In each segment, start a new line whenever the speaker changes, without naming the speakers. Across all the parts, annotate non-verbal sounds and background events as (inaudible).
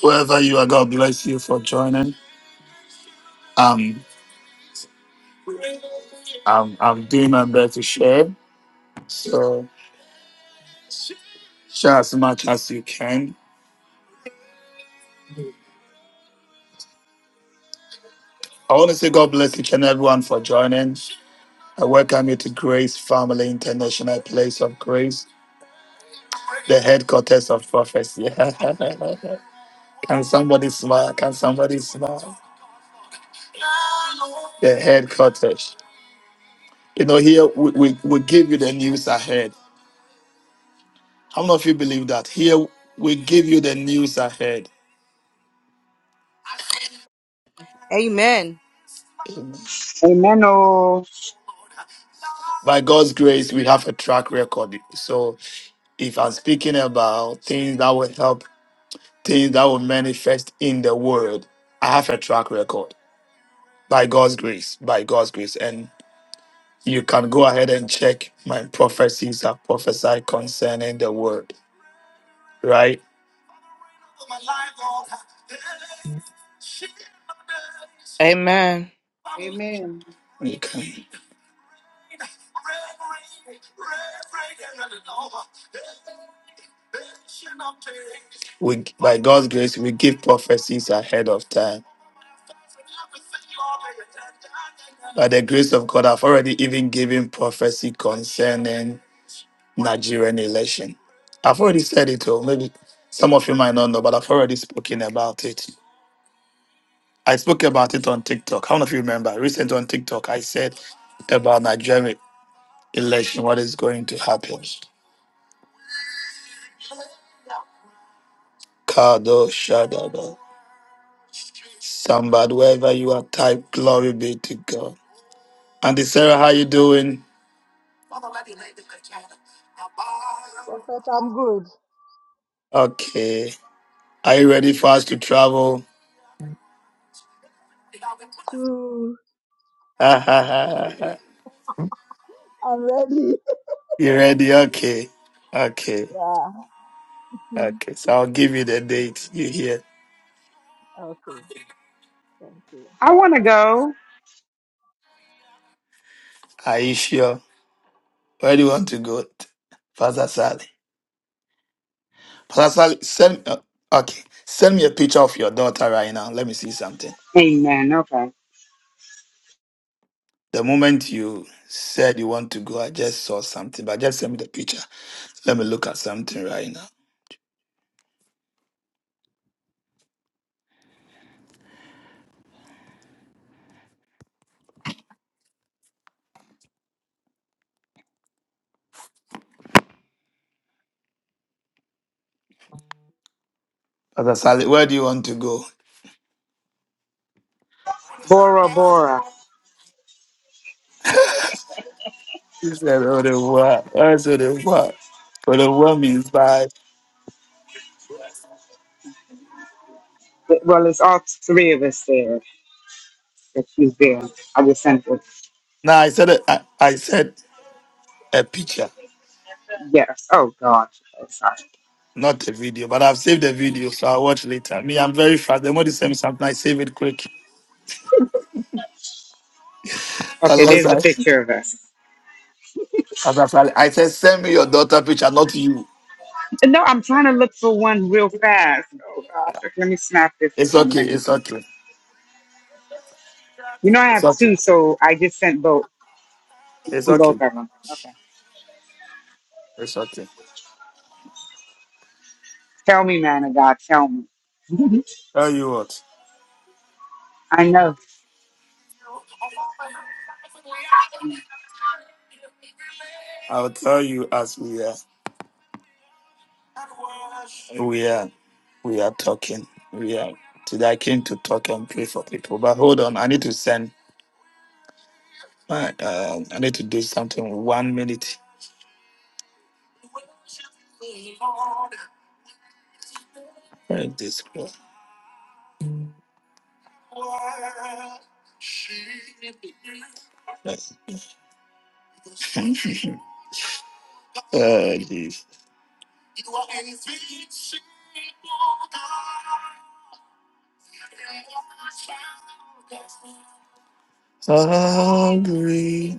Wherever you are, God bless you for joining. Um, I'm, I'm doing my best to share. So share as much as you can. I want to say God bless each and everyone for joining. I welcome you to Grace Family International Place of Grace, the headquarters of prophecy. (laughs) can somebody smile? Can somebody smile? The headquarters. You know, here we, we, we give you the news ahead. I don't know if you believe that. Here, we give you the news ahead.
Amen.
Amen.
Amen. Oh,
By God's grace, we have a track record. So, if I'm speaking about things that will help, things that will manifest in the world, I have a track record by God's grace, by God's grace. And you can go ahead and check my prophecies that prophesied concerning the word, right?
Amen.
Amen.
We can, we, by God's grace, we give prophecies ahead of time By the grace of God, I've already even given prophecy concerning Nigerian election. I've already said it, or maybe some of you might not know, but I've already spoken about it. I spoke about it on TikTok. How many of you remember? Recently on TikTok, I said about Nigerian election, what is going to happen. Kado Shadaba. Somebody, wherever you are, type glory be to God. Auntie Sarah, how you doing?
Prophet, I'm good.
Okay. Are you ready for us to travel?
Too,
(laughs)
I'm ready. (laughs)
You ready? Okay. Okay.
Yeah. (laughs)
Okay. So I'll give you the date. You hear?
Okay. Thank you.
I want to go.
Are you sure? Where do you want to go? Pastor Sally. Pastor Sally, send uh, okay. Send me a picture of your daughter right now. Let me see something.
Amen. Okay.
The moment you said you want to go, I just saw something, but just send me the picture. Let me look at something right now. Pastor Sally, where do you want to go?
Bora Bora.
You said au revoir. I said au revoir. Au revoir means bye.
Well, it's all three of us there that she's there. I just sent it.
Now I said a- I, I said a picture.
Yes. Oh, God. Oh, sorry.
Not the video, but I've saved the video, so I'll watch later. Me, I'm very fast. The more they send me something, I save it quick.
Okay,
Unless
there's
I,
the
as
picture of us.
I, said, I said, send me your daughter picture, not you.
No, I'm trying to look for one real fast. Oh, gosh. Okay, let me snap this and
It's
send it
okay.
to you.
It's okay.
You know, I
It's
have
okay.
two, so I just sent both. You
It's
see both
okay.
of them. Okay.
It's okay.
Tell me, man of God. Tell me. (laughs)
Tell you what,
I know.
I'll tell you as we are, we are, we are talking. We are today. I came to talk and pray for people, but hold on, I need to send. My, uh, I need to do something. One minute. Where is this? (laughs) girl? Uh, Hungry.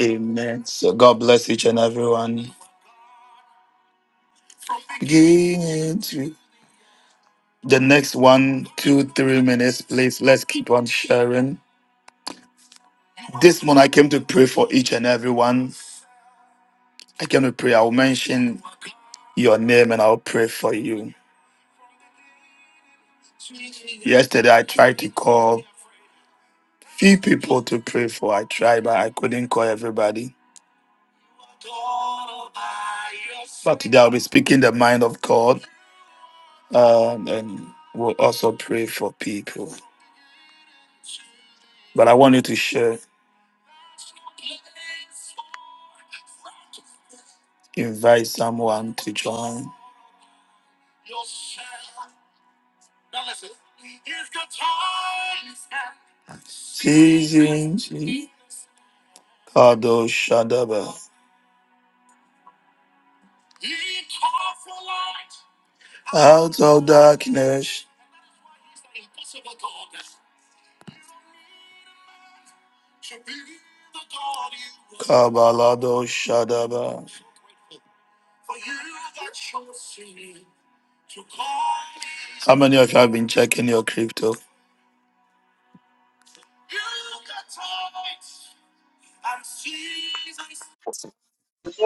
Amen. So God bless each and everyone. Give it to- The next one, two, three minutes, please. Let's keep on sharing. This morning I came to pray for each and everyone. I came to pray. I'll mention your name and I'll pray for you. Yesterday I tried to call few people to pray for. I tried, but I couldn't call everybody. But today I'll be speaking the mind of God. Um, and we'll also pray for people. But I want you to share. Invite someone to join. Seasons Kado Shadaba. Out of darkness, Kabalado Shadaba. How many of you have been checking your crypto?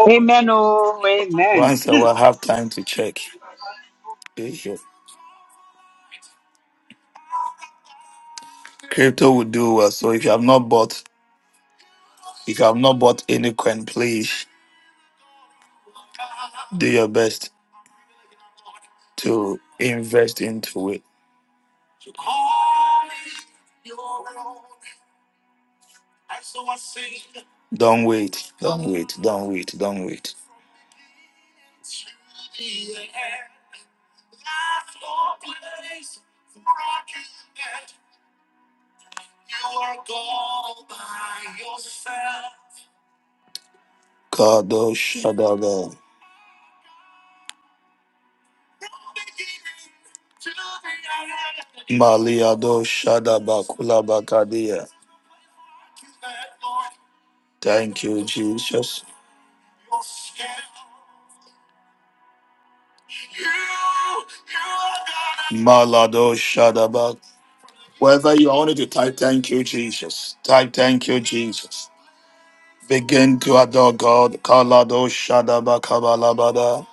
Amen. Oh, amen.
Once I
Hmm.
will have time to check. Okay. Crypto will do well. So if you have not bought, if you have not bought any coin, please do your best to invest into it. Don't wait. Don't wait. Don't wait. Don't wait. Kado Shadaba. Maliado Shadaba Kulabakadia. Thank you, Jesus. Malado Shadaba. Wherever you are, I want you to type thank you, Jesus. Type thank you, Jesus. Begin to adore God. Kalado Shadaba Kabalabada.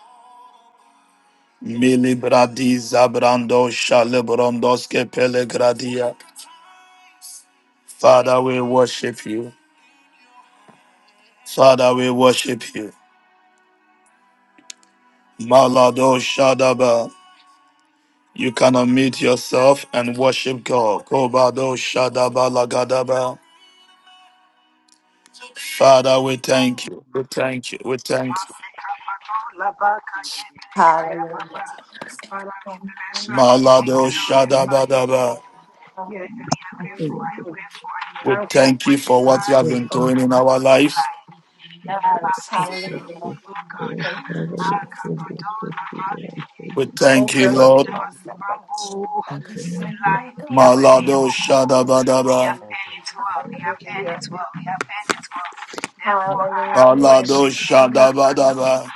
Milibradi Zabrando Shalebrondoske Pelegradia. Father, we worship you. Father, we worship you. Malado Shadaba. You can unmute yourself and worship God. Kobado Shadaba Lagadaba. Father, we thank you. We thank you. We thank
Amen.
Hallelujah.
you. Malado Shadabadaba. We thank you for
Amen.
what you have
Jesus.
been doing in our lives.
Yes, hallelujah. Thank you,
Amen.
Jesus.
We
Oh,
thank you,
God, oh, God,
Lord.
my Lord. Like a son, God, God, oh, my.
Malado Shadabadaba.
Thank you.
God.
Thank you.
Hallelujah. Hallelujah. Hallelujah.
Balado
Hallelujah.
Shadabadaba.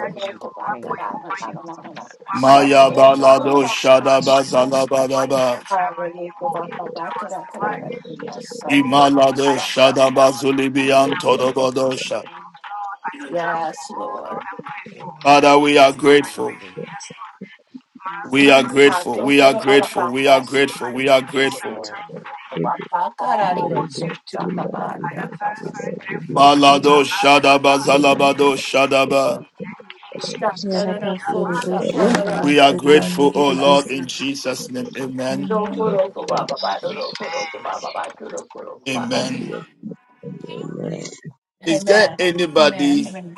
Oh, God, oh, God, my
Thank you,
God, I don't know, I don't know, I don't know.
Jesus.
Son,
Maya
Thank
don't you worry
Balado
you,
about
Jesus.
it.
Shadaba Zalabadaba.
Hallelujah. God, God, my God, God, God, God, God, God. Yes, son,
Thank
don't you
you,
Imalado
worry
Jesus.
about
Shadaba
it.
Zulibian
Hallelujah.
Todobodosha.
Yes, Lord.
Father, we are grateful.
Hallelujah.
We are grateful. We are
Amen.
grateful. We are grateful. We are
Yes,
grateful.
Lord. Yes, Lord. Hallelujah.
Malado
Thank
Shadaba
you, Jesus.
Zalabado Shadaba. We are grateful, oh Lord,
Yarabasuribushirabasuyundurubusa.
in Jesus' name. Amen.
Amen.
Yes, Lord.
Amen. Is there
Amen.
anybody
Amen.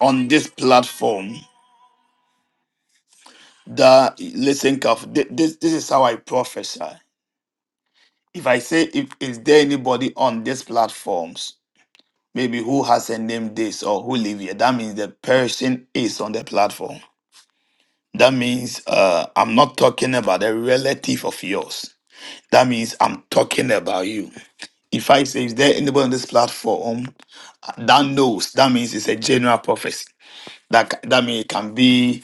on this platform that listen carefully? Thi- This this is how I prophesy. If I say if is there anybody on these platforms, maybe who has a name this or who live here, that means the person is on the platform. That means uh, I'm not talking about a relative of yours. That means I'm talking about you. If I say, is there anybody on this platform that knows? That means it's a general prophecy. That c- that means it can be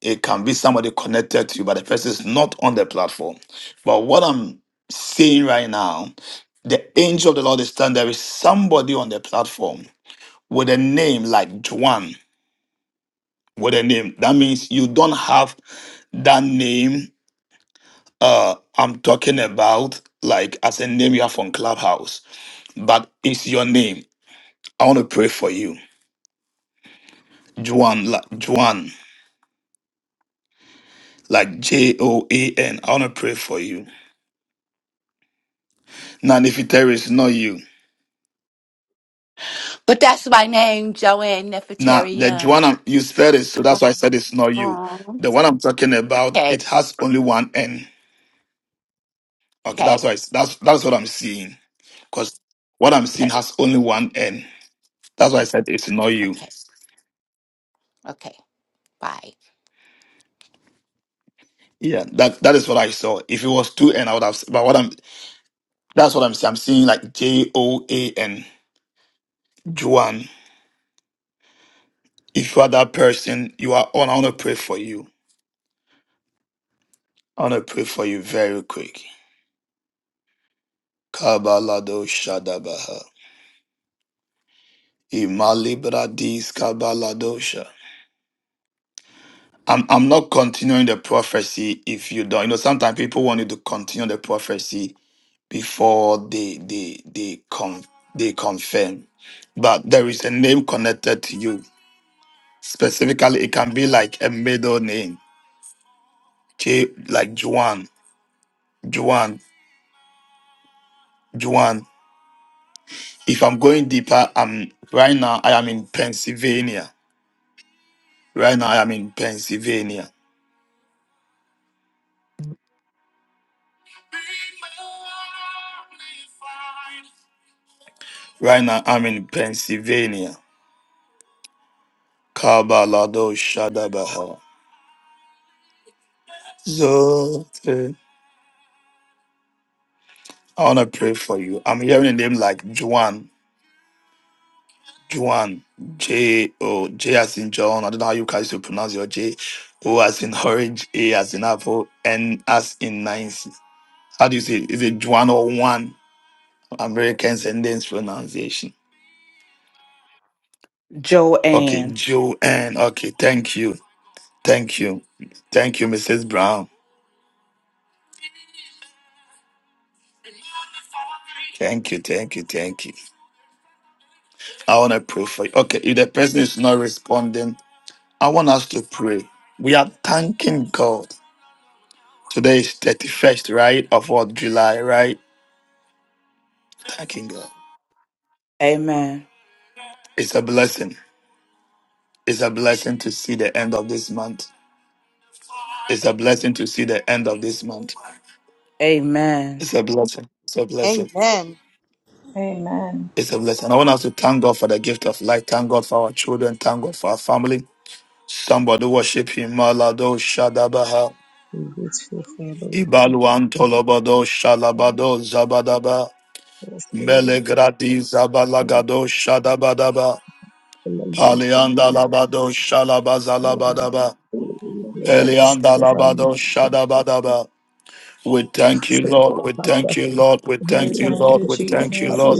it can be somebody connected to you, but the person is not on the platform. But what I'm saying right now, the angel of the Lord is standing. There is somebody on the platform with a name like Juan, with a name. That means you don't have that name Uh, I'm talking about like as a name you have on Clubhouse, but it's your name. I want to pray for you, Juan. Like Juan, like J O A N. I want to pray for you. Now, if it there is not you.
But that's my name, Joanne
Now,
Nefertari
the Juan
Young.
I'm- you spelled it, so that's why I said it's not you.
Um,
The one I'm talking about,
okay,
it has only one N. Okay, that's
okay,
why it's, that's that's what I'm seeing. Cause what I'm seeing
okay,
has only one N. That's why I said it's not you.
okay, okay. Bye.
Yeah, that that is what I saw. If it was two N, I would have. But what I'm That's what I'm saying. I'm seeing like J O A N, Joan. If you are that person, you are on. I want to pray for you. I want to pray for you very quick. Kabalado Shadabaha. Imalibradis Kabaladosha. I'm, I'm not continuing the prophecy if you don't. You know, sometimes people want you to continue the prophecy before they they they con they confirm. But there is a name connected to you. Specifically, it can be like a middle name J like Juan, Juan, Juan. If I'm going deeper, I'm right now I am in Pennsylvania. Right now I am in Pennsylvania. Right now I'm in Pennsylvania. Kabalado Shadabaha. Zote. I wanna pray for you. I'm hearing a name like Juan. Juan. J O J as in John. I don't know how you guys will pronounce your J. O as in orange, A as in apple, N as in Nancy. How do you say it? Is it Juan or one? Americans and then pronunciation. Okay,
Joanne.
Joanne. Okay, thank you. Thank you. Thank you, Mrs. Brown. Thank you, thank you, thank you. I want to pray for you. Okay, if the person is not responding, I want us to pray. We are thanking God. Today is 31st, right? Of what July, right? Thanking God.
Amen.
It's a blessing. It's a blessing to see the end of this month. It's a blessing to see the end of this month.
Amen.
It's a blessing. It's a blessing.
Amen.
Amen.
It's a blessing. I want us to thank God for the gift of life. Thank God for our children. Thank God for our family. Somebody worship Him. Malado Shadabaha.
You can't
Ibaluan Tolobado Shalabado Zabadaba.
help
Melegradi Zabalagado Shadabadaba. Palianda Labado Shalabazalabadaba. Elianda Labado Shadabadaba. We thank you, Lord. We thank you, Lord. We
We
thank you,
thank
Lord.
you,
We thank you,
Jesus.
Lord.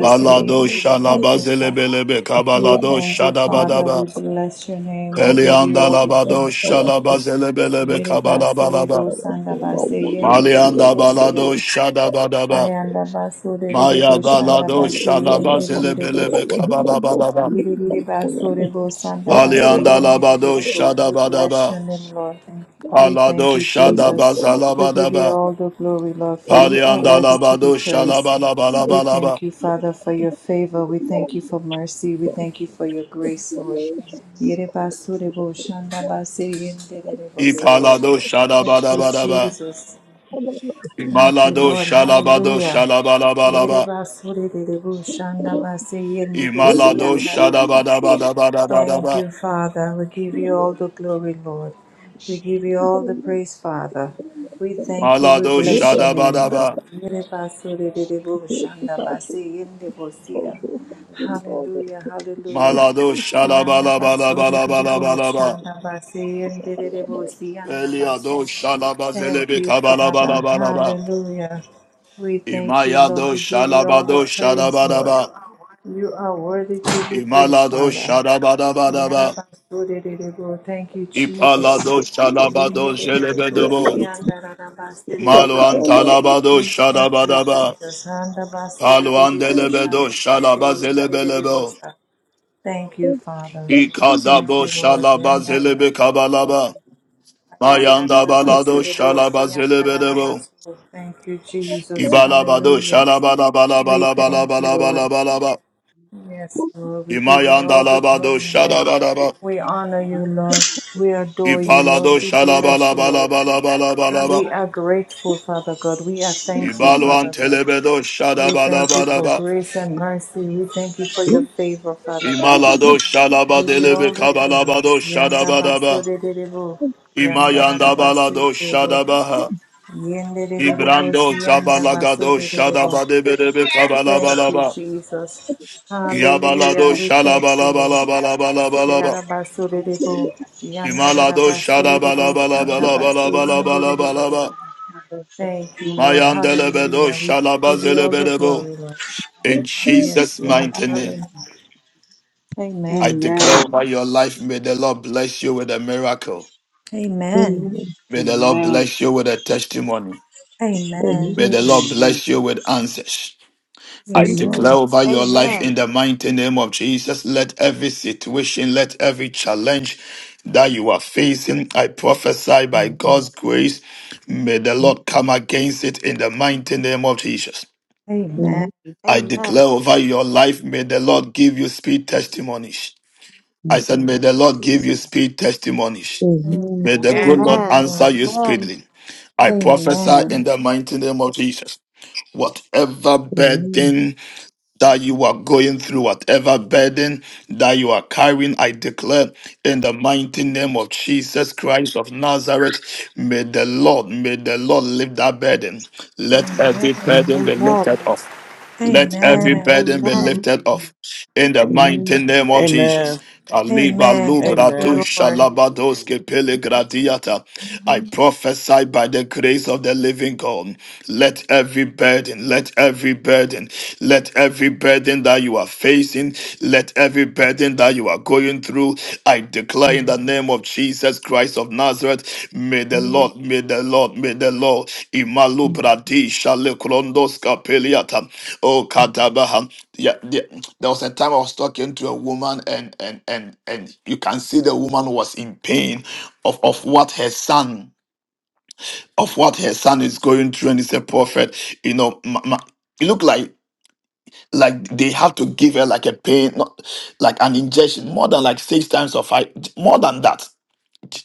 Balado shalabazelebelebe
We
kabalado
thank you, Father.
shadabadaba.
We bless your name. We give you
Elianda
all the glory,
labado
Lord.
shalabazelebelebe kabalabalaba. Malianda
Yarabasuribushadabasuyundurubusia.
balado shadabadaba. Maya balado
Ayandabasuribushadabasuyundurubusa.
shalabazelebelebe kabalabalaba.
Yidididibasodebo, sandabase,
Alianda labado
yendidididibo. We bless your
shadabadaba.
Shabbat
name,
shalom.
Lord. We
Alado
thank you, Jesus. We give you
shadabazalabadaba.
all the glory, Lord, for you are
Alianda
worthy to be
labado
praised. We thank
shalabalabalabalaba.
you, Father, for your favor. We thank you for mercy. We
it.
thank you
Hallelujah.
for your
Thank
Amen. Amen. Amen.
grace,
you,
Lord.
Jesus.
Yidibasodebo, shandabase, yendididibo,
God.
sa.
Ipalado
Thank you,
Shabbat
shadabadabadaba.
Jesus.
Amen. Amen.
Thank you,
Imalado
Lord.
shalom.
shalabado
Hallelujah.
shalabalabalaba.
Yidibasodebo, shandabase, yendidibo,
Imalado
Amen. Amen.
siyandararaba. Thank
shadabadabadabadabadaba.
you, Father. We give you all the glory, Lord. We
Shabbat
give you all the praise, Father. We thank you.
shalom.
We
Malado
bless your name, Lord.
shadabadaba.
Hallelujah.
Hallelujah, hallelujah.
Malado
Yanda baso de de de bo,
shalabalabalabalabalabalaba.
shanda basi yende de de bo, si yanda
Eliado
baso.
Thank you, Jesus.
Thank
shalabazelebe
you, Father.
kabalabalabalaba.
Hallelujah. We thank you,
Imayado
Lord. We give you all
shalabado
the praise, Lord.
shadabadaba.
You are worthy to be praised,
Imalado
Father.
shadabadabadaba.
Yarabasodededebo. Thank you, Jesus.
Ipalado shalabado
Yindedededebo,
zelebedebo. Malo
siyandararabasodededebo.
antalabado
We thank you,
shadabadaba.
Jesus. Handabasodededebo,
Paluandelebedo
shandabase, yindededebo,
shalabazelebelebo.
sa. Thank you, Father. Thank
Ikazabo
you, Lord.
shalabazelebe
Yandararabaso.
kabalaba. Mayanda balado
Ayandararabasedebo,
shalabazelebelebo.
siyandararabaso. Thank you, Jesus.
Ibalabado
Hallelujah. We thank you, Lord.
shalabalabalabalabalabalabalabalaba.
Yes, Lord, we give you
Imayanda
all the
labado
glory, Lord.
shalabalaba.
We honor you, Lord. We adore you, Lord.
Ipalado
We bless you, Lord.
shalabalabalabalabalabalaba.
We are grateful, Father God. We are thankful,
Ibaluan
Father God.
telebedo
We thank you for
shadabalabalaba.
grace and mercy. We thank you for your favor, Father God.
Imalado
Give you
shalabadelebe
all the glory.
kabalabado
Yanda baso
shadabadaba.
de de de Yanda da
Imayanda
da basi
balado
de debo. bo.
shadabaha.
Yende de de debo.
Ibrando
Si Siyanda baso
Zabalagado
de de de
Shadabadebedebe
Thank you,
Kabalabalaba
Jesus.
Yabalado
Hallelujah.
Amen.
We thank you, Lord.
Shalabalabalabalabalabalaba
Yarabasuriribo,
Imalado
yandararabasuriribo, shandabasuriribo.
Shadabalabalabalabalabalabalabalaba
Thank you, Lord.
Mayandelebedo
Hallelujah. We give you all the
Shalabazelebedebo
glory, Lord.
In
Yes,
Jesus'
Lord.
mighty name,
Hallelujah.
I
Amen.
declare
Amen.
over your life, may the Lord bless you with a miracle.
Amen.
May the Lord
Amen.
bless you with a testimony.
Amen.
May the Lord bless you with answers. I
Yes,
declare
Lord.
over your life
Amen.
in the mighty name of Jesus. Let every situation, let every challenge that you are facing, I prophesy by God's grace, may the Lord come against it in the mighty name of Jesus.
Amen.
I declare
Amen.
over your life, may the Lord give you speed testimonies. I said, may
Thank
the
you,
Lord give
Jesus.
you speed testimonies. May the good
Thank
Amen.
you,
Lord
Amen.
answer
Lord.
you
Amen.
speedily. I prophesy in
Amen.
the mighty name of Jesus. Whatever burden that you are going through, whatever burden that you are carrying, I declare in the mighty name of Jesus Christ of Nazareth, may the Lord, may the Lord lift that burden. Let every
Amen.
burden be
Amen.
lifted off. Let every
Amen.
burden be
Amen.
lifted
Amen.
off in the
Amen.
mighty name of
Amen.
Jesus.
Amen.
Aliba
Amen. Thank
lubra du
Amen.
you, Lord.
Amen.
shalabados
Amen.
kepele gradiata. I prophesy by the grace of the living God. Let every burden, let every burden, let every burden that you are facing, let every burden that you are going going through i declare in the name of jesus christ of nazareth may the lord may the lord may the lord imalu bradi shale krondos kapeliata oh kadabaha yeah, yeah, there was a time i was talking to a woman and and and and you can see the woman was in pain of of what her son of what her son is going through and it's a prophet you know ma- ma- it looked like like they have to give her like a pain not like an injection more than like six times or five more than that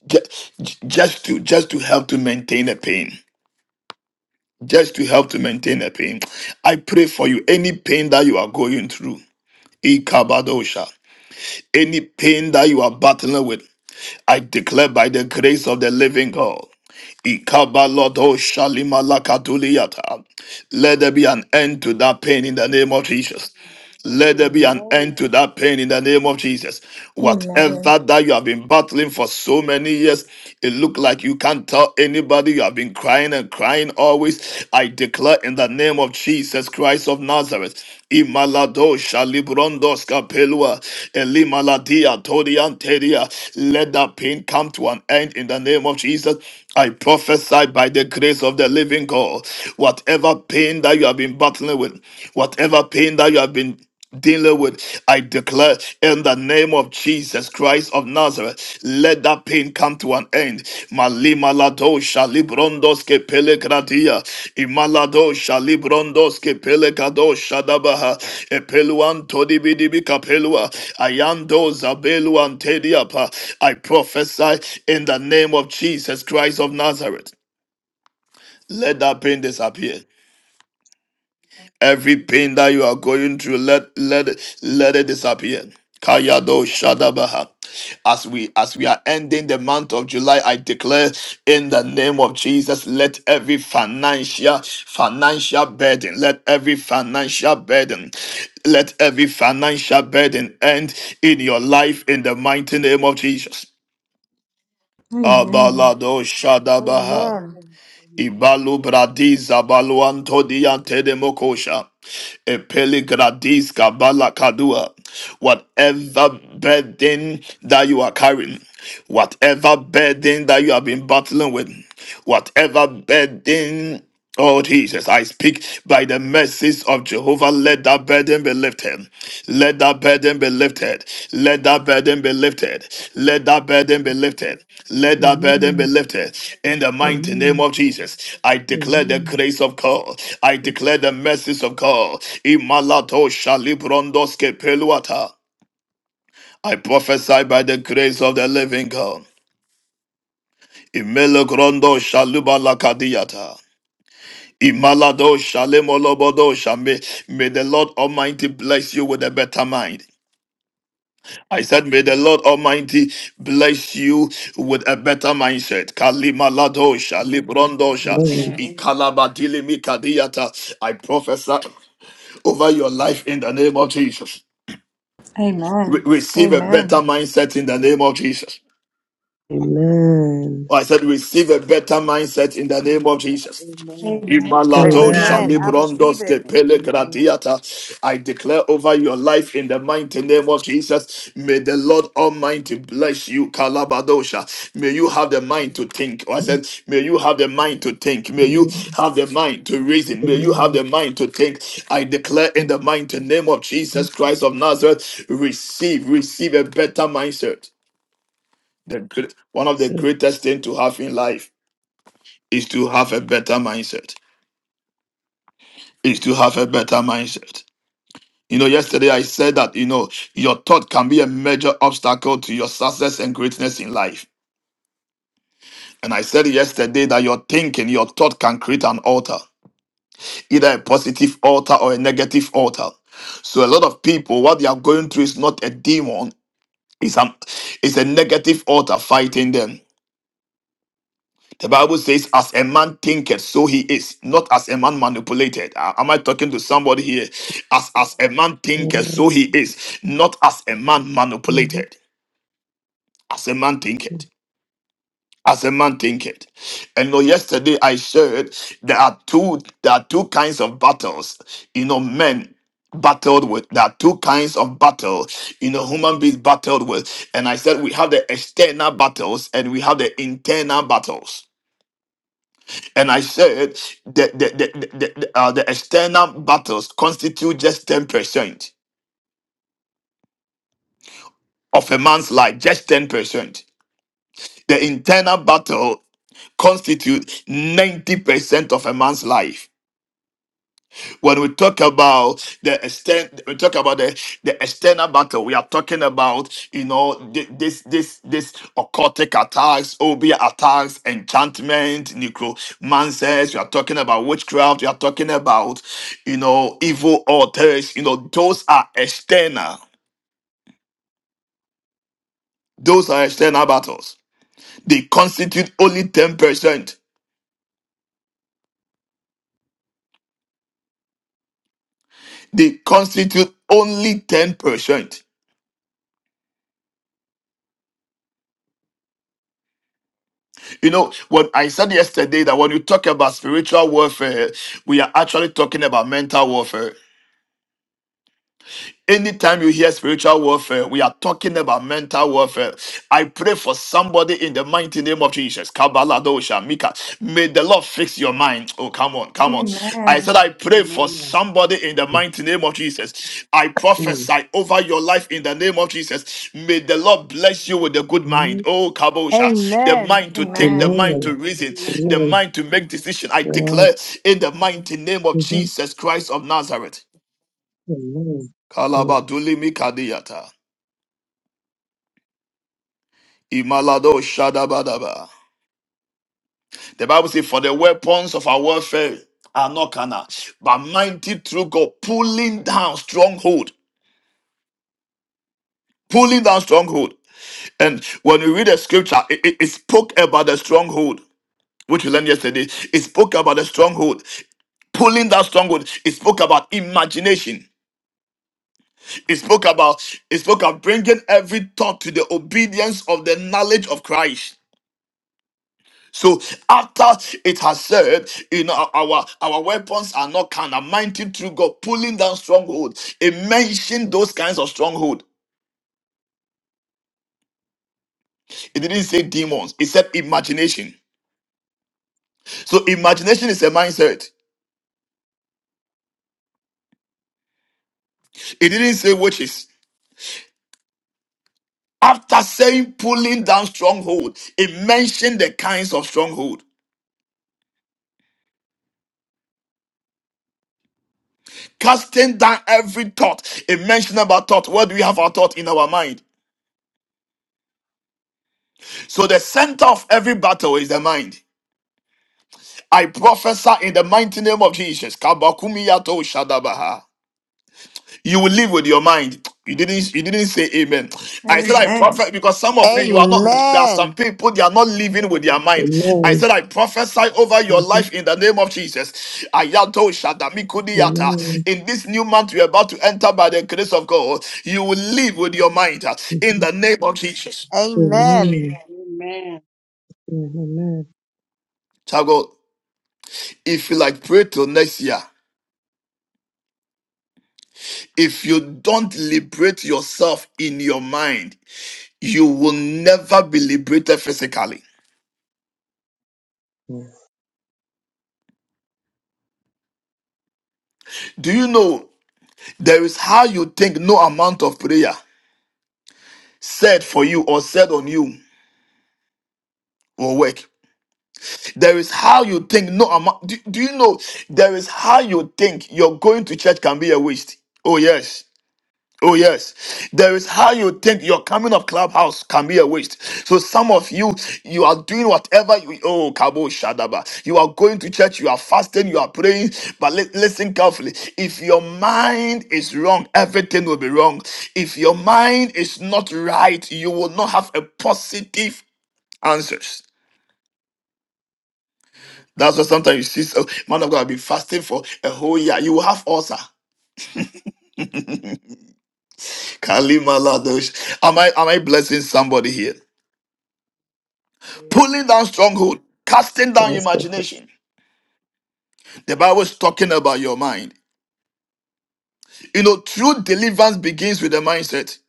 ju- ju- just to just to help to maintain the pain just to help to maintain the pain i pray for you any pain that you are going through ikabadosha any pain that you are battling with i declare by the grace of the living god ikabalodosha limalakatuliyata. let there be an end to that pain in the name of jesus Let there be an end to
Amen.
that pain in the name of Jesus.
Amen.
Whatever that you have been battling for so many years, it look like you can't tell anybody. You have been crying and crying always. I declare in the name of Jesus Christ of Nazareth. Imalado shalibrondos kapelua elimaladia todianteria. Let that pain come to an end in the name of Jesus. I prophesy by the grace of the living God, whatever pain that you have been battling with, whatever pain that you have been dealing with, I declare in the name of Jesus Christ of Nazareth, let that pain come to an end. Malima shalibrondos ke pele gradia imalado shalibrondos ke pele kado shadabaha epeluan todibidibi kapelua ayando zabeluan tediapa I prophesy in the name of Jesus Christ of Nazareth let that pain disappear Every pain
Amen.
that you are going through, let let it let it disappear. Kayado Shadabaha. As we as we are ending the month of July, I declare in the name of Jesus, let every financial financial burden, let every financial burden, let every financial burden end in your life in the mighty name of Jesus.
Amen.
Amen.
Amen.
Abalado Shadabaha.
Amen.
Amen. Amen.
Ibalu bradiza baluanto diante de mokosha. Epele gradis kabala kadua. Whatever burden that you are carrying, whatever burden that you have been battling with, whatever burden Oh Jesus, I speak by the mercies of Jehovah. Let that burden be lifted. Let that burden be lifted. Let that burden be lifted. Let that burden be lifted. Let that
Amen.
burden be
Amen.
lifted. In the
Amen.
mighty name
Amen.
of Jesus, I declare the
Amen.
grace of God. I declare the mercies of God. Imalato shalibrondoske peluata. I prophesy by the grace of the living God. Imelo grondo shaluba lakadiyata. Imalado shalemo lobodo shame. May the Lord Almighty bless you with a better mind. I said, may the Lord Almighty bless you with a better mindset. Kalima ladosha, librondosha,
Amen.
Amen.
Amen.
ikalabadili mikadiyata. I prophesy over your life in the name of Jesus. Re-
Amen.
receive a better
Amen.
mindset in the name
Amen.
of Jesus.
Amen.
Amen.
I said, receive a better mindset in the name of Jesus.
Amen. Amen.
Amen.
I
Imalado
receive in
Amen.
Amen. I
Amen.
Jesus'
receive
shalibrondos
it.
name.
Amen. Amen.
kepele
Amen.
gradiata. I declare over your life in the mighty name of Jesus. May the Lord Almighty bless you, Kalabadosha. May you have the mind to think. I said, may you have the mind to think. May you
Amen.
have the mind to reason. May you have
Amen.
the mind to think. I declare in the mighty name of Jesus Christ of Nazareth, receive, receive a better mindset. The, great- one of the
So,
greatest things to have in life is to have a better mindset is to have a better mindset. You know, yesterday I said that, you know, your thought can be a major obstacle to your success and greatness in life. And I said yesterday that your thinking, your thought can create an altar, either a positive altar or a negative altar. So a lot of people, what they are going through is not a demon, it's an it's a negative altar fighting them. The Bible says, as a man thinketh, so he is, not as a man manipulated. Uh, Am I talking to somebody here? As, as a man thinketh,
God,
so
we
he is, not as a man
have to do. Amen.
manipulated. As a man thinketh.
Amen.
As a man thinketh. And you know, yesterday I shared there are two there are two kinds of battles. You know, men battled with there are two kinds of battle you know human beings battled with and i said we have the external battles and we have the internal battles And I said the, the, the, the, the, uh, the external battles constitute just 10% of a man's life, just 10%. The internal battle constitutes 90% of a man's life. When we talk about the extent, we talk about the, the external battle. We are talking about, you know, thi- this this this occultic attacks, obia attacks, enchantment, necromancers. We are talking about witchcraft. We are talking about, you know, evil altars. You know, those are external. Those are external battles. They constitute only ten percent. They constitute only ten percent. You know, what I said yesterday that when you talk about spiritual warfare, we are actually talking about mental warfare. Anytime you hear spiritual warfare, we are talking about mental warfare. I pray for somebody in the mighty name of Jesus. Kabaladosha, Mika. May the Lord fix your mind. Oh, come on, come on. I
Amen.
said, I
Amen. Amen. Amen. Amen.
pray for
Amen.
somebody in the mighty name of Jesus. I prophesy over your life in the name of Jesus. May the Lord bless you with a good mind. Oh, Kabosha. The
Amen.
mind to think, the
Amen.
mind to reason, the
Amen.
mind to make decision. I
God,
declare in the mighty name of
we have to
Jesus Christ of Nazareth.
Amen. Oh,
Kalabaduli mikadiyata. Imalado shadabadaba. The Bible says, For the weapons of our warfare are not carnal, but mighty through God, pulling down stronghold, pulling down stronghold. And when we read the scripture, it, it, it spoke about the stronghold, which we learned yesterday. It spoke about the stronghold, pulling down stronghold. It spoke about imagination. It spoke about it spoke about bringing every thought to the obedience of the knowledge of Christ. So after it has said, you know, our our weapons are not carnal, mighty through God, pulling down strongholds. It mentioned those kinds of stronghold. It didn't say demons. It said imagination. So imagination is a mindset. It didn't say witches. After saying pulling down stronghold, it mentioned the kinds of stronghold. Casting down every thought. It mentioned about thought. Where do we have our thought in our mind? So the center of every battle is the mind. I prophesy in the mighty name of Jesus. Kabakumiyato Shadabaha. You will live with your mind. You didn't you didn't say amen. I said I
Amen.
prophesy because some of you you are not there are some
Amen.
people they are not living with their mind. I
Amen.
said I prophesy over your
Mhm.
life in the name of Jesus. Ayato Shadamikudiyata.
Amen.
In this new month you're about to enter by the grace of God, you will live with your mind uh, in
Mhm.
the name of Jesus.
Amen.
Amen. Yeah, Amen.
Child of God, if you like pray till next year. If you don't liberate yourself in your mind, you will never be liberated physically. Do you know there is how you think no amount of prayer said for you or said on you will work? There is how you think no amount. Do, do you know there is how you think you're going to church can be a waste? Oh, yes. Oh, yes. There is how you think your coming of clubhouse can be a waste. So some of you, you are doing whatever you oh Kabo Shadaba. You are going to church, you are fasting, you are praying. But li- listen carefully. If your mind is wrong, everything will be wrong. If your mind is not right, you will not have a positive answers. That's why sometimes you see so man of God have been fasting for a whole year. You will have ulcer. Kalima Ladosh. Am I am I blessing somebody here? pulling down stronghold, casting down
Yes, prophet.
imagination. The Bible is talking about your mind. You know, true deliverance begins with the mindset.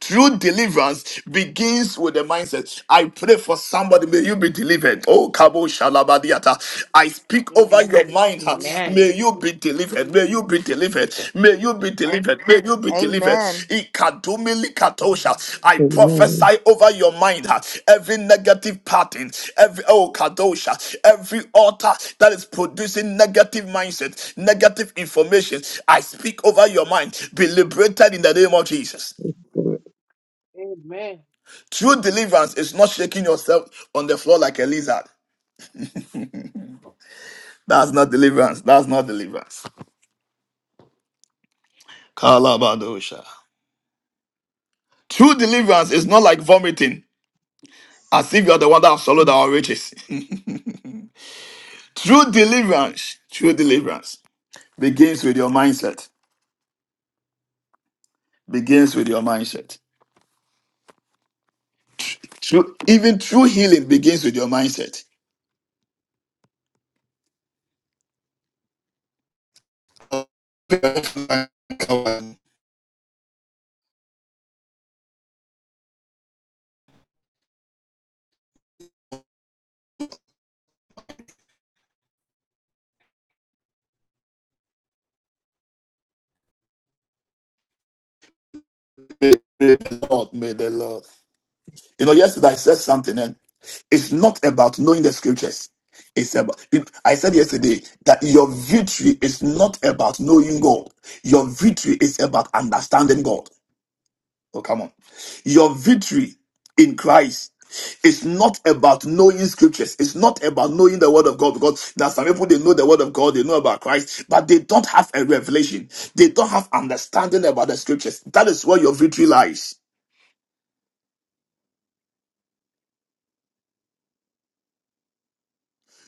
True deliverance begins with the mindset. I pray for somebody, may you be delivered. Oh, Kabo Shalabadiata. I speak over your mind. huh.
Amen.
Amen.
May you be delivered. May you be delivered. May you be delivered. May you be delivered.
Amen.
Ikadumili Katosha. I
Amen.
prophesy over your mind. huh. Every negative pattern, every oh Kadosha, every altar that is producing negative mindset, negative information. I speak over your mind. Be liberated in the name of Jesus.
Amen.
True deliverance is not shaking yourself on the floor like a lizard. That's not deliverance. That's not deliverance. Kalabadosha. True deliverance is not like vomiting, as if you are the one that has swallowed our riches. (laughs) true deliverance, true deliverance begins with your mindset. Begins with your mindset. True, even true healing begins with your mindset. May the Lord, may the Lord. You know, yesterday I said something, and it's not about knowing the scriptures. It's about, you know, I said yesterday that your victory is not about knowing God. Your victory is about understanding God. Oh, come on. Your victory in Christ is not about knowing scriptures. It's not about knowing the word of God because there are some people they know the word of God, they know about Christ, but they don't have a revelation. They don't have understanding about the scriptures. That is where your victory lies.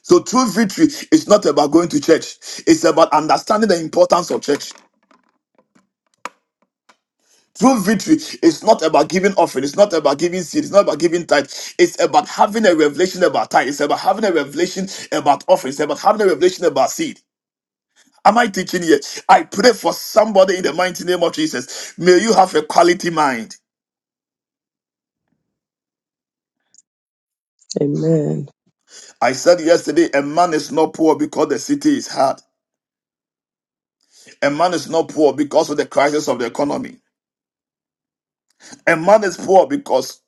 So true victory is not about going to church. It's about understanding the importance of church. True victory is not about giving offering. It's not about giving seed. It's not about giving tithe. It's about having a revelation about tithe. It's about having a revelation about offering. It's about having a revelation about seed. Am I teaching here? I pray for somebody in the mighty name of Jesus. May you have a quality mind.
Amen.
I said yesterday, a man is not poor because the city is hard. A man is not poor because of the crisis of the economy. A man is poor because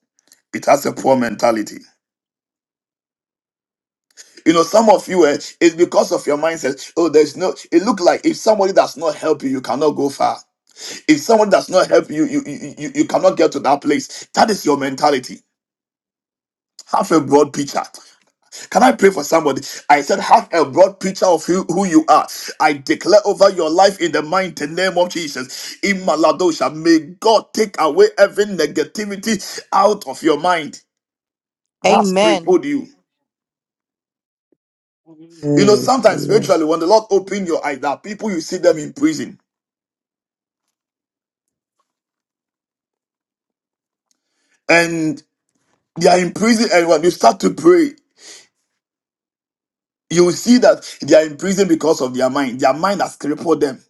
it has a poor mentality. You know, some of you, eh, it's because of your mindset. Oh, there's no. It look like if somebody does not help you, you cannot go far. If someone does not help you, you you, you you cannot get to that place. That is your mentality. Have a broad picture. Can I pray for somebody? I said, have a broad picture of who, who you are. I declare over your life in the mighty name of Jesus. In Maladosha, may God take away every negativity out of your mind. That's
Amen.
crippled you. You know,
Amen.
sometimes
Amen.
spiritually, when the Lord open your eyes, there are people you see them in prison. and they are in prison. And when you start to pray, you will see that they are in prison because of their mind. Their mind has crippled them.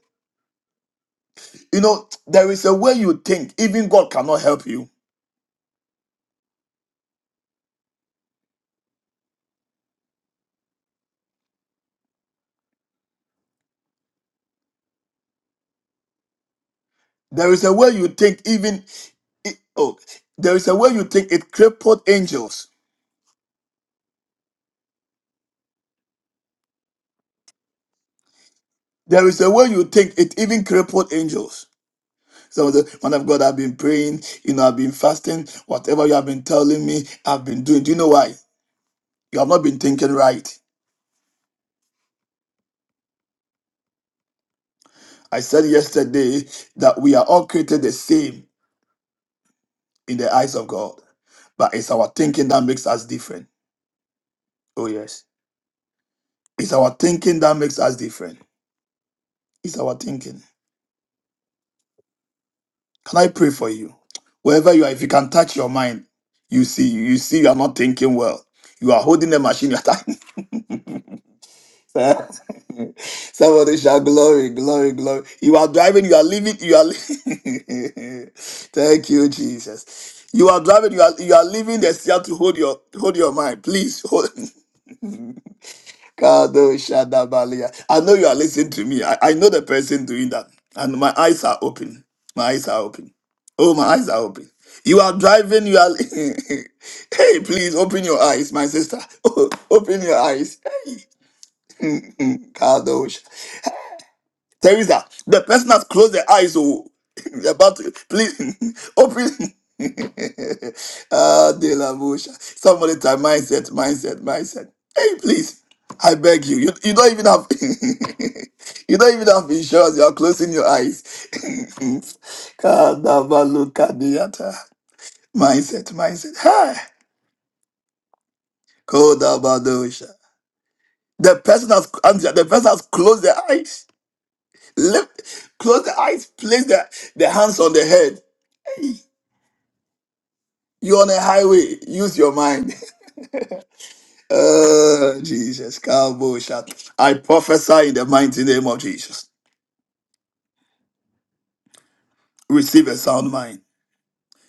You know, there is a way you think, even God cannot help you. There is a way you think, even it- oh, there is a way you think it crippled angels. There is a way you think it even crippled angels. Some of the man of God, I've been praying, you know, I've been fasting, whatever you have been telling me, I've been doing. Do you know why? You have not been thinking right. I said yesterday that we are all created the same in the eyes of God. But it's our thinking that makes us different. Oh, yes. It's our thinking that makes us different. It's our thinking. Can I pray for you? Wherever you are, if you can touch your mind, you see, you see, you are not thinking well. You are holding the machine. You are touching. (laughs) Somebody shout glory, glory, glory. You are driving, you are leaving, you are. Li- (laughs) Thank you, Jesus. You are driving, you are you are leaving the steer to hold your hold your mind. Please hold. (laughs) Kado Shadabalia. I know you are listening to me. I, I know the person doing that. And my eyes are open. My eyes are open. Oh, my eyes are open. You are driving, you are (laughs) hey, please open your eyes, my sister. (laughs) open your eyes. Hey. Teresa, the person has closed their eyes. So (laughs) about to, please (laughs) open. (laughs) ah, de la bouche. Somebody type mindset, mindset, mindset. Hey, please. I beg you. You, you don't even have (laughs) you don't even have insurance. You are closing your eyes. (laughs) Kadabalukadiata. mindset, mindset. Hi. Kodabadosha. The person has the person has closed their eyes. Lift, close the eyes, place the, the hands on the head. You're on a highway, use your mind. (laughs) oh, Jesus, cowboy shot. I prophesy in the mighty name of Jesus. Receive a sound mind.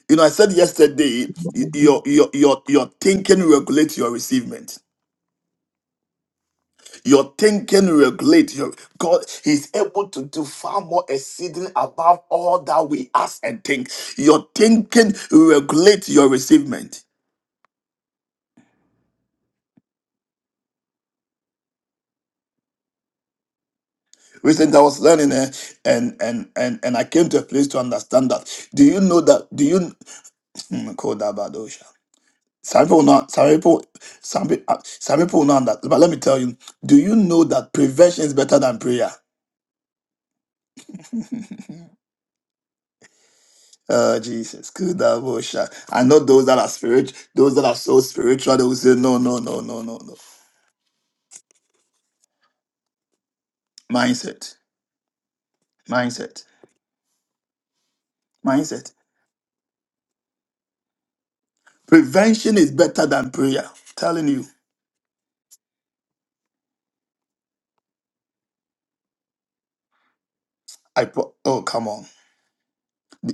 You know, I said yesterday, y- your your your your thinking regulates your receivement. Your thinking regulates your God He's able to do far more exceeding above all that we ask and think. Your thinking regulates your receivement. Recently, I was learning, eh, and and and and I came to a place to understand that. Do you know that? Do you Hmm, Kodabadosha. some people not some people some people uh, some people not that? But let me tell you. Do you know that prevention is better than prayer? (laughs) Oh Jesus, Kodabosha. I know those that are spirit, those that are so spiritual, they will say no, no, no, no, no, no. Mindset, mindset, mindset. Prevention is better than prayer. telling you. I pro- oh come on.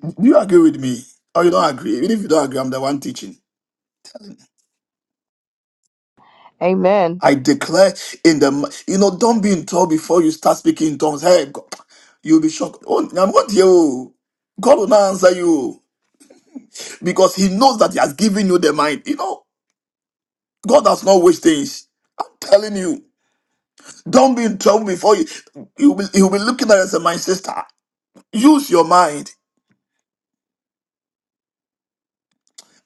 Do you agree with me? Or you don't agree? Even if you don't agree, I'm the one teaching.
Amen. Amen.
I declare in the m- you know, don't be in trouble before you start speaking in tongues. Hey, God, you'll be shocked. Oh, I'm not you. God will not answer you oh. because He knows that He has given you the mind. You know, God does not waste things. I'm telling you, don't be in trouble before you. You'll be, you'll be looking at it as my sister. Use your mind.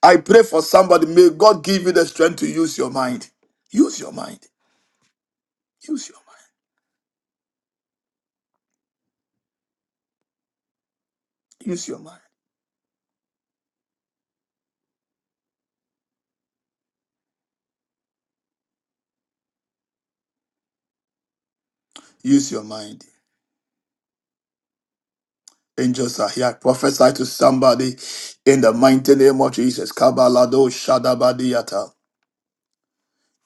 I pray for somebody. May God give you the strength to use your mind. Use your mind. Use your mind. Use your mind. Use your mind. Angels are here. Prophesy to somebody in the mighty name of Jesus. Kabalado Shadabadiata.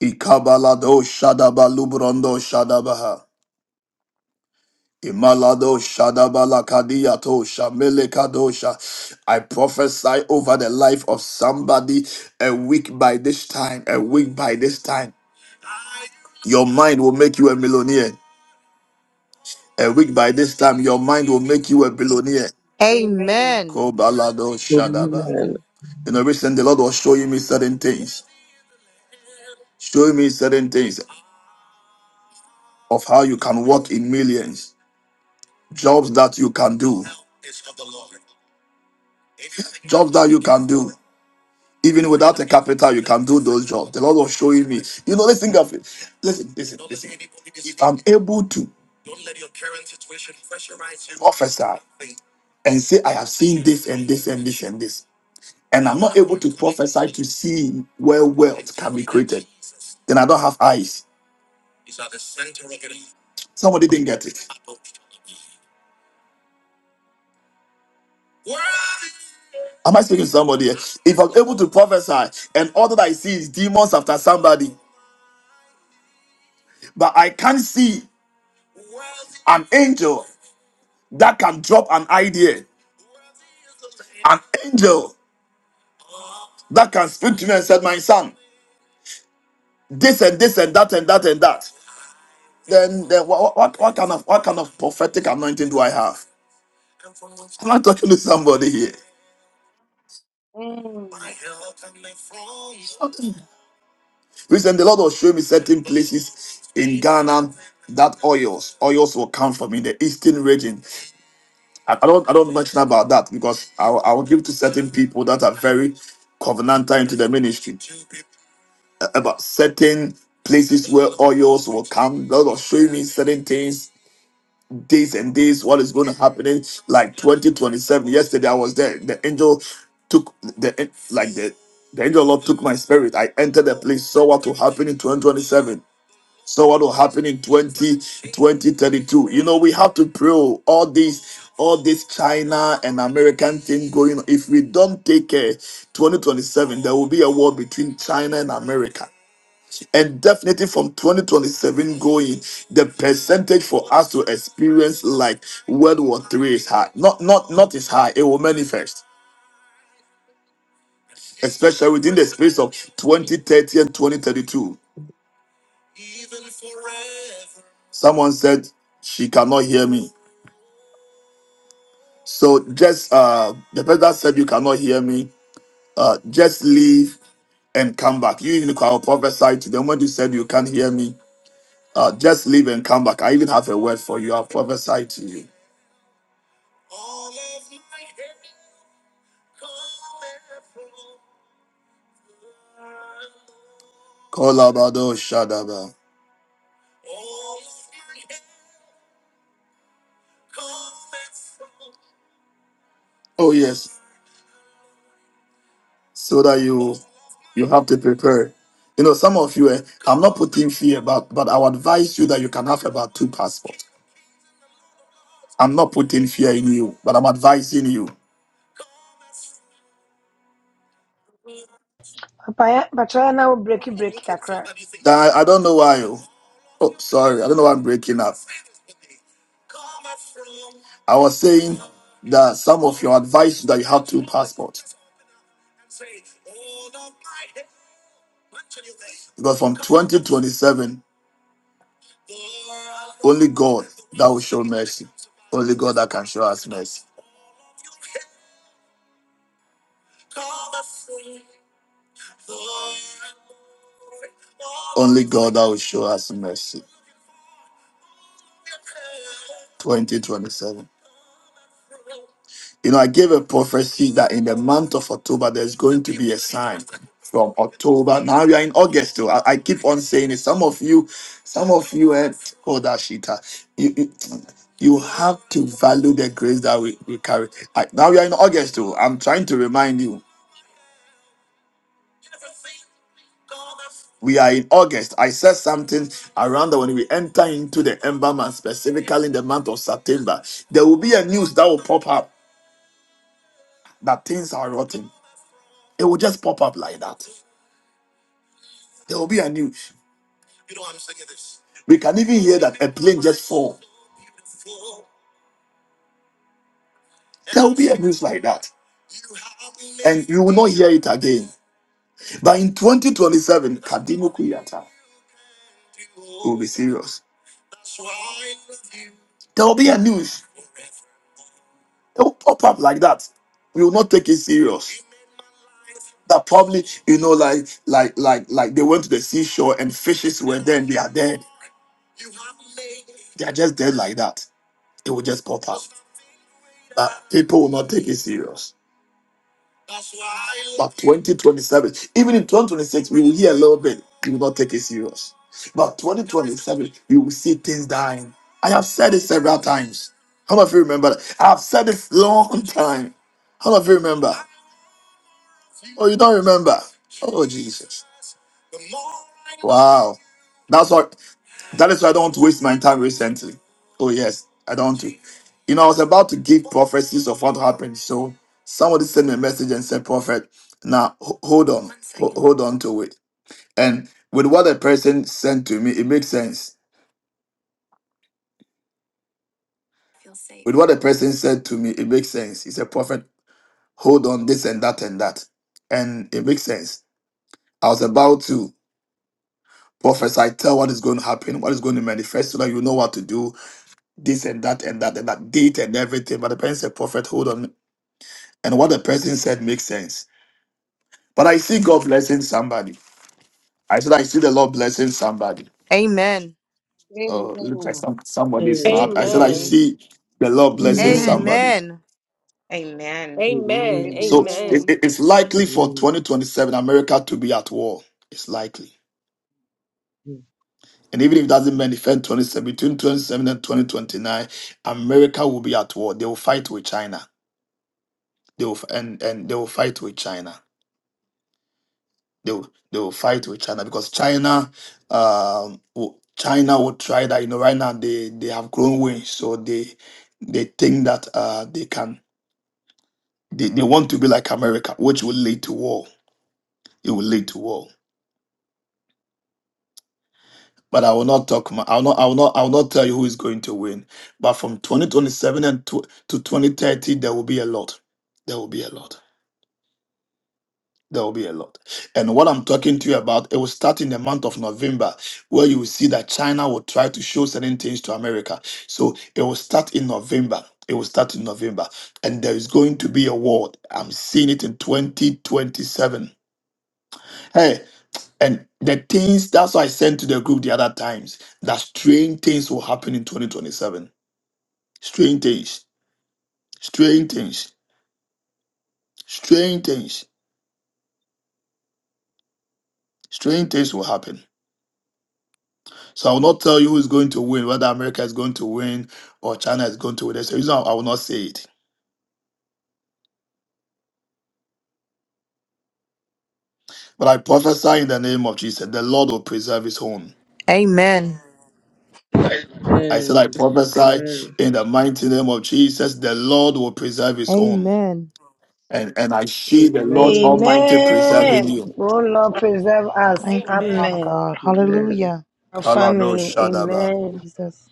Ikabalado Shadaba Lubrondo Shadabaha. Imalado Shadabala Kadiato Shamele Kadosha. I prophesy over the life of somebody a week by this time, a week by this time. Your mind will make you a millionaire. A week by this time, your mind will make you a billionaire. Kobalado Shadaba.
Amen.
You know, recently the Lord was showing me certain things, showing me certain things of how you can work in millions, jobs that you can do, jobs that you can do. Even without a capital, you can do those jobs. The Lord was showing me. You know, let's think of it. Listen, listen, listen. If I'm able to prophesy and say, I have seen this and this and this and this, and I'm not able to prophesy to see where wealth can be created, then I don't have eyes. Somebody didn't get it. Am I speaking to somebody? here? If I'm able to prophesy and all that I see is demons after somebody, but I can't see an angel that can drop an idea, an angel that can speak to me and said, "My son, this and this and that and that and that," then then what what, what kind of what kind of prophetic anointing do I have? Am I talking to somebody here? Recently, the Lord was showing me certain places in Ghana that oils, oils will come from in the eastern region. I I don't I don't mention about that because I will- I will give to certain people that are very covenantal into the ministry uh, about certain places where oils will come. God was showing me certain things, days and days, what is going to happen in like 2027. Yesterday I was there. The angel took the like the the angel of the Lord took my spirit. I entered the place, saw what will happen in 2027. So what will happen in 20, 2032? You know, we have to pray oh, all these, all this China and American thing going on. If we don't take care, 2027, there will be a war between China and America. And definitely from 2027 going, the percentage for us to experience like World War Three is high. Not not not is high, it will manifest, especially within the space of 2030 and 2032. Someone said she cannot hear me. So just uh the person that said you cannot hear me, uh just leave and come back. You even I will prophesy to them when you said you can't hear me. Uh just leave and come back. I even have a word for you. I'll prophesy to you. Kolabado Shadaba. Oh yes. So that you you have to prepare. You know, some of you eh, I'm not putting fear, but but I would advise you that you can have about two passports. I'm not putting fear in you, but I'm advising you.
Papa, yeah, but right now breaky breaky kakra.
That I, I don't know why. Oh, oh, sorry. I don't know why I'm breaking up. I was saying that some of your advice is that you have two passports because from 2027, only God that will show mercy. Only God that can show us mercy. Only God that will show us mercy. 2027. You know, I gave a prophecy that in the month of October, there's going to be a sign from October. Now we are in August, too. I, I keep on saying it. Some of you, some of you, eh, oh, that shit. ah. You, you, you have to value the grace that we, we carry. I, now we are in August, too. I'm trying to remind you. We are in August. I said something around that when we enter into the ember month, specifically in the month of September, there will be a news that will pop up that things are rotten. It will just pop up like that. There will be a news. We can even hear that a plane just fall. There will be a news like that. And you will not hear it again. But in 2027, Kadimo Kuyata will be serious. There will be a news. It will pop up like that. We will not take it serious. That probably, you know, like like like like they went to the seashore and fishes were there and they are dead. They are just dead like that. It will just pop up. But people will not take it serious. But 2027, even in 2026, we will hear a little bit. We will not take it serious. But 2027, we will see things dying. I have said it several times. How many of you remember that? I have said this long (laughs) time. How many of you remember? Oh, you don't remember? Oh, Jesus. Wow. That's what. That is why I don't want to waste my time recently. Oh yes, I don't want to. You know, I was about to give prophecies of what happened. So somebody sent me a message and said, "Prophet, now ho- hold on, ho- hold on to it." And with what a person sent to me, it makes sense. With what a person said to me, it makes sense. He said, Prophet, hold on this and that and that. And it makes sense. I was about to prophesy, tell what is going to happen, what is going to manifest, so that you know what to do, this and that and that and that date and everything. But the person said, Prophet, hold on. And what the person said makes sense. But I see God blessing somebody. I said, I see the Lord blessing somebody.
Amen.
Oh, it looks like some, somebody's not. I said, I
Amen.
see the Lord blessing
Amen.
Amen.
somebody.
Amen.
Amen.
Amen.
Amen.
So it,
Amen.
it- it's likely for
Amen.
2027 America to be at war. It's likely.
Amen.
And even if it doesn't manifest 27, between 27 and 2029, America will be at war. They will fight with China. They will f- and, and they will fight with China. They will, they will fight with China because China um will- China will try that. You know, right now they, they have grown wings, so they they think that uh they can they, they want to be like America, which will lead to war. It will lead to war. but I will not talk. My, I will not. I will not. I will not tell you who is going to win. But from 2027 and to, to 2030, there will be a lot. There will be a lot. There will be a lot. And what I'm talking to you about, it will start in the month of November, where you will see that China will try to show certain things to America. So it will start in November. It will start in November, and there is going to be a war. I'm seeing it in 2027. Hey. And the things, that's why I sent to the group the other times, that strange things will happen in 2027. Strange things, strange things, strange things, strange things will happen. So I will not tell you who is going to win, whether America is going to win or China is going to win. There's a reason I will not say it. But I prophesy in the name of Jesus, the Lord will preserve his own.
Amen.
I said, I
Amen.
prophesy
Amen.
in the mighty name of Jesus, the Lord will preserve his own.
Amen.
And, and I see the Lord
Amen.
Jesus.
Almighty preserving
Amen.
Amen.
you.
Oh Lord, preserve us.
Thank you, Father
Amen.
Amen.
God. Hallelujah.
Our
Kalado
family.
Shadaba.
Amen.
Jesus.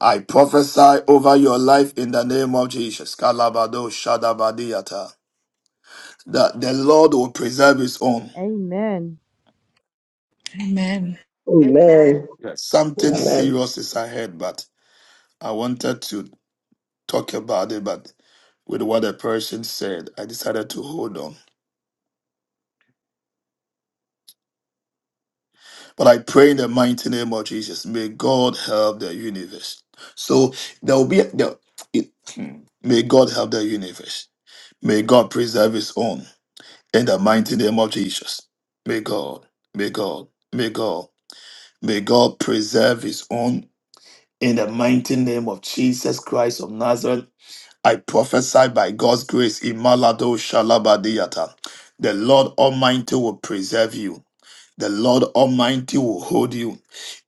I prophesy over your life in the name of Jesus. Kalabado Shadabadiata. That the Lord will preserve his own.
Amen.
Amen.
Amen. Amen.
Amen.
Yes. Something
Amen.
serious is ahead, but I wanted to talk about it, but with what the person said, I decided to hold on. But I pray in the mighty name of Jesus, may God help the universe. So there will be, there, it, hmm. may God help the universe. May God preserve his own. In the mighty name of Jesus. May God, may God, may God, may God preserve his own. In the mighty name of Jesus Christ of Nazareth, I prophesy by God's grace, Imalado Shalabadiata. The Lord Almighty will preserve you. The Lord Almighty will hold you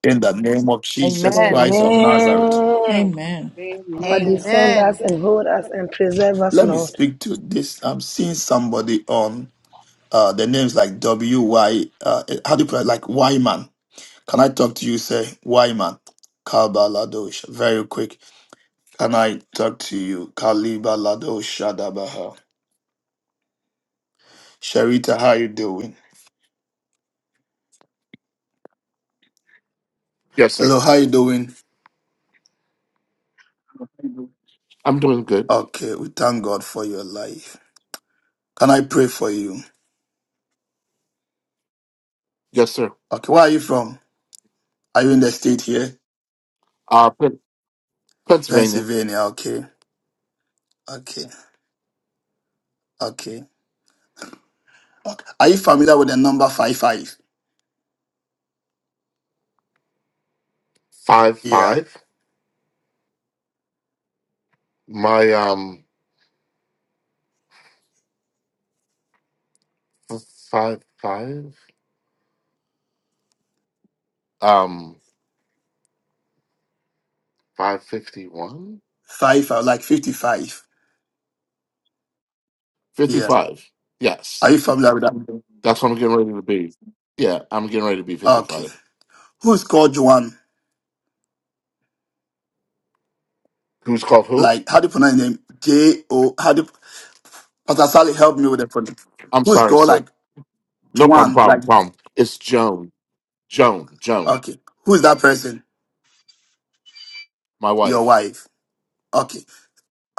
in the name of Jesus
Amen.
Christ of Nazareth.
Amen.
Amen.
Papa,
Amen.
defend us
Amen.
and hold us and preserve us,
Let me
Lord.
speak to this. I'm seeing somebody on uh, the names like W Y. Uh, how do you put it? Like Wyman. Can I talk to you, sir? Wyman. Kabaladosh. Very quick. Can I talk to you? Kalibaladosh Shadabaha. Sharita, how you doing?
Yes, sir.
Hello, how you doing?
I'm doing good.
Okay, we thank God for your life. Can I pray for you?
Yes, sir.
Okay, where are you from? Are you in the state here?
Uh, Pen- Pennsylvania,
Pennsylvania, okay. Okay. Okay. okay. Are you familiar with the number five five?
five
Yeah.
five. My um, five five. Um, five fifty one.
Five, uh, like 55.
Fifty
Yeah.
five.
Are
Yes,
you familiar with that?
that's what I'm getting ready to be. Yeah, I'm getting ready to be fifty
Okay.
five.
Who's called Juan?
Who's called who?
like how do you pronounce his name? J O how do Pastor Sally help me with the pronoun.
I'm
Who's
sorry,
called
sir.
like
No problem.
Juan? Like
Problem. Problem. It's Joan. Joan. Joan.
okay. Who is that person?
My
Your
wife.
wife. Okay.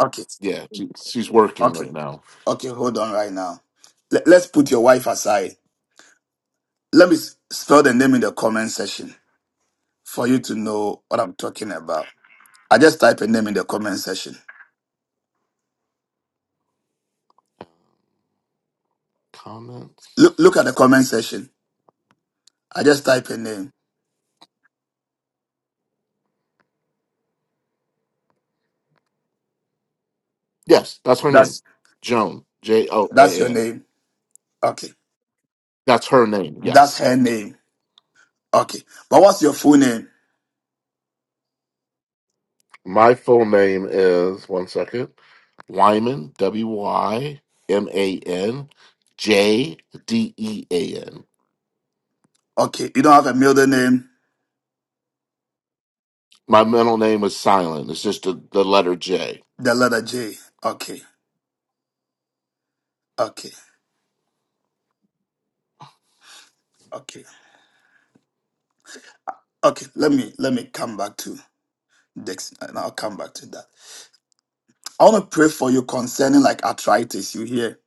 Okay.
Yeah, she, she's working
Okay.
right now.
Okay. Hold on right now. Let, let's put your wife aside. Let me s- spell the name in the comment section for you to know what I'm talking about. I just type a name in the comment section.
Comments.
Look look at the comment section. I just type a name.
Yes, that's her name.
That's
Joan. J O
that's
A
your
N.
name. Okay.
That's her name.
That's
Yes,
her name. Okay. But what's your full name?
My full name is one second. Wyman. W Y M A N J D E A N.
Okay, you don't have a middle name,
My middle name is silent. It's just the, the letter J.
the letter J. Okay, okay, okay, okay. Let me let me come back to Dex. and I'll come back to that. I want to pray for you concerning like arthritis. You hear?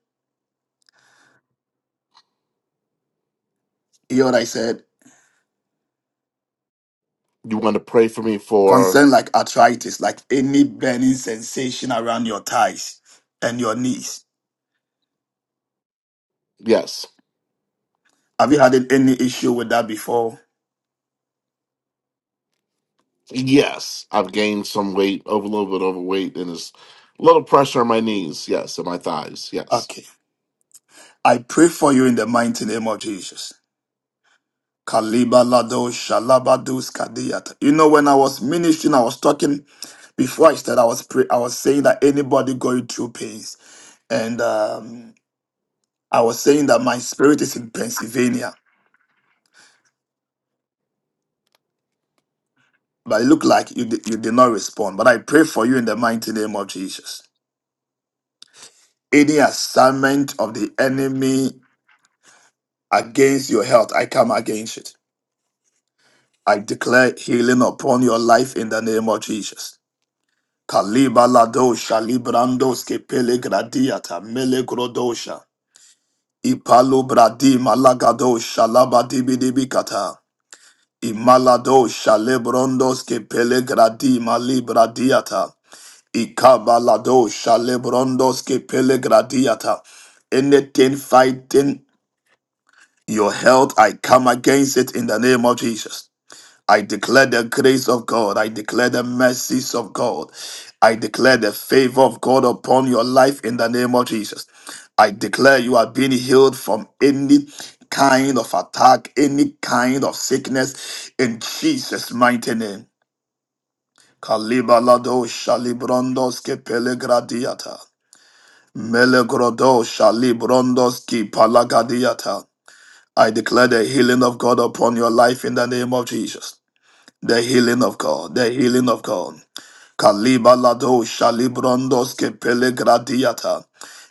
You hear what I said?
You want to pray for me for
Concerning like arthritis, like any burning sensation around your thighs and your knees.
yes,
Have you had any issue with that before?
yes. I've gained some weight, over a little bit overweight, and there's a little pressure on my knees. Yes, and my thighs. Yes.
Okay. I pray for you in the mighty name of Jesus. Kalibalado Shalabadus Kadiyat. You know, when I was ministering, I was talking before I started, I was pray, I was saying that anybody going through pains. And um, I was saying that my spirit is in Pennsylvania. But it looked like you, di- you did not respond. But I pray for you in the mighty name of Jesus. Any assignment of the enemy against your health, I come against it. I declare healing upon your life in the name of Jesus. Kalibaladosha librandoske pelegradiata melegrodosha. Ipalobradi malagadosha labadibidibikata. Imaladosha lebrondoske pelegradi malibradiata. Ikabaladosha lebrondoske pelegradiata. Anything fighting your health, I come against it in the name of Jesus. I declare the grace of God. I declare the mercies of God. I declare the favor of God upon your life in the name of Jesus. I declare you are being healed from any kind of attack, any kind of sickness in Jesus' mighty name. Kalibalado shalibrondos ke pelegradiata. Melegrodo shalibrondos ki palagadiata. I declare the healing of God upon your life in the name of Jesus. The healing of God, the healing of God. Kaliba lado shalibrondos ke pelegradiata.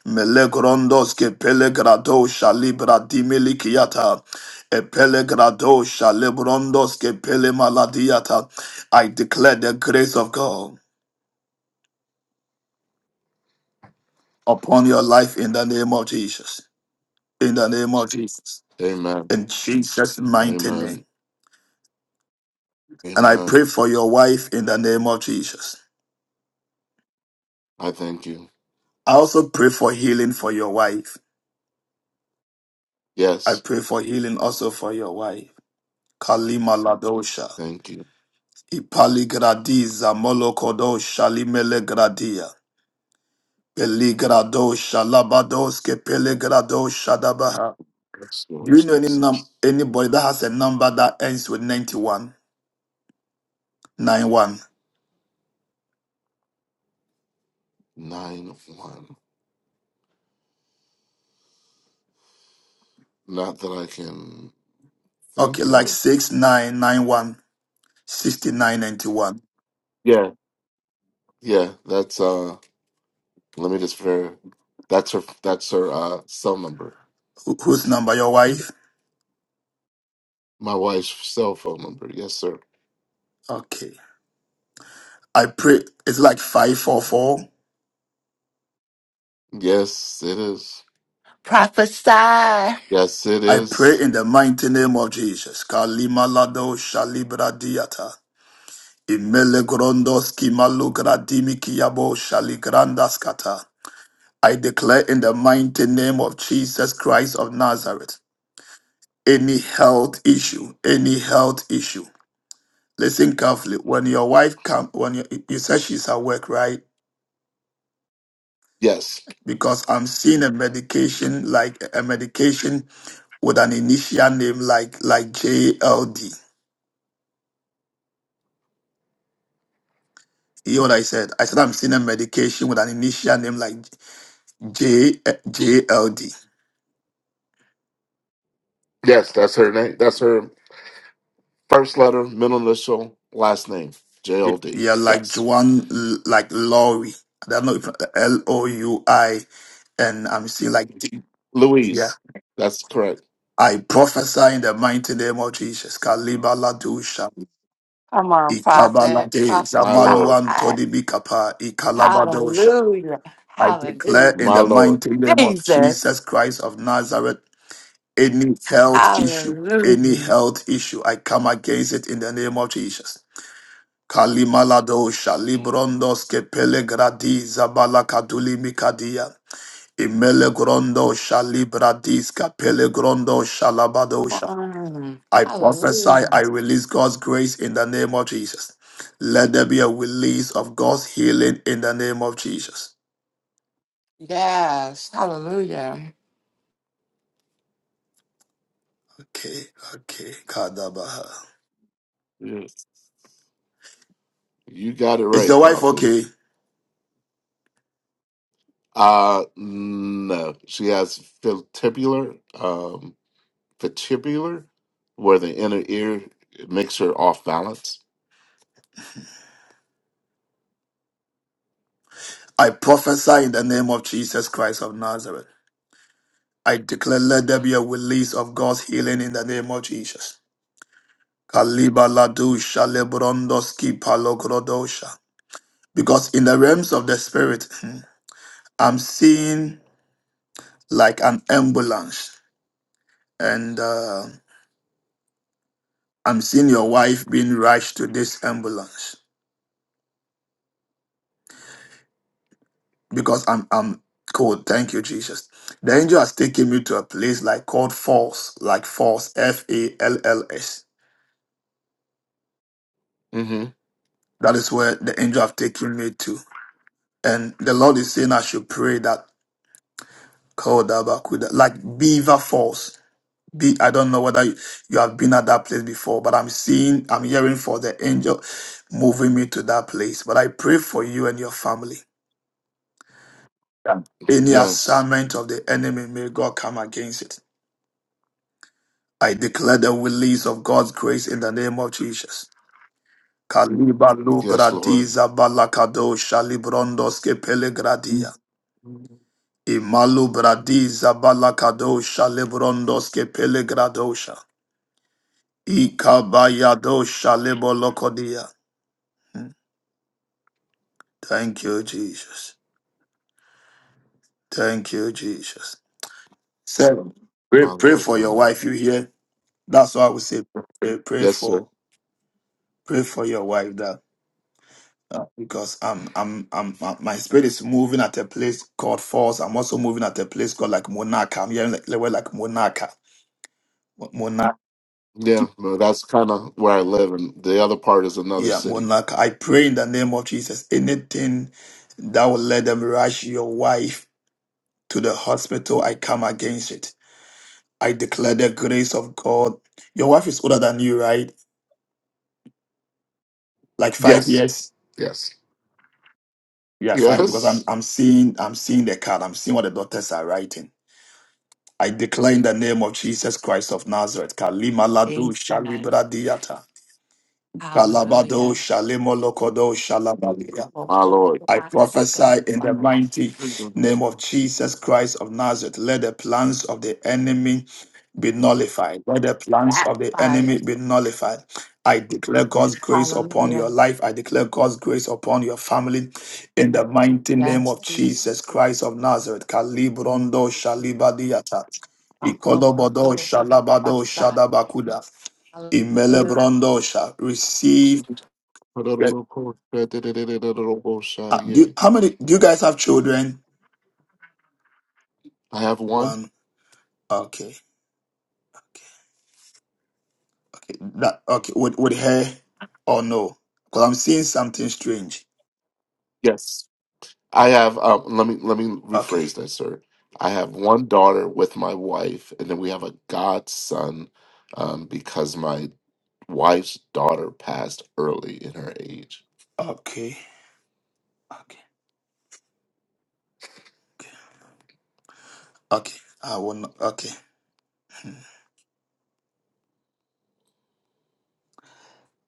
Melegrondos ke pelegrado shalibradimilikiata. E pelegrado shalibrondos ke pelemaladiata. I declare the grace of God upon your life in the name of Jesus. In the name of Jesus.
Amen.
In Jesus' mighty name.
Amen.
And I pray
Amen.
for your wife in the name of Jesus.
I thank you.
I also pray for healing for your wife I
Yes.
pray for healing also for your wife. Kalima Ladosha.
Thank you.
Ipaligradiza molokodo shalimele gradia. Peligrado shalabadoske pelegrado shadabaha.
Yes,
Do
Lord
you know any num-
Jesus.
anybody that has a number that ends with 91? 91.
nine one. Not that I can
Okay,
think
like
of.
6991, 6991.
Yeah. Yeah, that's uh let me just ver that's her that's her uh cell number.
Who- whose number? Your wife?
My wife's cell phone number. Yes, sir.
Okay. I pray it's like 544.
Yes, it is.
Prophesy.
Yes, it
I
is.
pray in the mighty name of Jesus. Kalima lado shalibra diata. Imele grondos kimalugra dimikiabo shaligrandas kata. I declare in the mighty name of Jesus Christ of Nazareth, any health issue, any health issue. Listen carefully. When your wife come, when you, you said she's at work, right?
Yes.
Because I'm seeing a medication like a medication with an initial name like like JLD. You know what I said? I said I'm seeing a medication with an initial name like J eh, J L D.
Yes, that's her name. That's her first letter, middle initial, last name. J
Yeah,
O D.
yeah, like
Yes.
Juan, L- like Lori. I don't know if L O U I, and I'm seeing like D. Yeah.
Louise. That's correct.
I prophesy in the mighty name of Jesus. Kalibala dusha,
Come on, prophet.
ikabalate,
My
Prophesy.
lord.
zamaluan todibikapa, ikalabadosha.
Hallelujah.
I declare
Hallelujah.
in
My
the
lord.
mighty name of
Jesus.
Jesus Christ of Nazareth Any health issue, any
Hallelujah.
health issue, I come against it in the name of Jesus. Kalimalado shalibrondos kepele gradi zabala kaduli mikadia. Imele grondo shalibradis kapele grondo
Come
shalabadosha.
on.
I prophesy,
Hallelujah.
I release God's grace in the name of Jesus. Let there be a release of God's healing in the name of Jesus.
Yes. Hallelujah.
Okay, okay, Kadabaha.
Yes. You got it
Is
right,
your wife
Prophet.
okay?
Uh, no, she has vestibular, um, vestibular, where the inner ear makes her off balance.
I prophesy in the name of Jesus Christ of Nazareth. I declare let there be a release of God's healing in the name of Jesus. Kaliba ladusha lebrondoski palokrodosha. Because in the realms of the spirit, hmm, I'm seeing like an ambulance, and uh, I'm seeing your wife being rushed to this ambulance because I'm I'm cold. Thank you, Jesus. The angel has taken me to a place like called Falls, like Falls, F A L L S.
hmm
That is where the angel have taken me to. And the Lord is saying I should pray that Kodabakuda, like Beaver Falls. Be, I don't know whether you, you have been at that place before, but I'm seeing, I'm hearing for the angel moving me to that place. But I pray for you and your family. that Any
Yes,
assignment of the enemy, may God come against it. I declare the release of God's grace in the name of Jesus. Kaliba
yes,
lubra di
Lord,
zabala kado shalibrondos ke pelegradia.
my
Imalu bradiza balakadosha lebrondoske pelegradosha. Ikabayadosha lebolokodia. Thank you, Jesus. Thank you, Jesus. Seven. Pray, pray
Lord,
for
my
your
Lord.
wife. You hear? That's why I would say pray, pray
Yes, sir.
for pray for your wife that uh, because I'm, I'm I'm I'm- my spirit is moving at a place called Falls. I'm also moving at a place called like Monaka. I'm hearing like, like Monaka. Monaka.
Yeah, well, that's kind of where I live, and the other part is another
Yeah,
city.
Monarch, I pray in the name of Jesus. Anything that will let them rush your wife to the hospital, I come against it. I declare the grace of God. Your wife is older than you, right? Like five
Yes,
years.
yes,
Yeah, five. Because I'm
yes,
I'm seeing I'm seeing the card. I'm seeing what the doctors are writing. I declare in the name of Jesus Christ of Nazareth. Kalima ladu
Jesus.
shalibra diata. Kalabado
Hallelujah.
shalimo lokodo
my Lord.
I prophesy in the mighty name of Jesus Christ of Nazareth. Let the plans of the enemy be nullified. Let the plans of the
Backfire.
enemy be nullified. I declare God's grace upon
Hallelujah.
your life. I declare God's grace upon your family. In the mighty name
Yes,
of
Amen. Amen.
Jesus.
Jesus
Amen.
Christ of Nazareth. Kalibrondo
Amen.
shalibadiata.
Hallelujah.
Ikolobodo shalabado shadabakuda. Imelebrondo sha. Receive.
(laughs)
uh, do,
I
how many do you guys have children?
have one.
One. Okay. Okay. okay. That. Okay. With with hair or no? Because I'm seeing something strange.
Yes. I have um, let me let me
Okay.
rephrase that, sir. I have one daughter with my wife, and then we have a godson um, because my wife's daughter passed early in her age.
Okay. Okay. Okay. Okay. I will not. Okay.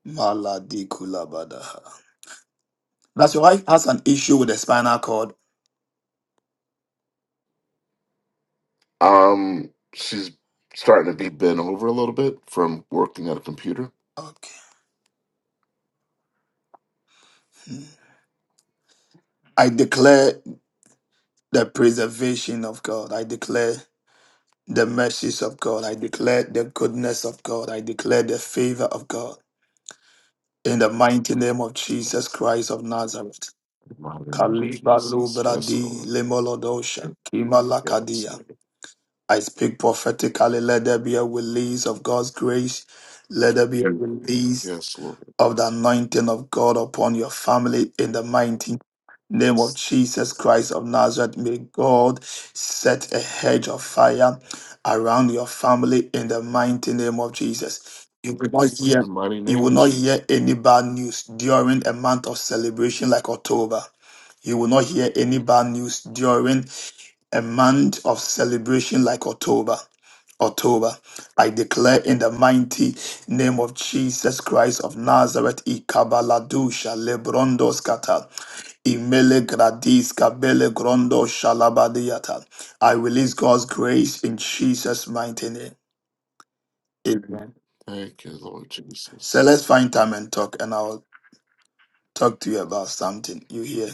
Maladikulabadaha. That's your wife has an issue with the spinal cord.
Um, she's starting to be bent over a little bit from working at a computer.
Okay. Hmm. I declare the preservation of God. I declare the mercies of God. I declare the goodness of God. I declare the favor of God. In the mighty name of Jesus Christ of Nazareth.
I remember
Kalibalu
Jesus. Yes,
bradi
Lord.
lemolodosha
Yes,
kimalakadia.
Lord.
I speak prophetically. Let there be a release of God's grace. Let there be a release
Yes, Lord.
of the anointing of God upon your family in the mighty name of Jesus Christ of Nazareth. May God set a hedge of fire around your family in the mighty name of Jesus. You will not
In the
hear,
mighty
you
name
will
of
not
Jesus.
hear any bad news during a month of celebration like October. You will not hear any bad news during a month of celebration like October. October. I declare in the mighty name of Jesus Christ of Nazareth, Ikabaladusha, Lebrondoskata, Imele Gradiska, Bele Grondo, Shalabadiata. I release God's grace in Jesus' mighty name. Amen.
Thank you, Lord
So
Jesus.
let's find time and talk, and I'll talk to you about something. You hear?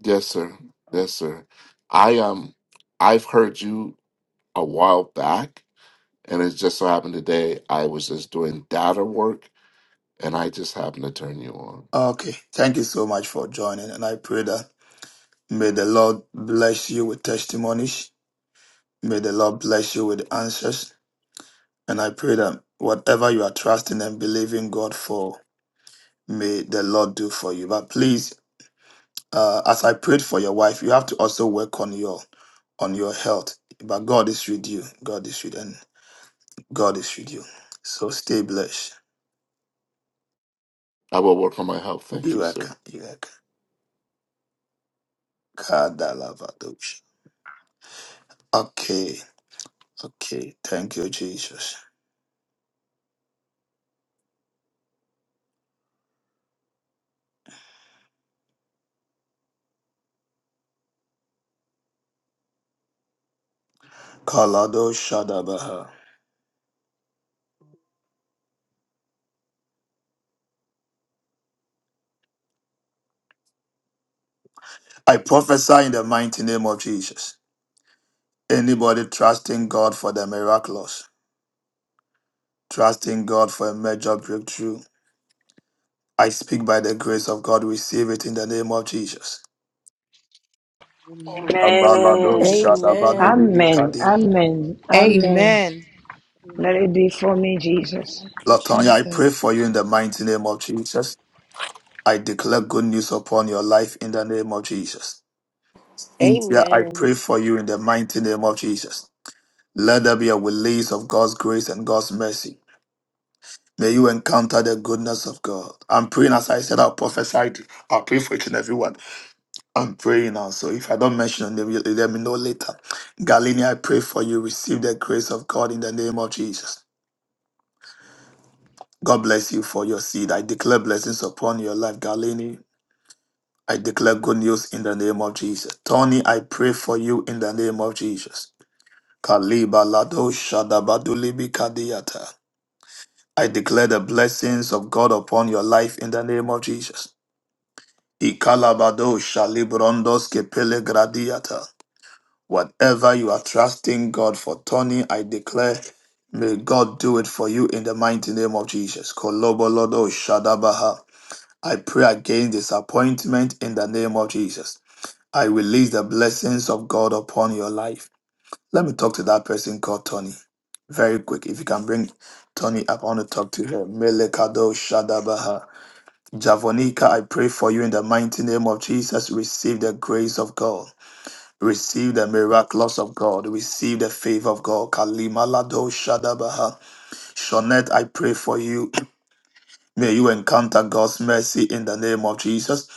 Yes, sir. Yes, sir. I um I've heard you a while back, and it just so happened today I was just doing data work and I just happened to turn you on.
Okay. Thank you so much for joining, and I pray that may the Lord bless you with testimonies. May the Lord bless you with answers. And I pray that whatever you are trusting and believing God for, may the Lord do for you. But please, uh, as I prayed for your wife, you have to also work on your on your health. But God is with you. God is with and God is with you. So stay blessed.
I will work on my health. Thank
You
you,
are
sir.
welcome. You are welcome. Kadalavadosh. Okay. Okay. Thank you, Jesus. Kalado Shadabaha. I prophesy in the mighty name of Jesus. Anybody trusting God for the miraculous, trusting God for a major breakthrough. I speak by the grace of God, receive it in the name of Jesus.
Amen.
Abalado
Amen.
Amen.
Amen.
Amen.
Amen.
shadabadubinikadi.
Amen.
Amen.
Amen.
Amen.
Let it
Amen.
be for me, Jesus.
Thank you,
Lord Tonya, I pray
Jesus.
for you in the mighty name of Jesus. I declare good news upon your life in the name of Jesus. Cynthia,
Amen.
I pray for you in the mighty name of Jesus. Let there be a release of God's grace and God's mercy. May you encounter the goodness of God. I'm praying as I said, I'll prophesy. I'll pray for each and everyone. I'm praying now, so if I don't mention them, you- let me know later. Galini, I pray for you. Receive the grace of God in the name of Jesus. God bless you for your seed. I declare blessings upon your life, Galini. I declare good news in the name of Jesus. Tony, I pray for you in the name of Jesus. Kaliba Lado Shadabadulibi Kadiyata. I declare the blessings of God upon your life in the name of Jesus. Ikalabado Shalibrondos Kepele Gradiata. Whatever you are trusting God for, Tony, I declare, may God do it for you in the mighty name of Jesus. Kolobolodo Shadabaha. I pray against disappointment in the name of Jesus. I release the blessings of God upon your life. Let me talk to that person called Tony. Very quick. If you can bring Tony up, I want to talk to her. Melekado Shadabaha. Javonica, I pray for you in the mighty name of Jesus. Receive the grace of God. Receive the miracles of God. Receive the favor of God. Kalima Lado Shadabaha. Shonet, I pray for you. May you encounter God's mercy in the name of Jesus.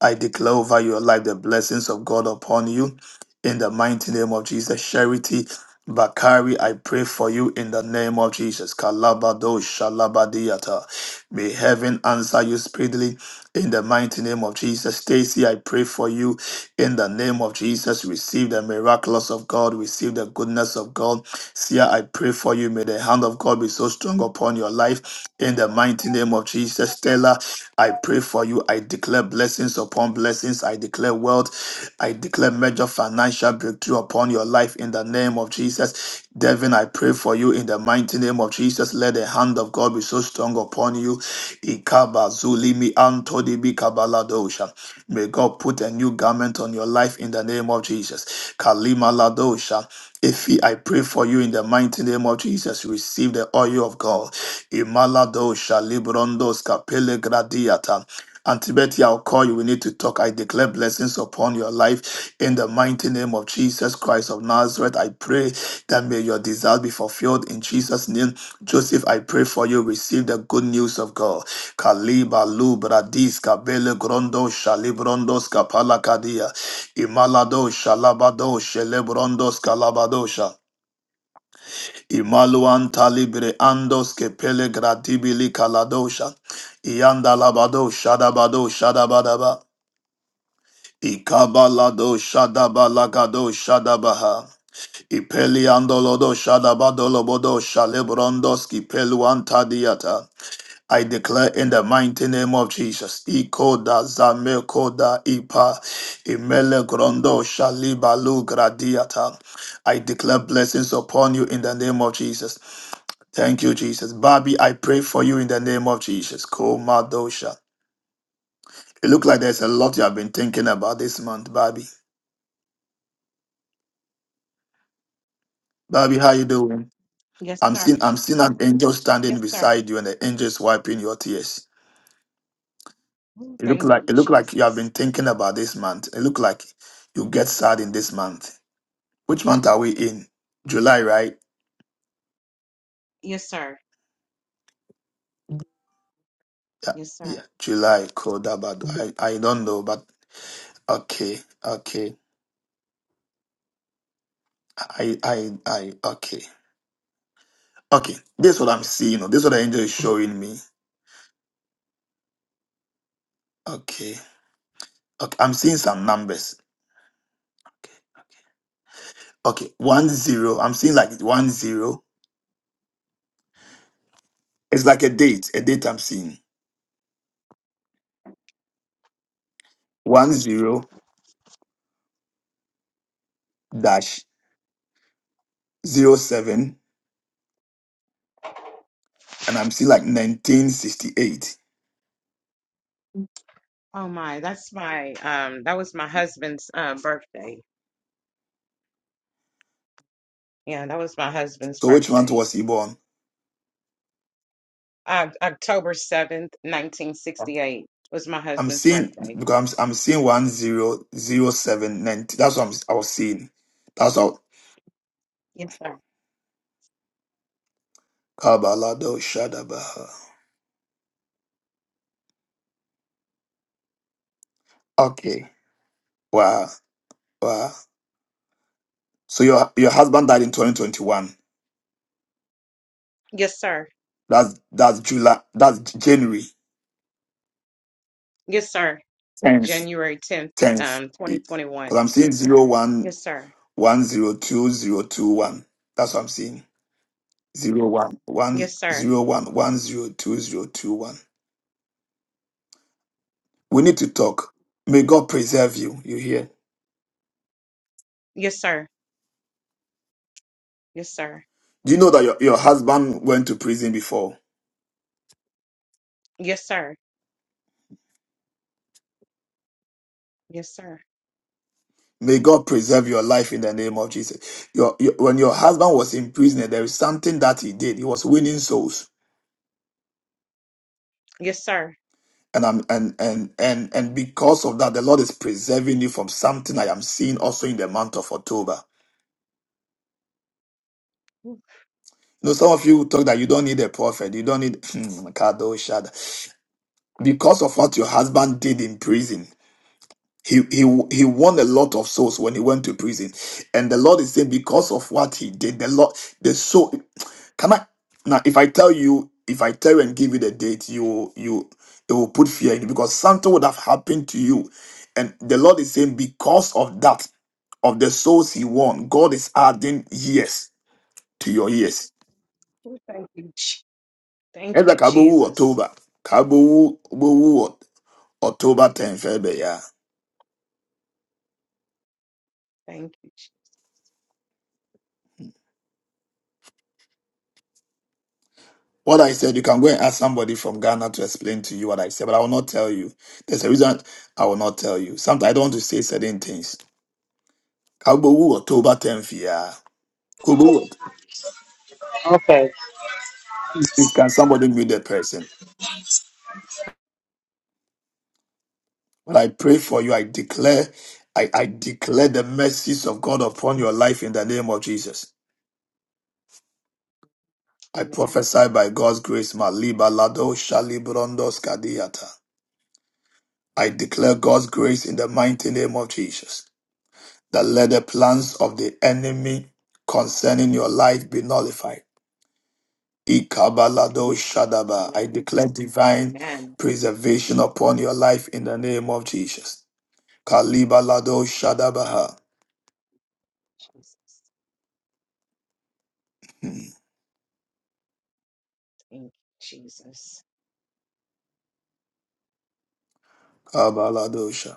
I declare over your life the blessings of God upon you in the mighty name of Jesus. Charity Bakari, I pray for you in the name of Jesus. Kalabado Shalabadiata. May heaven answer you speedily in the mighty name of Jesus. Stacy, I pray for you in the name of Jesus. Receive the miracles of God, receive the goodness of God. Sia, I pray for you. May the hand of God be so strong upon your life. In the mighty name of Jesus, Stella, I pray for you. I declare blessings upon blessings. I declare wealth. I declare major financial breakthrough upon your life in the name of Jesus. Devin, I pray for you in the mighty name of Jesus. Let the hand of God be so strong upon you. Ikaba zulimi antodibi kabaladosha. May God put a new garment on your life in the name of Jesus. Kalima Ladosha. If I pray for you in the mighty name of Jesus, receive the oil of God. Imaladosha Librondos Kapele Gradiata. Auntie Betty, I'll call you. We need to talk. I declare blessings upon your life in the mighty name of Jesus Christ of Nazareth. I pray that may your desire be fulfilled in Jesus' name. Joseph, I pray for you. Receive the good news of God. Kaliba lubradis kabele grondo shalibrondos kapalakadia imalado shalabado shelebrondos kalabadosha imaluan talibre andos kepele gradibili kaladosha iandalabado shadabado shadabadaba ikabalado shadabalagado shadabaha ipeliandolodo shadabadolobodo shalebrondos kipeluan tadiata I declare in the mighty name of Jesus, Ikoda Zamekoda Ipa Imele Grondo Shalibalu Gradiata. I declare blessings upon you in the name of Jesus. Thank you, Jesus. Bobby, I pray for you in the name of Jesus. Komadosha. It looks like there's a lot you have been thinking about this month, Bobby. Bobby, how you doing?
Yes,
I'm
sir.
seeing I'm seeing an angel
Yes,
standing
sir.
beside you, and the angel is wiping your tears.
Ooh,
It look
thank
like
you,
it look like you have
Jesus.
been thinking about this month. It look like you get sad in this month. Which month are we in? July, right?
Yes, sir.
Yeah,
Yes, sir.
yeah. July. Cool. That bad. I I don't know, but okay, okay. I I I okay, okay. This is what I'm seeing. This is what the angel is showing me. Okay, okay. I'm seeing some numbers. Okay, one zero. I'm seeing like one zero. It's like a date. A date I'm seeing. One zero dash zero seven and I'm seeing like 1968.
Oh my, that's my um that was my husband's uh birthday. Yeah, that was my husband's
So which month
birthday.
was he born?
Uh, October 7th, 1968 was my
I'm
husband's
seeing
birthday.
because I'm, I'm seeing one zero zero seven ninety. That's what I'm, I was seeing. That's what
Yes, sir.
Kabalado Shadabaha. Okay. Wow. Wow. So your your husband died in 2021.
Yes, sir.
That's that's July. That's January.
Yes, sir.
Tenth.
January 10th,
Tenth.
um
Because
2021.
I'm seeing zero one
Yes, sir.
one zero two zero two one. That's what I'm seeing. Zero one one
Yes, sir.
zero one one zero two zero two one. We need to talk. May God
Yes,
preserve you. You hear?
yes sir. Yes, sir.
Do you know that your, your husband went to prison before?
Yes, sir. Yes, sir.
May God preserve your life in the name of Jesus. Your, your when your husband was in prison, there is something that he did. He was winning souls.
Yes, sir.
And I'm and and and and because of that, the Lord is preserving you from something I am seeing also in the month of October.
Ooh,
You know, some of you talk that you don't need a prophet, you don't need (laughs) (clears throat) Kadoshada. Because of what your husband did in prison. He, he he won a lot of souls when he went to prison, and the Lord is saying because of what he did, the Lord the soul. Can I now? If I tell you, if I tell you and give you the date, you you it will put fear in you because something would have happened to you, and the Lord is saying because of that, of the souls he won, God is adding years to your years.
ooh, Thank you. Je- Thank
Ezra
you,
Kabowu
Jesus.
October, Kabowu Bowu October 10th,
Thank you. Je-
What I said, you can go and ask somebody from Ghana to explain to you what I said, but I will not tell you. There's a reason I will not tell you. Sometimes I don't want to say certain things. Kagbowu October 10th, yeah. Kagbowu,
Okay.
Can somebody meet that person? But I pray for you. I declare, I, I declare the mercies of God upon your life in the name of Jesus. I
Amen.
prophesy by God's grace, Maliba Lado Shalibrondos Kadiata. I declare God's grace in the mighty name of Jesus. that let the plans of the enemy concerning your life be nullified. Ikabalado Shadaba.
Amen.
I declare divine
Amen.
preservation upon your life in the name of Jesus. Kalibalado Shadabaha.
Jesus.
Hmm.
Thank you, Jesus.
Kabalado Sha-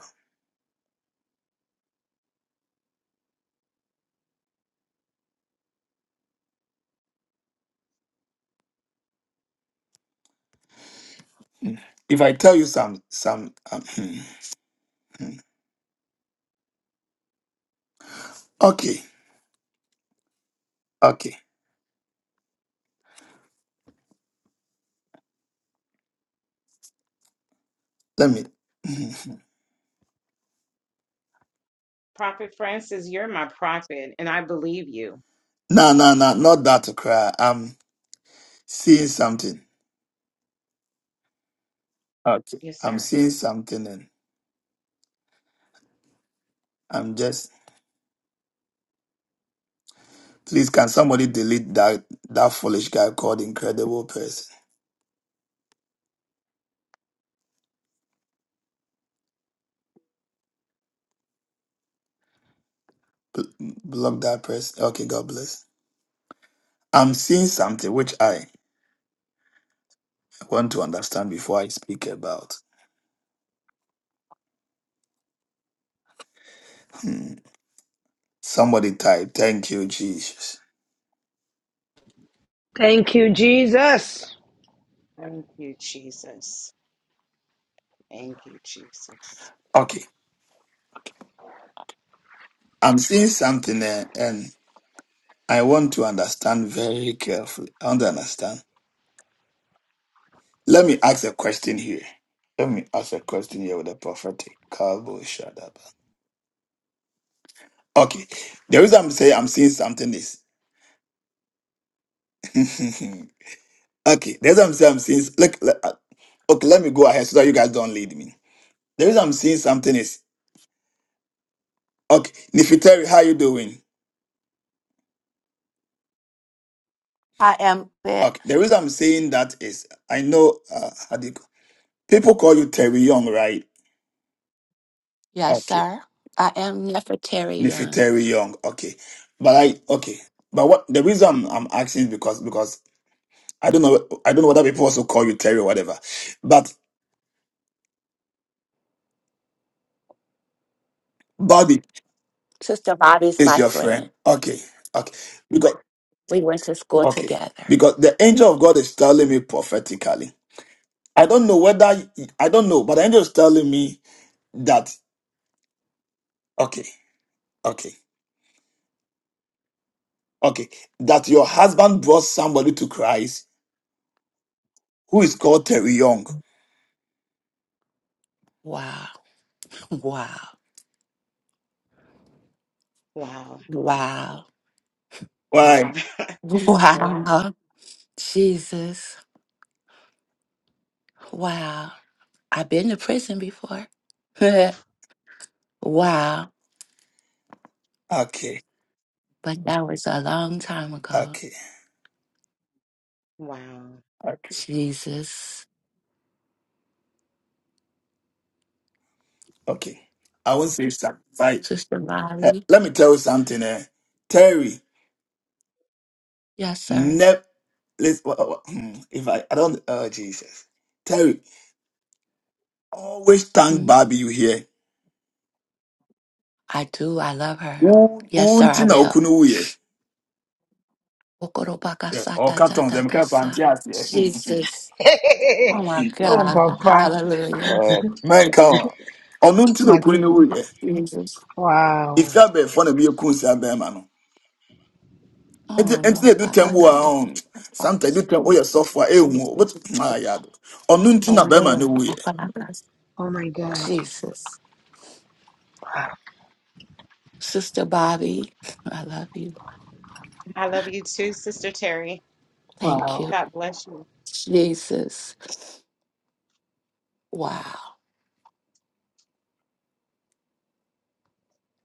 If I tell you some, some, um, hmm, hmm. hmm. okay, okay, let me. hmm.
Prophet Francis, you're my prophet, and I believe you.
No, no, no, not that to cry. I'm seeing something. Okay,
Yes,
I'm
sir.
seeing something, and I'm just Please, can somebody delete that that foolish guy called incredible person? B- block that person. Okay, God bless. I'm seeing something which I want to understand before I speak about. Hmm. Somebody type, thank you, Jesus.
Thank you, Jesus.
Thank you, Jesus. Thank you, Jesus.
Okay, I'm seeing something there, and I want to understand very carefully. I want to understand. Let me ask a question here. Let me ask a question here with a prophetic. Kabo Shadaba. Okay, the reason I'm saying I'm seeing something is. (laughs) Okay, the reason I'm saying, I'm saying look, le- uh, okay, let me go ahead so that you guys don't lead me. The reason I'm saying something is, okay, Nifiteri, how you doing?
I am that.
Okay, the reason I'm saying that is, I know, uh, how do you, call- people call you Terry Young, right?
Yes,
Okay.
sir. I am Nefertari Young.
Nifiteri Young, okay. But I, okay. But what, the reason I'm, I'm asking is because, because I don't know, I don't know whether people also call you Terry or whatever, but Bobby
Sister Bobby's
is
my
your
friend.
friend. Okay, okay. Because,
We went to school
okay.
together.
Because the angel of God is telling me prophetically I don't know whether I don't know, but the angel is telling me that okay, okay, okay, that your husband brought somebody to Christ who is called Terry Young.
Wow. (laughs) Wow.
Wow.
Wow.
Wow.
Why?
(laughs) wow.
Wow. Jesus. Wow. I've been to prison before. (laughs) wow.
Okay,
But that was a long time ago.
okay,
Wow.
okay,
Jesus.
okay. I won't say sacrifice.
Sister
Hey,
Lottie.
let me tell you something. Eh? Terry,
Yes, sir.
never. If I, I don't, oh Jesus, Terry, always thank
Hmm?
Barbie. You hear?
I do. I love her.
Who,
Yes,
who,
sir, I
Tina
will.
Okunu, yeah. Or cartons, them
Okorobakasatatadakasa.
can't (laughs)
Jesus.
(laughs)
Oh, my
oh,
God.
Papa.
Hallelujah.
Oh, man, come on. Ọnụ ntị na okwu na
Martin.
ewu yɛ.
Jesus.
Wow.
Ife abịa efọ na ebi ekwu nsi abịa ma no. Ntị
Oh,
ntị na
no.
edu tem bụ
Oh,
Babakato-
ahụ. Santa edu tem oyɛ sɔfo a ehu. But
Jesus.
ah ya do. Ọnụ ntị na
I
abịa ma na
know.
ewu yɛ.
Okanakas-
Oh, my God.
Jesus.
Wow.
Sister Bobby, I love you.
I love you too, Sister Terry.
Thank you.
Wow.
God bless you.
Jesus. Wow.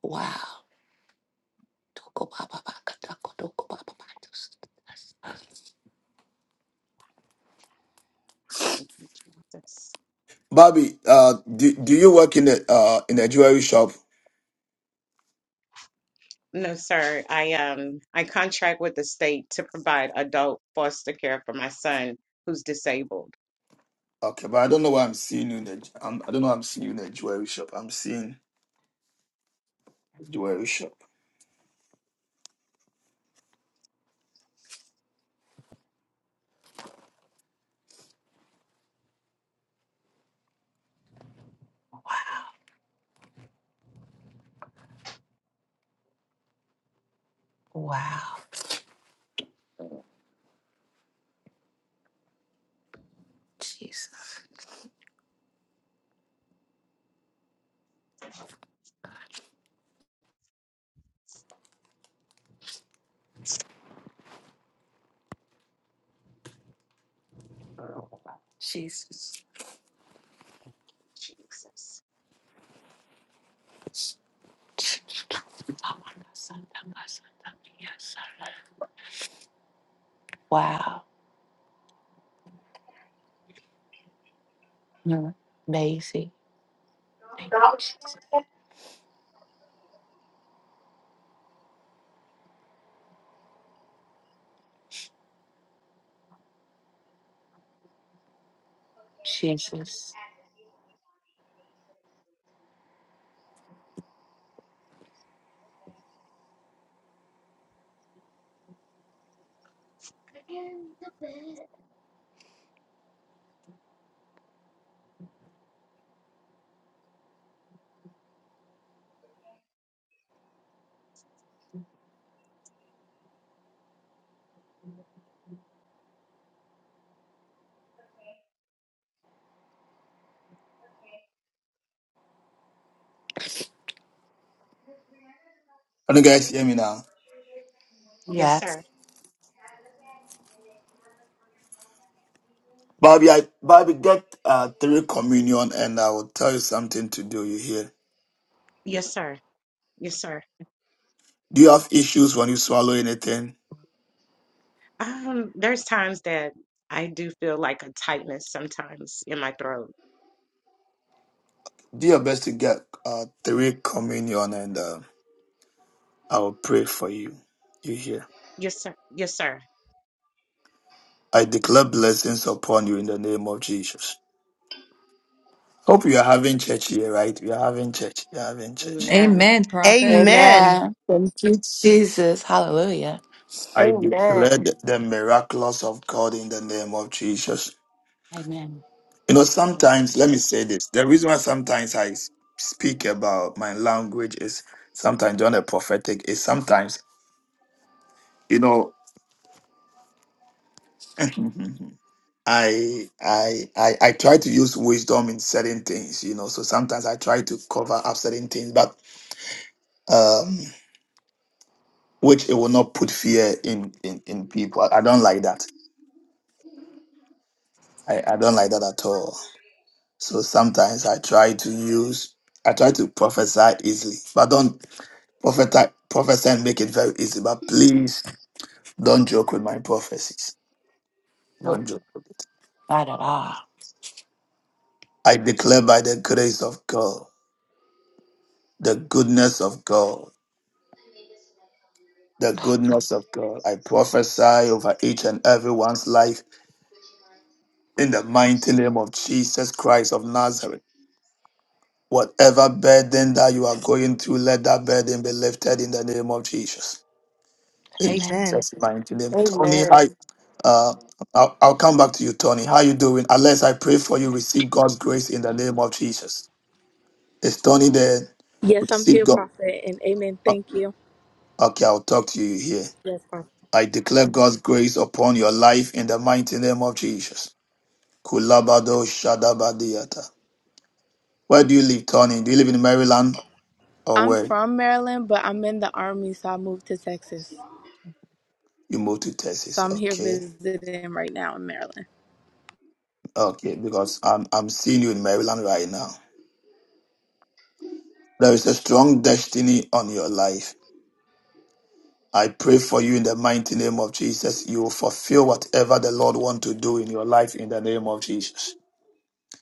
Wow.
Thank you, Jesus.
Bobby, uh, do, do you work in the uh in a jewelry shop?
No, sir. I um I contract with the state to provide adult foster care for my son who's disabled.
Okay, but I don't know why I'm seeing you in the I'm, I don't know why I'm seeing you in a jewelry shop. I'm seeing the jewelry shop.
Wow. Wow. Jesus. Jesus.
Jesus.
Wow. Mm. Amazing.
You know
Thank
who's
you,
phone right now?
Jesus.
Okay. Okay. And I'm gonna just
Jesus.
add the seasoning on it and then send it to you. Okay. Okay. Okay. Okay. Miss Brianna's about to
Can you
send
guys
you
hear me now?
grocery list and when she
Yes,
sends
Yes.
it
sir.
to you, can I look at it and then can I look on your phone at that seasonings?
Bobby, I Bobby
Like if
get
you
uh
seasonings
three
to send
communion
to
and I will tell you something to
you.
do. You hear?
Yes, sir. Yes, sir.
Do you have issues when you swallow anything?
Um, there's times that I do feel like a tightness sometimes in my throat.
Do your best to get uh, three communion and uh, I will pray for you. You hear?
Yes, sir. Yes, sir.
I declare blessings upon you in the name of Jesus. Hope you are having church here, right? You are having church. You are having church.
Amen.
Amen, prophet.
Amen.
Amen.
Amen. Thank you, Jesus. Hallelujah.
I declare
Amen.
the the miraculous of God in the name of Jesus.
Amen.
You know,
Thank you.
sometimes, let me say this. The reason why sometimes I s- speak about my language is sometimes on a prophetic is sometimes, you know, (laughs) I I I I try to use wisdom in certain things, you know. So sometimes I try to cover up certain things, but um which it will not put fear in in, in people. I, I don't like that. I, I don't like that at
I'm
all.
sure it is.
So sometimes I try
I
to use I try to prophesy easily, but don't prophesy prophesy and make it very easy. But please don't joke with my prophecies.
Nope.
Don't joke with it.
Not at all.
I declare by the grace of God, the goodness of God
made this in my culinary
the
arts class
goodness of
yesterday.
God.
It's
I
supposed to like have a
prophesy
teacher.
over each and everyone's
Would
life
you mind
in the mighty name of Jesus Christ of Nazareth. Whatever burden that you are going through, let that burden be lifted in the name of Jesus. In
Amen.
Amen.
Jesus' mighty name. Tony,
Amen.
hi. Uh, I'll, I'll come back to you, Tony. How you doing? Unless I pray for you, receive God's grace in the name of Jesus. Is Tony there?
Yes, I'm
Receive
here,
God.
Prophet, and amen.
o-
Thank you.
Okay, I'll talk to you here.
Yes, Prophet.
I declare God's grace upon your life in the mighty name of Jesus. Kulabado Shadabadiata. Where do you live, Tony? Do you live in Maryland or
I'm
where?
from Maryland, but I'm in the Army, so I moved to Texas.
Strong.
You moved to
So
Texas.
I'm here
Okay.
visiting right now in Maryland.
Okay, because I'm I'm seeing you in Maryland right now. There is a strong destiny on your life. I pray for you in the mighty name of Jesus. You will fulfill whatever the Lord want to do in your life in the name of Jesus.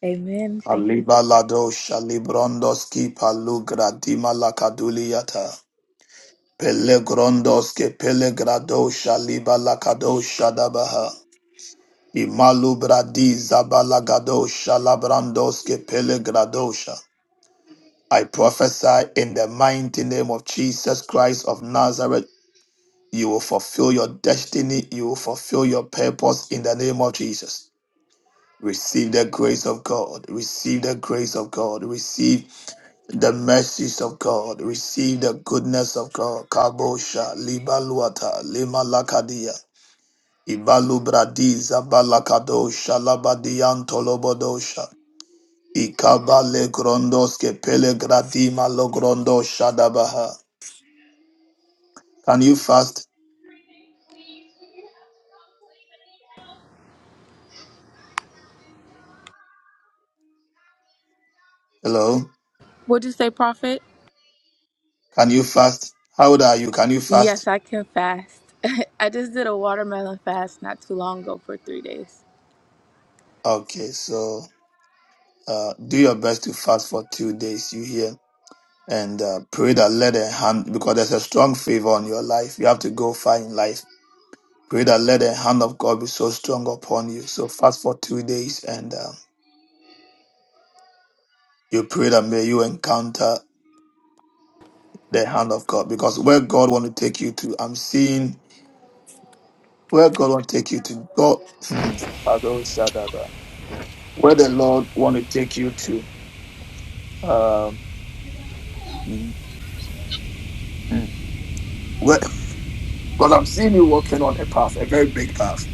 Amen. Thank you,
Aliba
Prophet.
lado shalibrondoski palugradima lakaduliyata. Pelegrondoske pelegrado shaliba lakado shadabaha. Imalubradi zabalagadosha labrandoske pelegradosha. I prophesy in the mighty name of Jesus Christ of Nazareth, you will fulfill your destiny, you will fulfill your purpose in the name of Jesus. Receive the grace of God, receive the grace of God, receive the mercies of God, receive the goodness of God. Kabosha, Libaluata, Limalakadia, Ibalubradi Zabalakado Shalabadian Tolobodosha. Ikabale grondos ke pele gradima lo grondo shadabaha. Can you fast? Hello?
What Would you say, Prophet?
Can you fast? How old are you? Can you
Yes,
fast?
I can fast. (laughs) I just did a watermelon fast not too long ago for three days.
Okay, so uh, do your best to fast for two days, you hear? And uh, pray that let a hand, because there's a strong favor on your life. You have to go far in life. Pray that let the hand of God be so strong upon you. So fast for two days and uh, you pray that may you encounter the hand of God. Because where God want to take you to, I'm seeing Where God want to take you to. God. Hmm. Kado Shadaba. Where the Lord want to take you to. Um, hmm, hmm. Where, because I'm seeing you walking on a path, a very big path.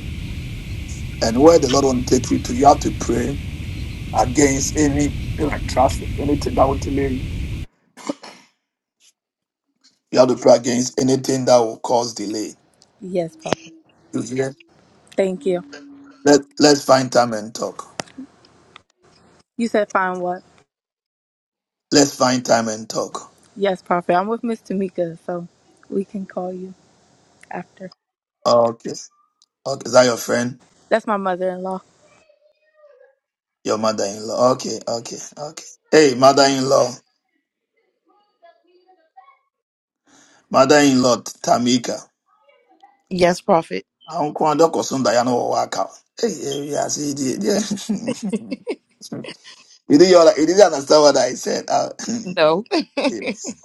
And where the Lord want to take you to, you have to pray against any like traffic, anything that will delay you. You have to pray against anything that will cause delay.
Yes, Prophet.
You hear?
Thank you.
Let Let's find time and talk.
You said fine what?
Let's find time and talk.
Yes, Prophet. I'm with Miss Tamika, so we can call you after.
Okay. Okay. Is that your friend?
That's my mother in law.
Your mother-in-law. Okay. Okay. Okay. Hey, mother-in-law. mother-in-law Tamika.
Yes, prophet.
Uncle and Uncle Sunda, you know what I Hey, hey, yeah, see, the- the- (laughs) you didn't, you didn't understand what I said. Uh, (laughs)
No.
(clears throat) yes.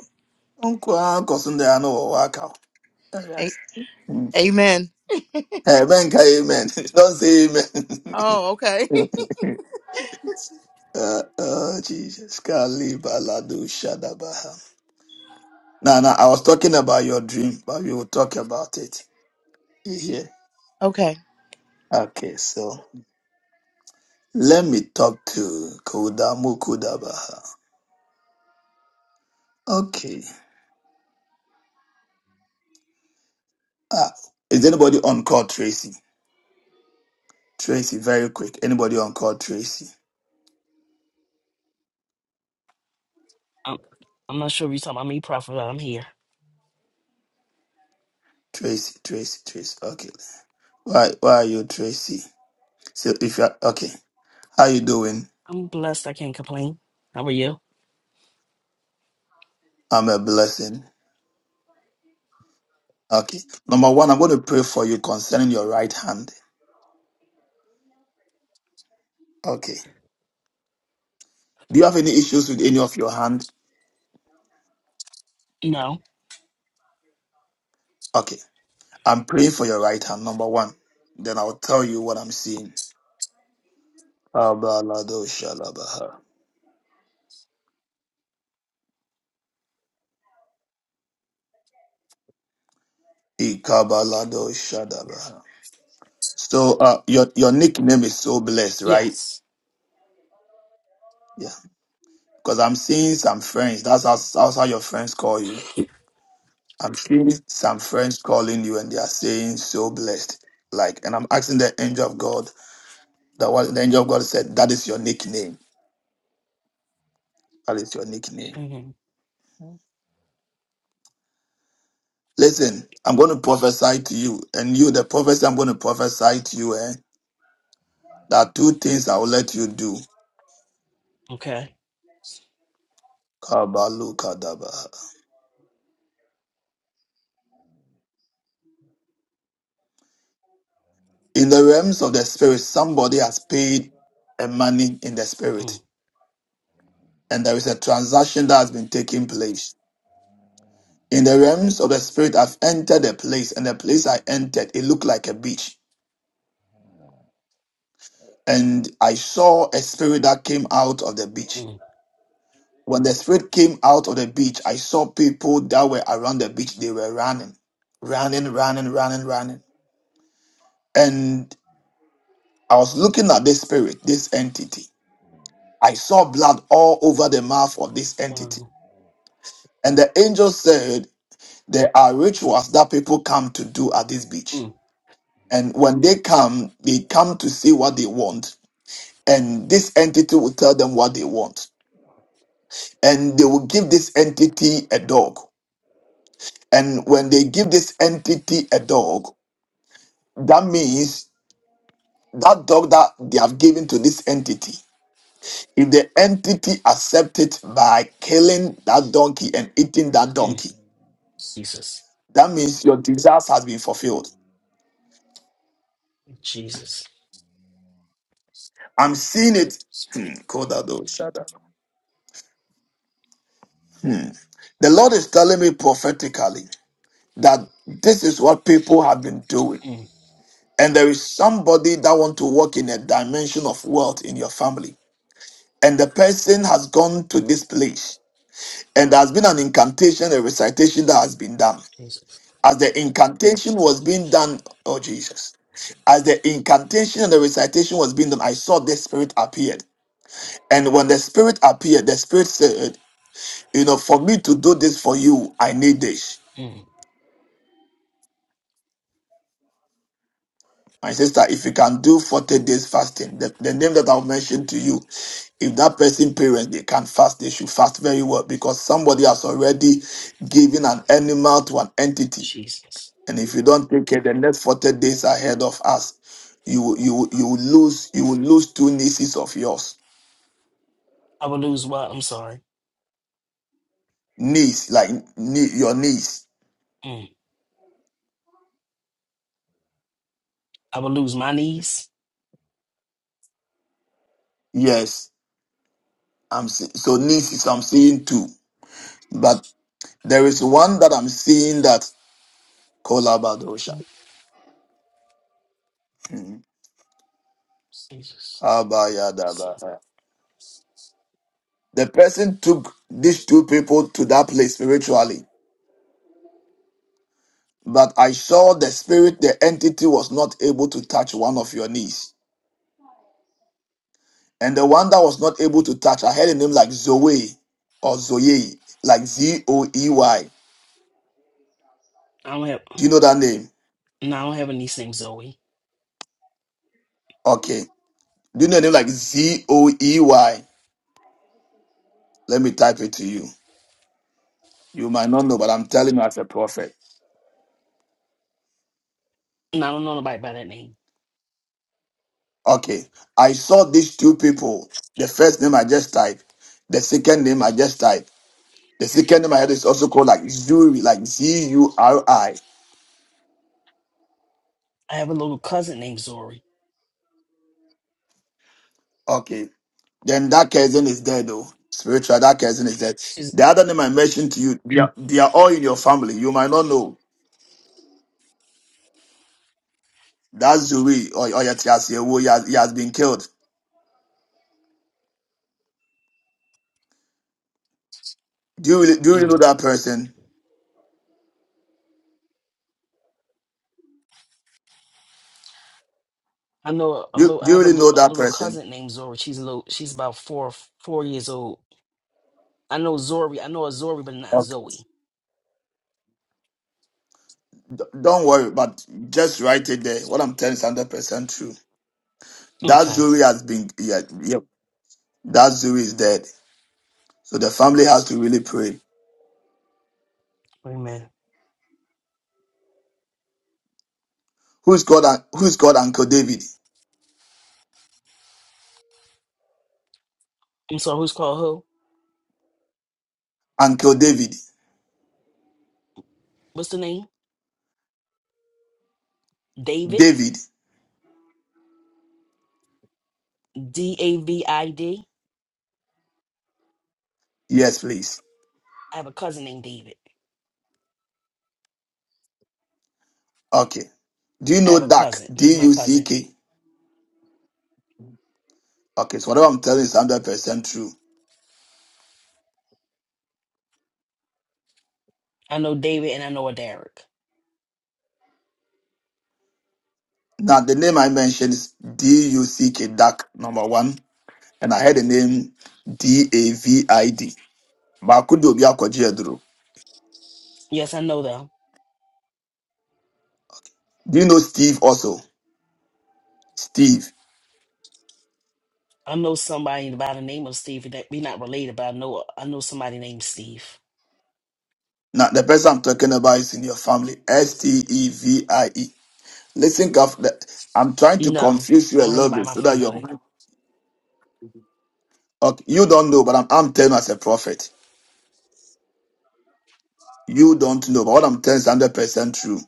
Uncle and Uncle Sunda, you know what
A- Amen.
I Amen, amen. (laughs) Don't say amen.
Oh, okay. (laughs)
(laughs) uh, oh, Jesus. Kaliba ladu shadabaha. Now, now, I was talking about your dream, but we will talk about it. You hear?
Okay.
Okay, so let me talk to Kodamu Kodabaha. Okay. Ah, is anybody on call Tracy? Tracy, very quick. Anybody on call Tracy?
I'm, I'm not sure if you're talking about me, Prophet. but I'm here.
Tracy, Tracy, Tracy. Okay. Why why are you Tracy? So if you're okay, how you doing?
I'm blessed. I can't complain. How are you?
I'm a blessing. Okay. Number one, I'm gonna pray for you concerning your right hand. Okay. Do you have any issues with any of your hand?
No.
Okay. I'm praying for your right hand, number one. Then I'll tell you what I'm seeing. Abalado shalabaha. Ikabalado shadabaha. So uh, your your nickname is so blessed, right?
Yes.
Yeah. Because I'm seeing some friends. That's how that's how your friends call you. I'm seeing some friends calling you, and they are saying so blessed. Like, and I'm asking the angel of God. That what the angel of God said. That is your nickname. That is your nickname.
hmm
Listen, I'm going to prophesy to you, and you, the prophecy I'm going to prophesy to you, eh? There are two things I will let you do.
Okay.
Kabalukadaba. In the realms of the spirit, somebody has paid a money in the spirit
Mm,
and there is a transaction that has been taking place. In the realms of the spirit, I've entered a place, and the place I entered, it looked like a beach. And I saw a spirit that came out of the beach.
mm,
When the spirit came out of the beach, I saw people that were around the beach. They were running, running, running, running, running. And I was looking at this spirit, this entity. I saw blood all over the mouth of this entity.
um,
And the angel said, There are rituals that people come to do at this beach
mm,
And when they come, they come to see what they want. And this entity will tell them what they want. And they will give this entity a dog. And when they give this entity a dog, that means that dog that they have given to this entity, if the entity accepts it by killing that donkey and eating that
mm.
donkey,
Jesus.
that means your desires has been fulfilled.
Jesus.
I'm seeing it. Hmm, Kodado, shut Hmm. The Lord is telling me prophetically that this is what people have been doing
Mm,
and there is somebody that want to work in a dimension of wealth in your family and the person has gone to this place and there has been an incantation a recitation that has been done
Jesus.
as the incantation was being done oh jesus as the incantation and the recitation was being done i saw the spirit appeared and when the spirit appeared the spirit said you know for me to do this for you i need this
Mm,
My sister, if you can do 40 days fasting, the, the name that I'll mention to you, if that person parents they can fast, they should fast very well because somebody has already given an animal to an entity.
Jesus.
And if you don't take care, the next 40 days ahead of us, you will- you will- you will lose you will lose two nieces of yours.
I will lose what? I'm sorry.
Niece, like nie- your niece.
Mm. I will lose my niece.
Yes. I'm see- so nieces I'm seeing two. But there is one that I'm seeing that Kolabadosha. Hmm.
Jesus.
Abayadaba. The person took these two people to that place spiritually, but I saw the spirit, the entity was not able to touch one of your knees. And the one that was not able to touch, I heard a name like Zoe or Zoe, like Z O E Y.
I don't have.
Do you know that name?
No, I don't have a niece named Zoe.
Okay. Do you know a name like Z O E Y? Let me type it to you. You might not know, but I'm telling you as a prophet.
No, I don't know nobody by that name.
Okay. I saw these two people. The first name I just typed, the second name I just typed. The second name I heard is also called like Zuri, like Z U R I.
I have a little cousin named Zori.
Okay. Then that cousin is dead though. Spiritual, that cousin is dead.
She's.
The other name I mentioned to you, they are, they are all in your family. You might not know. That Zuri or, or Yatiasiewu, he has, he has been killed. Do you really, do you really
mm.
know that person?
I know a
Do, you-
little. I
do you
have a
really
little,
know
a
that
little
person?
cousin named Zori. She's a little. She's about four four years old. I know Zori. I know a Zori, but not
Okay.
Zoe.
D- Don't worry, but just write it there. What I'm telling is 100% true. That
Okay.
Zuri has been, yeah, yeah, that Zuri is dead. So the family has to really pray.
Amen.
Who's called who's called Uncle David?
I'm sorry. Who's called who?
Uncle David.
What's the name? David.
David.
D A V I D.
Yes, please.
I have a cousin named David.
Okay. Do you
I have
know
a
Duck?
cousin.
D
He's my
U C
cousin.
K. Okay, so whatever I'm telling you is hundred percent true.
I know David and I know a Derek.
Now the name I mentioned is D U C K Duck number one, and I had the name D A V I D. But I could do Biakojiadro.
Yes, I know them.
Do you know Steve also? Steve.
I know somebody by the name of Steve that we not related, but I know I know somebody named Steve.
Now the person I'm talking about is in your family. S T E V I E. Listen, carefully. I'm trying to
No,
confuse
I
you a
don't have
little
nobody in
bit
my
so that
family.
you're Okay, you don't know, but I'm, I'm telling you as a prophet. You don't know, but what I'm telling is 100% true.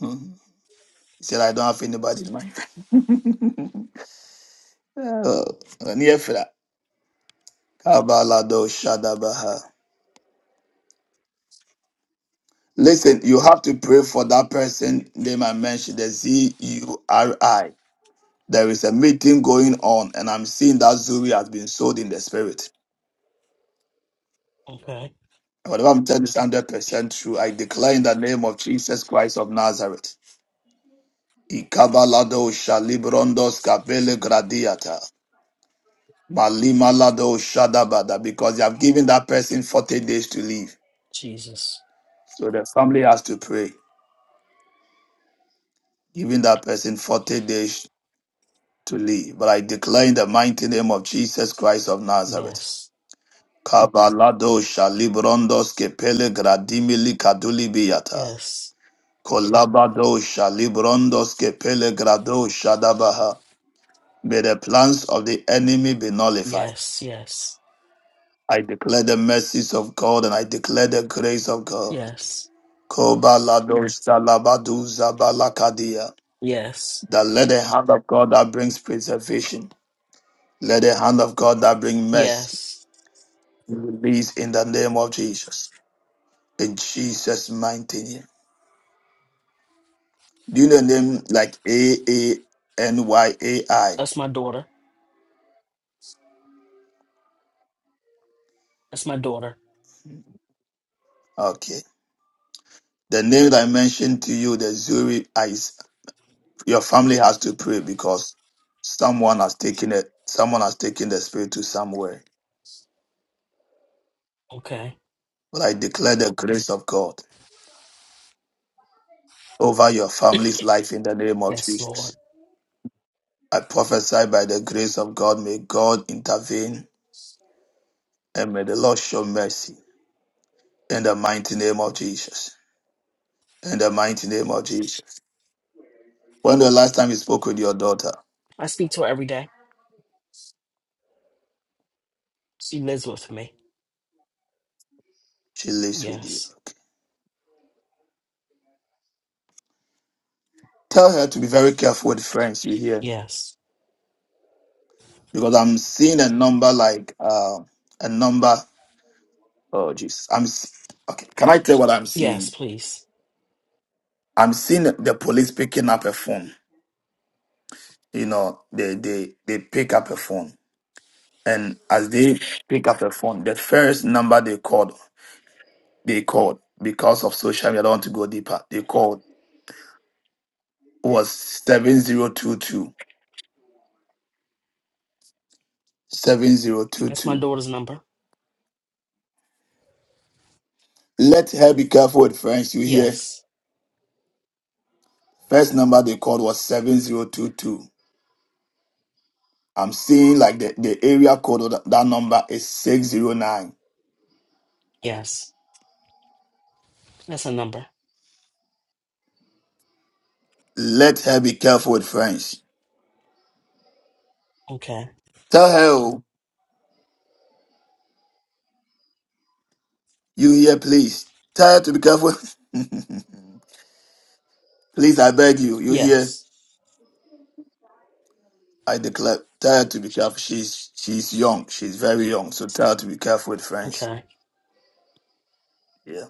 Mhm. He said, I don't have anybody in mind. (laughs) Oh, Uh, near for that. Kabalado Shadabaha. Listen, you have to pray for that person name I mentioned, the Z U R I. There is a meeting going on, and I'm seeing that Zuri has been sold in the spirit.
Okay.
Whatever I'm telling you is 100% true. I declare in the name of Jesus Christ of Nazareth. Ikabalado Shalibrondos Kabele Gradiata. Malimalado Shadabada, because you have given that person 40 days to leave.
Jesus.
So the family has to pray, giving that person 40 days to leave. But I declare in the mighty name of Jesus Christ of Nazareth.
Yes.
Kabalado Shalibrondos Kepele Gradimili Kadulibiata.
Yes,
Kolabado Shalibrondos Kepele Grado Shadabaha. May the plans of the enemy be nullified.
yes, yes,
I declare the mercies of God and I declare the grace of God.
yes,
Kobalado Shalabadu Zabalakadia.
yes,
That let the hand of God that brings preservation, let the hand of God that brings mercy
yes.
be released in the name of Jesus. In Jesus' mighty name. Do you know the name like A A N Y A I?
That's my daughter. That's my daughter.
Okay. The name that I mentioned to you, the Zuri eyes. your family has to pray because someone has taken it, someone has taken the spirit to somewhere.
Okay.
But I declare the grace of God. over your family's life in the name of
Yes, Lord.
Jesus. I prophesy by the grace of God, may God intervene and may the Lord show mercy in the mighty name of Jesus. In the mighty name of Jesus. When the last time you spoke with your daughter,
I speak to her every day. She lives with me.
she lives with you.
Yes,
Okay. Tell her to be very careful with friends you hear
yes,
because I'm seeing a number like uh, a number. Oh, Jesus. I'm s- okay. Can I tell what I'm
yes,
seeing?
please.
I'm seeing the police picking up a phone. You know, they they they pick up a phone And as they pick up the phone, the first number they called, they called because of social media. I don't want to go deeper. They called was 7022 seven zero two
That's my
two.
daughter's number.
Let her be careful with friends. You hear?
Yes,
First number they called was 7022. I'm seeing like the, the area code of that, that number is 609.
yes. That's a number.
Let her be careful with friends.
Okay.
Tell her, oh, you hear, please. Tell her to be careful. (laughs) please, I beg you. You hear?
Yes,
I declare, tell her to be careful. She's she's young. She's very young. So tell her to be careful with friends.
okay.
Yeah.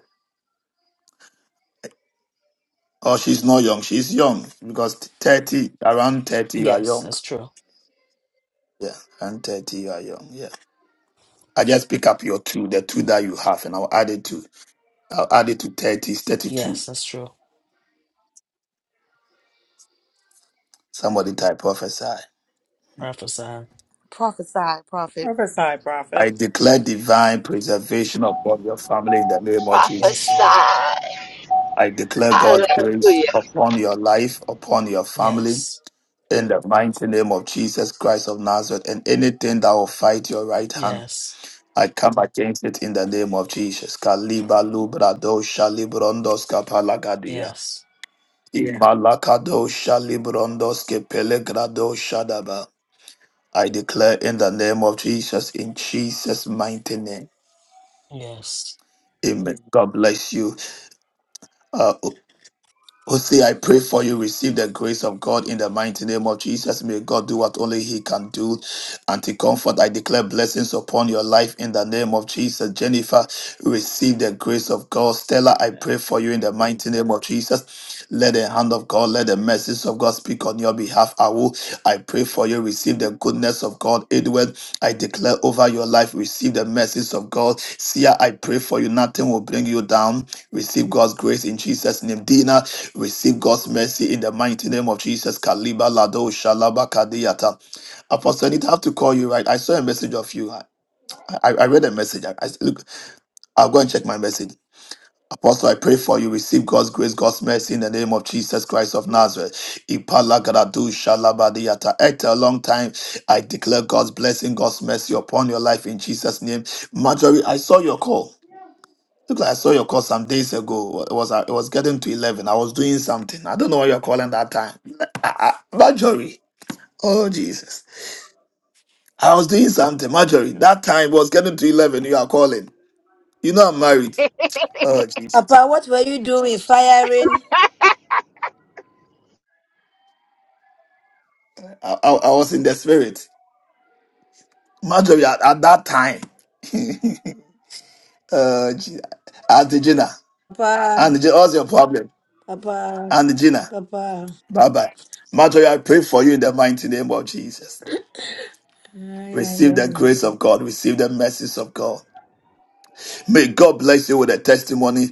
Or she's not young. She's young because thirty, around thirty, you are
Yes,
young.
that's true.
Yeah, around thirty, you are young. Yeah. I just pick up your two, the two that you have, and I'll add it to. I'll add it to thirty. It's thirty-two.
Yes, that's true.
Somebody type prophesy.
Prophesy.
Prophesy, prophet.
Prophesy, prophet.
I declare divine preservation upon your family in the name of
Yes,
Jesus.
Lord.
Prophesy.
I declare God's grace
Hallelujah.
upon your life, upon your family
Yes,
In the mighty name of Jesus Christ of Nazareth, and anything that will fight your right hand,
yes,
I come against it in the name of Jesus. Kaliba lubrado shalibrondos kapalagadia.
yes,
Imalakado shalibrondos kepelegrado shadaba. I declare in the name of Jesus, in Jesus' mighty name.
yes.
Amen. God bless you. Uh, Hosea, I pray for you. Receive the grace of God in the mighty name of Jesus. May God do what only He can do. Auntie Comfort, I declare blessings upon your life in the name of Jesus. Jennifer, receive the grace of God. Stella, I
Amen.
pray for you in the mighty name of Jesus. Let the hand of God, let the message of God speak on your behalf. I will. I pray for you. Receive the goodness of God. Edward, I declare over your life. Receive the message of God. Sia, I pray for you. Nothing will bring you down. Receive God's grace in Jesus' name. Dina, Receive God's mercy in the mighty name of Jesus. Kaliba Lado Shalaba Kadiyata. Apostle, I did have to call you, right? I saw a message of you. I, I, I read a message. I, I look, I'll go and check my message. Apostle, I pray for you. Receive God's grace, God's mercy in the name of Jesus Christ of Nazareth. Ipala Gadadu Shalaba Diyata. After a long time, I declare God's blessing, God's mercy upon your life in Jesus' name. Marjorie, I saw your call. Look, I saw your call some days ago. It was uh, it was getting to eleven. I was doing something. I don't know what you're calling that time. Ah, ah, Marjorie. Oh Jesus. I was doing something, Marjorie. That time was getting to eleven. You are calling. You know I'm married. Oh Jesus.
Papa, what were you doing? Firing?
I, I, I was in the spirit, Marjorie. At, at that time. (laughs) oh Jesus. Auntie Gina.
Papa,
Auntie Gina, what's your problem?
Papa,
Auntie Gina.
Papa.
Bye bye. Marjorie, I pray for you in the mighty name of Jesus.
Ay, ay,
Receive the
ay.
grace of God. Receive the mercies of God. May God bless you with a testimony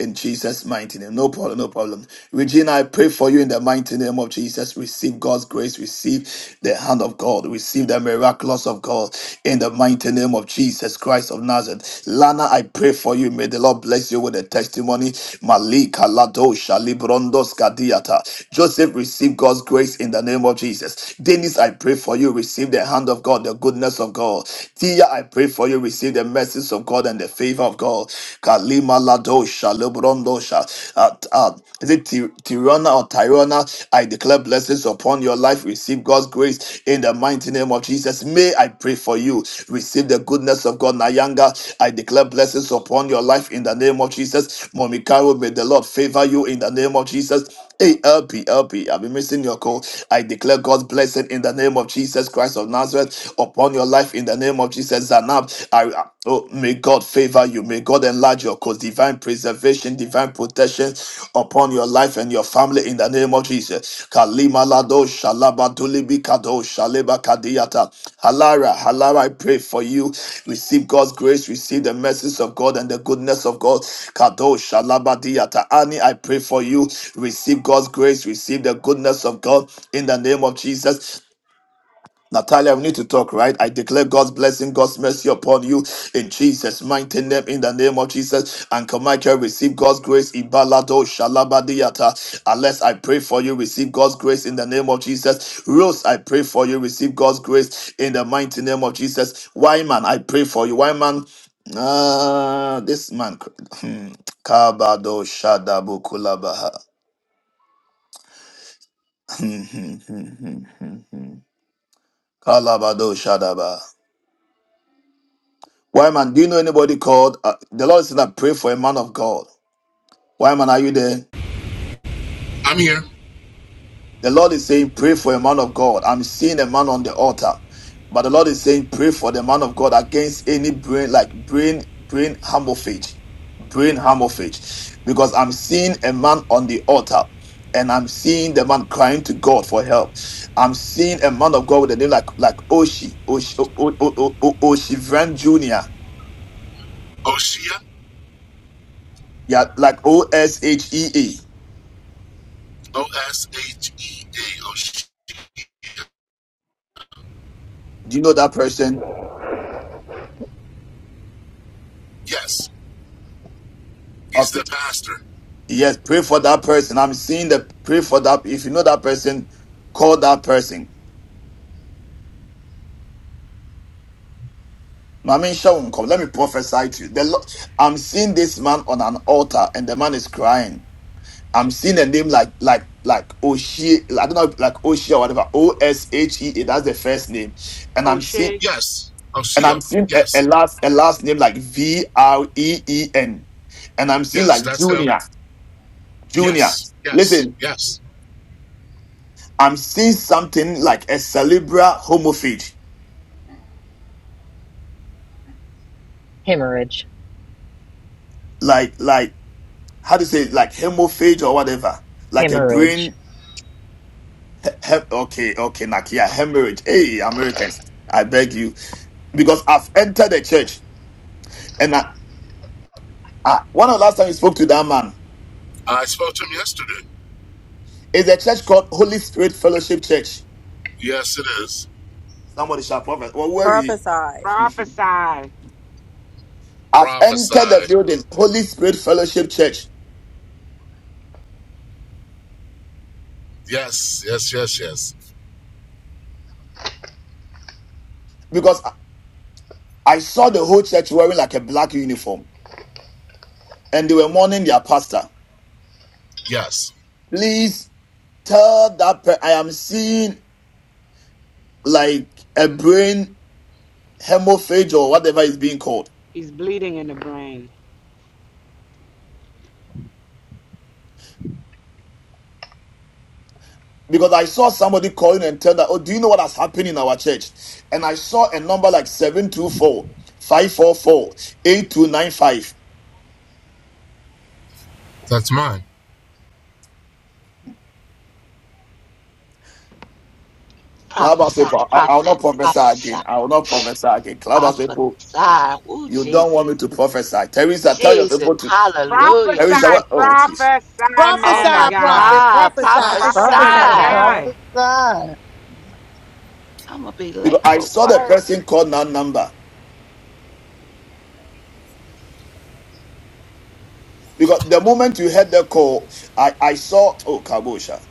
in Jesus' mighty name. No problem, no problem. Regina, I pray for you in the mighty name of Jesus. Receive God's grace, receive the hand of God, receive the miraculous of God in the mighty name of Jesus Christ of Nazareth. Lana, I pray for you. May the Lord bless you with a testimony. Malika Ladosha Librondos Kadiata. Joseph, receive God's grace in the name of Jesus. Dennis, I pray for you. Receive the hand of God, the goodness of God. Tia, I pray for you. Receive the mercies of God and the favor of God. Kalima Ladosha, Lebrondosha. Uh, uh, is it Ti- Tirana or Tirana? I declare blessings upon your life. Receive God's grace in the mighty name of Jesus. May I pray for you. Receive the goodness of God. Nayanga, I declare blessings upon your life in the name of Jesus. Momikaro, may the Lord favor you in the name of Jesus. Hey, LP, have been missing your call. I declare God's blessing in the name of Jesus Christ of Nazareth upon your life in the name of Jesus Zanab. I, I- oh, may God favor you. May God enlarge your cause. Divine preservation, divine protection upon your life and your family in the name of Jesus. Limalado Shalaba Dulibikado Shaleba Kadiata. Halara, Halara, I pray for you. Receive God's grace, receive the mercies of God and the goodness of God. Kado Shalaba Diata. Annie, I pray for you. Receive God's grace, receive the goodness of God in the name of Jesus. Natalia, we need to talk, right? I declare God's blessing, God's mercy upon you in Jesus' mighty name, in the name of Jesus. Uncle Michael, receive God's grace. Ibalado shalabadiyata. Unless I pray for you, receive God's grace in the name of Jesus. Rose, I pray for you, receive God's grace in the mighty name of Jesus. Wyman, I pray for you. Wyman, uh, this man, hmm, Kabado Shadabu Kulabaha. (laughs) Kalabado Shadaba. Why man? do you know anybody called? Uh, the Lord is saying that pray for a man of God. Why man? are you there?
I'm here.
The Lord is saying pray for a man of God. I'm seeing a man on the altar, but the Lord is saying pray for the man of God against any brain like brain brain hemorrhage, brain hemorrhage, because I'm seeing a man on the altar. And I'm seeing the man crying to God for help. I'm seeing a man of God with a name like like Oshi Oshi O- O- O- O- O- Oshivran Junior.
Oshia,
Yeah, like O S H E A.
O S H E A. Oshia.
Do you know that person?
Yes, he's
Okay.
the pastor.
Yes, pray for that person. I'm seeing the pray for that. If you know that person, call that person. Mami Shawn, come. Let me prophesy to you. The Lord, I'm seeing this man on an altar, and the man is crying. I'm seeing a name like like like Oshie. I don't know, like Oshie or whatever. O S H E A. That's the first name, and I'm seeing
O'Shea,
Yes,
and
Oshia.
I'm seeing a, a
Yes,
last a last name like V R E E N, and I'm seeing
yes,
like
that's him.
Junior Junior.
Yes, yes,
Listen,
yes.
I'm seeing something like a cerebral homophage,
Hemorrhage,
like like how to say it? like hemophage or whatever, like a
hemorrhage,
brain. He- okay, okay, Nakia, yeah, hemorrhage. Hey, Americans, I beg you, because I've entered the church, and I, I, one of the last time we spoke to that man
I spoke to him yesterday.
is a church called Holy Spirit Fellowship Church.
Yes, it is.
Somebody shall prophet. Well, where we?
Prophesy.
prophesy.
I've
Prophesy.
entered the building, Holy Spirit Fellowship Church,
Yes, yes, yes, yes.
because I I saw the whole church wearing like a black uniform, and they were mourning their pastor.
Yes,
Please tell that per- I am seeing like a brain hemorrhage or whatever is being called.
He's bleeding in the brain.
Because I saw somebody calling and tell that, oh, do you know what has happened in our church? And I saw a number like seven two four five four four eight two nine five.
that's mine.
544 8295. Clubhouse
Prophesy,
people, I, I will
prophet,
not prophesy
prophesy,
again. I will not prophesy again. Clubhouse people,
prophesy. Ooh,
you don't want me
Jesus.
to prophesy. Teresa, tell your
Jesus.
people to.
Hallelujah,
Teresa,
Prophesy,
what?
Jesus.
Oh, jeez.
prophesy,
Oh
Prophesy,
man of
my
God.
prophet.
God.
Prophesy.
Prophesy.
Prophesy.
I'm
Prophesy.
Prophesy.
gonna be
Because
late
I
for
saw the
work.
person call that number. Because the moment you heard the call, I, I saw, oh, Kabosha.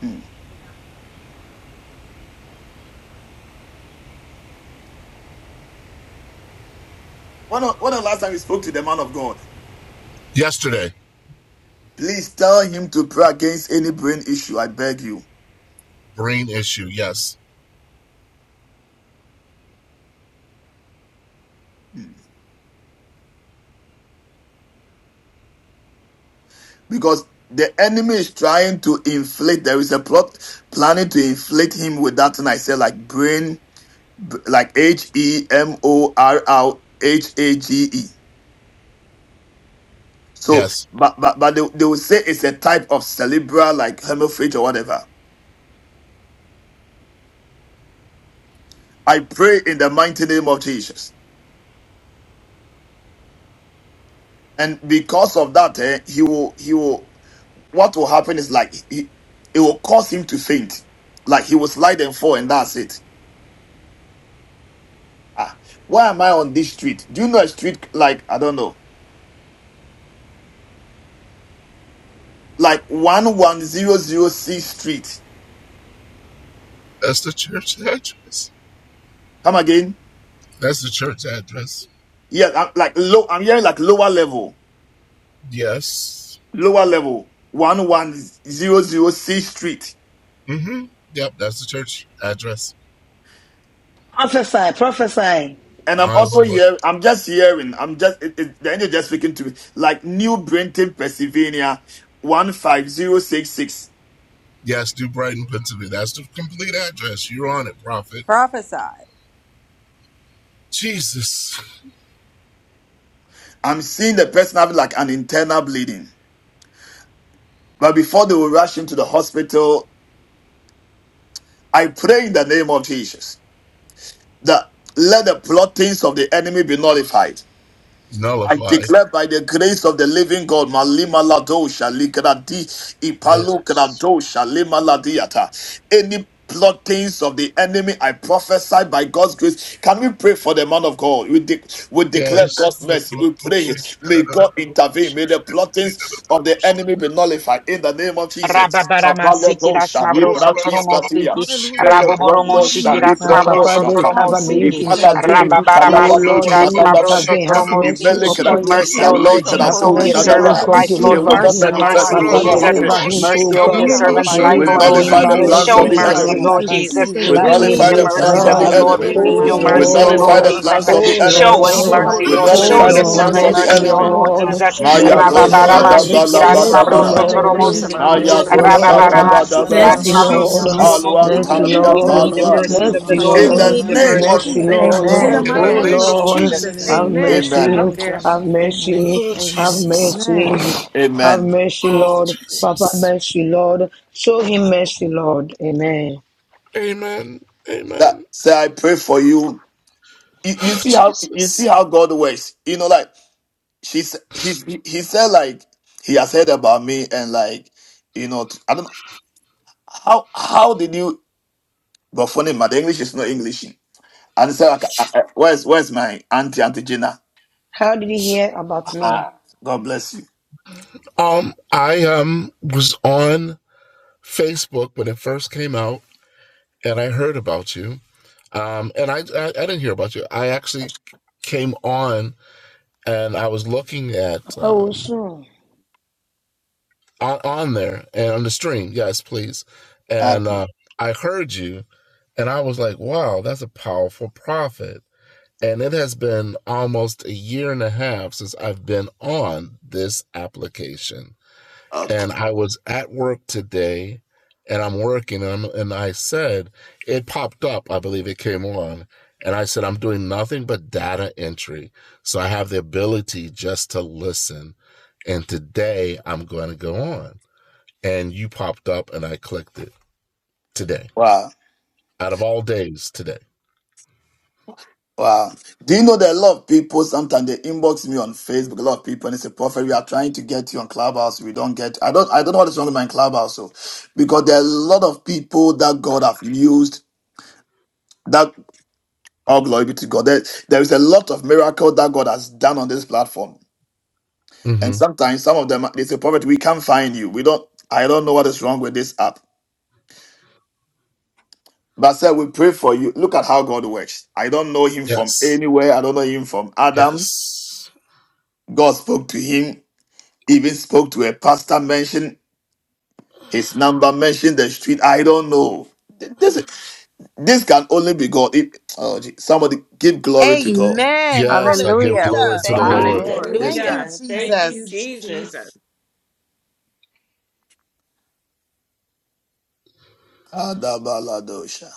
Hmm. When, the- when the last time you spoke to the man of God,
Yesterday,
please tell him to pray against any brain issue. I beg you.
brain issue. Yes,
Hmm. Because the enemy is trying to inflate, there is a plot planning to inflate him with that. And I said, like brain, b- like H E M O R L H A G E. So,
yes.
but, but, but they, they will say it's a type of cerebral, like hemorrhage or whatever. I pray in the mighty name of Jesus. And because of that, eh, he will, he will. what will happen is like he, it will cause him to faint. Like he will slide and fall, and that's it. Ah, why am I on this street? Do you know a street like I don't know, like one one zero zero C Street?
That's the church address.
Come again?
That's the church address.
Yeah, I'm, like low. I'm hearing like lower level,
Yes.
lower level one one zero zero C Street.
Mm-hmm. Yep, that's the church address.
Prophesy, prophesy.
And I'm
My
also
Lord.
here. I'm just hearing. I'm just it, it, the angel just speaking to me like New Brenton, Pennsylvania, one five zero six six.
Yes, New Brighton, Pennsylvania. That's the complete address. You're on it, prophet.
Prophesy.
Jesus.
I'm seeing the person having like an internal bleeding. But before they will rush into the hospital, I pray in the name of Jesus that let the plottings of the enemy be nullified. I
Nullified.
declare by the grace of the living God, Malima Ladosha, Ligradi, Ipalo
Yes.
Gradosha, Lima Ladiata. Any plottings of the enemy, I prophesy by God's grace. Can we pray for the man of God? We, de- we declare
Yes.
God's mercy. We pray. May God intervene. May the plottings of the enemy be nullified in the name of Jesus.
Rababarama siki
Avaladosha,
rasmabroso
Libradis,
toromo
Patia,
siki.
Hallelujah. Glory to your
Raboboromo
mighty
shiki
Melebrondosha,
name,
Ah,
Father.
Papa,
rasmabroso
(laughs)
Father
they
Librondoskata,
God,
toromo
we
cover, may
pray
you
that
siki.
you would
intervene.
Ipalatilibi,
Oh,
Rababarama
Oh
siki
Lord, may
Kalabadosha,
you
Dadadada.
rasmabroso
intervene. Have
toromo
mercy
Imele
siki.
heal.
upon
us.
your
kratis
Mercy, O
son.
Hallelujah.
kale
Lord
Influence
So
of
Jesus,
Have
the
quando
krato
over
Lord,
your
você
mercy,
Hallelujah.
oh
servant's
mama
Thank
God,
life,
she
disse
shadabat.
you,
Lord.
could
It
quando
will
deliver
find
essa
not
Mercy,
a
him.
ela lavar
manifest. It
mercy,
de
will
Papa,
recoil
not
igreja,
of
Jesus.
the
Jesus.
happen.
deliver
mama
him,
Baba
disse
oh
Mercy over your
igreja,
God.
ela
Hallelujah.
servant's
lavar de
Glory
life,
We
O
to
Deliver
the
igreja,
Lord
him
mighty
nullify
mama
the
by
name
Jesus.
disse
your
of
plans
Show
of the
strength.
igreja,
Jesus.
ela lavar
mercy,
enemy.
Deliver
de
Lord
Jesus,
Baba
him.
Jesus.
We
Jesus,
We
Lade
Jesus.
need
nullify
the
the
igreja, ela
plans
mercies
of
of
lavar
the
the
Nezaba.
Lord,
de
we
Hallelujah.
Lord.
enemy.
We
igreja,
Glory
pray,
need
we
to
Oh
your
mama
the
disse
mighty
We
name
mercy,
lift
O
that
of
igreja,
nullify
God.
Lord
ela
the
Lord,
Jesus.
lavar.
pastor
plans
up,
of
oh
the
Father God,
enemy.
Show us
Father
So,
Lord,
God,
Baba,
mercy,
nullify
quando
the
we
We
give
Lord.
essa
thanks
plans
to
oh
Show
nullify
mama
of
you,
your
the
the
disse
Lord,
Jesus.
Lord
plans
servant
God.
of
enemy.
igreja,
Baba,
the
ela
Cover
mercy,
mercy,
O
him,
enemy.
Baba,
lavar.
Lord
Lord God.
Lord,
Jesus.
So,
Hallelujah.
Maya
quando
mercy,
do
Thank you,
essa
Kirara
Oh,
Rababarama
mama
Jesus.
Lord,
disse
siki
Let
igreja,
the
Jesus.
Alama
ela
mercy,
plans
rasmabroso
lavar
of
de
the
Sandara
shadabalabadaba.
toromo
Lord,
Bushi
igreja,
enemy
mama
siki.
die,
Lidia
disse
Maya
Lord
mercy,
do
God.
igreja, ela
Let the
Lord.
plans of
lavar.
Sikirida
Rababarabasiki,
the
Oh,
shadabadaba.
enemy
Mercy,
Sandarama
die, Lord
Lord.
Sandaria
Jesus.
God.
Paluan
rasmabrosotsoromosiki.
Sikirida
Mercy,
tadia
Hallelujah.
We
Glory
need
Lord.
the
to the
palua.
mighty
mercies of
Vikalama
the
name
Mercy,
of
Baba,
Praise
Lord.
In
We
Jesus.
Lord.
the
the-
need
Shandalara
the
name
Jesus,
Bushi
mercies
Mercy,
of
Jesus.
of the
Karaba
Lord.
Jesus.
Lord.
In
Lord.
the
Amen.
In
mighty
the
Oh,
Amen.
In
Sandaria
name
name of
of
Lord.
Jesus.
Jesus'
Jesus.
Have
Sandalili
name,
Amen.
amen.
Amen.
mercy.
Yes,
Okay.
Have
Amen. Amen.
mercy.
Oh,
Amen.
Have
Jesus.
mercy.
Amen.
Have
Amen.
mercy,
Oh,
Lord.
Amen.
Papa,
Jesus.
mercy, Lord. Show him mercy, Lord. Amen.
Amen.
That
Amen. (sighs)
say I pray for you you, you
Oh,
see how you see
Jesus.
how God works. You know, like she's he's he, he said like he has heard about me and like you know t- I don't know how how did you but funny man the English is not English. And so like, I- I- where's where's my auntie auntie Gina?
How did you hear about me?
Ah, God bless you.
Um, I um was on Facebook when it first came out, and I heard about you. Um, and I, I, I didn't hear about you. I actually came on and I was looking at
Papa will
um, on, on there and on the stream. Yes, please.
Ah,
And uh, I heard you, and I was like, wow, that's a powerful prophet. And it has been almost a year and a half since I've been on this application
Okay.
and I was at work today and I'm working and, I'm, and I said, it popped up, I believe it came on. And I said, I'm doing nothing but data entry. So I have the ability just to listen. And today I'm going to go on. And you popped up and I clicked it today,
wow.
out of all days today.
Wow. Do you know that a lot of people sometimes they inbox me on Facebook, a lot of people, and it's a prophet. We are trying to get you on Clubhouse. We don't get I don't I don't know what is wrong with my clubhouse, so because there are a lot of people that God have used that all glory be to God. There, there is a lot of miracle that God has done on this platform. And
hmm
sometimes some of them they say, Prophet, we can't find you. We don't I don't know what is wrong with this app. But sir, we pray for you. Look at how God works. I don't know him from
Yes.
anywhere. I don't know him from Adam.
Yes.
God spoke to him Even spoke to a pastor, mentioned his number, mentioned the street. I don't know. Th- This this can only be God. If oh, gee, somebody give glory to God.
Amen.
Yes. I give
Hallelujah. We
glory
Hallelujah.
This
to the
can
thank you,
only be
Lord.
God.
Lord.
This
Thank
can.
you,
Hallelujah.
Hallelujah. Thank
Thank
you,
you,
Jesus.
Jesus.
Jesus.
Kadabaladosha.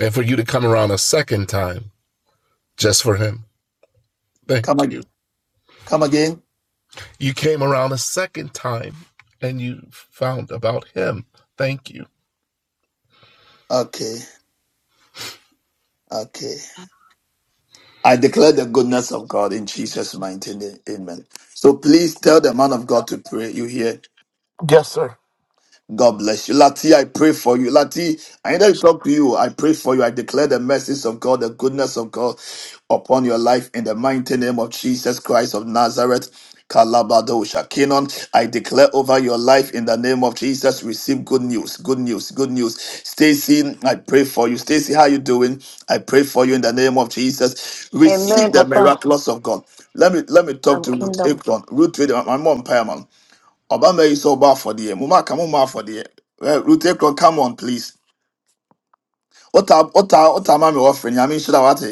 And for you to come around a second time just for him.
Come
Thank you.
ag- come again.
You came around a second time and you found about him. Thank you.
Okay. Okay. I declare the goodness of God in Jesus' mighty name. Amen. So please tell the man of God to pray. You hear?
Yes, sir.
God bless you. Lati, I pray for you. Lati, I need to talk to you. I pray for you. I declare the mercies of God, the goodness of God upon your life in the mighty name of Jesus Christ of Nazareth. Kalabado Shakinon, I declare over your life in the name of Jesus. Receive good news, good news, good news. Stacy, I pray for you. Stacy, how you doing? I pray for you in the name of Jesus.
Amen,
Receive the
Papa.
miraculous of God. Let me let me talk
I'm
to Ruth
kingdom.
Akron. Ruth, I'm on Obama is so bad for the Muma come on for the Rutecron, come on, please. What are what are what are mommy offering? I mean, should I what?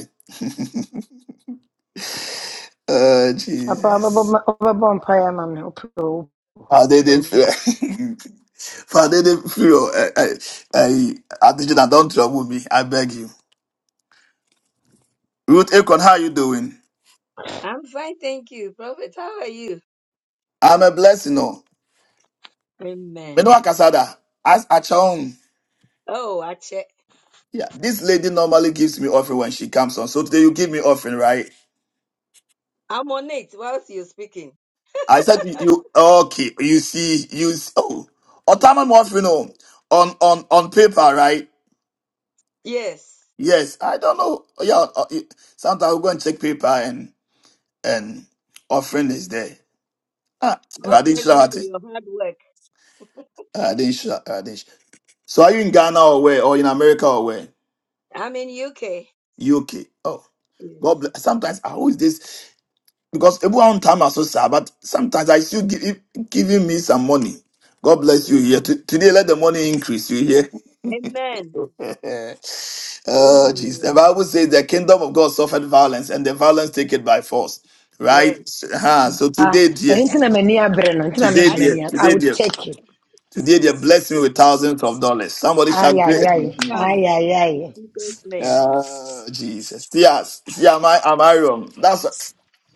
Uh,
Papa,
Jesus.
Papa, Papa, Papa,
father, they Father, they feel I, I, I, I did not (laughs) don't trouble me. I beg you. Ruth Akon, how you doing?
I'm fine, thank you. Prophet, how are you?
I'm a blessing, no. Me
Amen.
no akasada. As a chong.
Oh, Ache.
Yeah, this lady normally gives me offering when she comes on. So today you give me offering, right?
I'm on it whilst you're speaking.
I said you, you okay, you see, you s- oh autonomous morphine oh, on on on paper, right?
Yes.
Yes, I don't know. Yeah, uh, you- sometimes we go and check paper and and offering is there. Ah,
God
I didn't
bless
show
you
at
for
it.
your hard work.
I didn't show. uh, I didn't show. So are you in Ghana or where, or in America or where?
I'm in UK.
UK. Oh,
Yes.
God bless. Sometimes I always this because everyone time are so sad, but sometimes I still give giving me some money. God bless
(laughs)
you
Mhm.
here. T- today, let the money increase you
Amen.
here. (laughs) Oh,
Amen.
Jesus! The
oh.
Bible says the kingdom of God suffered violence, and the violence take it by force. Right?
Yes.
Uh-huh. So
Ah,
today,
and
dear,
it's not so many
today,
I
dear,
take
I
today,
come.
would
dear,
take it.
today, dear, bless me with thousands of dollars. Somebody
Ay,
shout, pray.
ay,
I
ay.
take
(laughs)
Ay,
come.
ay, ay.
In Jesus' name.
oh, Jesus. See us. See, am I am I wrong? That's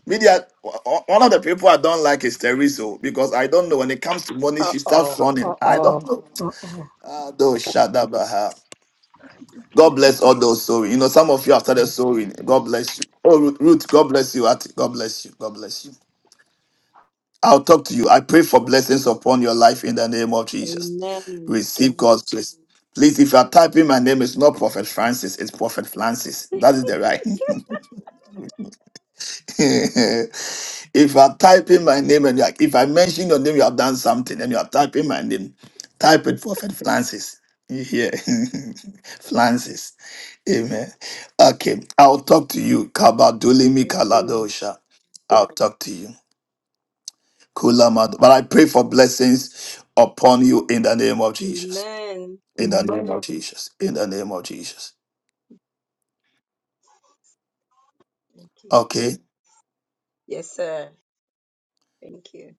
media. One of the people I don't like is Teresa because I don't know when it comes to money,
Uh
she starts
oh.
running.
Uh
I
oh.
don't know.
Uh oh.
Ah, do shadabaha. God bless all those sowing. You know, some of you have started sowing. God bless you. Oh, Ruth, Ruth, God bless you. Ati. God bless you. God bless you. I'll talk to you. I pray for blessings upon your life in the name of Jesus.
Amen.
Receive God's blessing. Please, if you are typing my name, it's not Prophet Francis, it's Prophet Francis. That is the right. (laughs) If you are typing my name and you are, if I mention your name, you have done something and you are typing my name, type it Prophet Francis. You hear? (laughs) Francis. Amen. Okay. I'll talk to you. Kabadulimi
Yes, sir.
Kaladosha. I'll talk to you. Kulamad. But I pray for blessings upon you in the name of Jesus.
Amen.
In the name of Jesus. In the name of Jesus.
Thank you.
Okay.
Yes, sir. Thank you.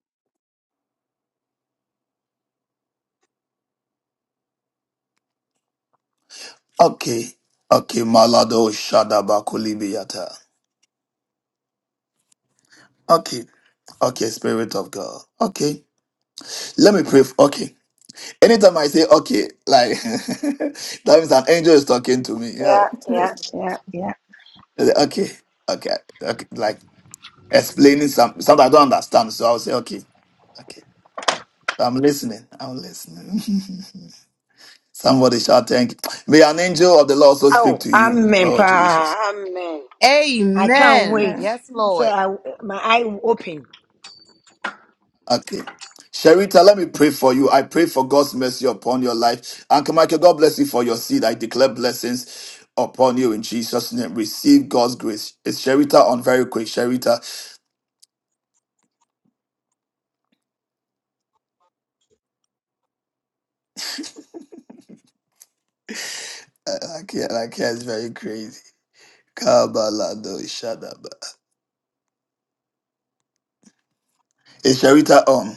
Okay. Okay. Malado Shadaba Okay. Okay, Spirit of God. Okay. Let me pray. f- Okay. Anytime I say okay, like (laughs) that means an angel is talking to me. Yeah.
Yeah,
(laughs)
yeah, yeah, yeah.
okay. Okay. Okay. Like explaining some something I don't understand. So I'll say okay. Okay. So, I'm listening. I'm listening. (laughs) Somebody shall thank. May an angel of the Lord also speak
Oh,
to you.
amen,
Oh
pa.
Jesus.
Amen. I can't
Amen.
wait.
Amen.
Yes,
So
Lord.
I, my eye will open.
Okay. Sherita, let me pray for you. I pray for God's mercy upon your life. Uncle Michael, God bless you for your seed. I declare blessings upon you in Jesus' name. Receive God's grace. Is Sherita on very quick? Sherita, I I can't, I can't, it's very crazy. Kabalado Shadaba. Is Sherita on?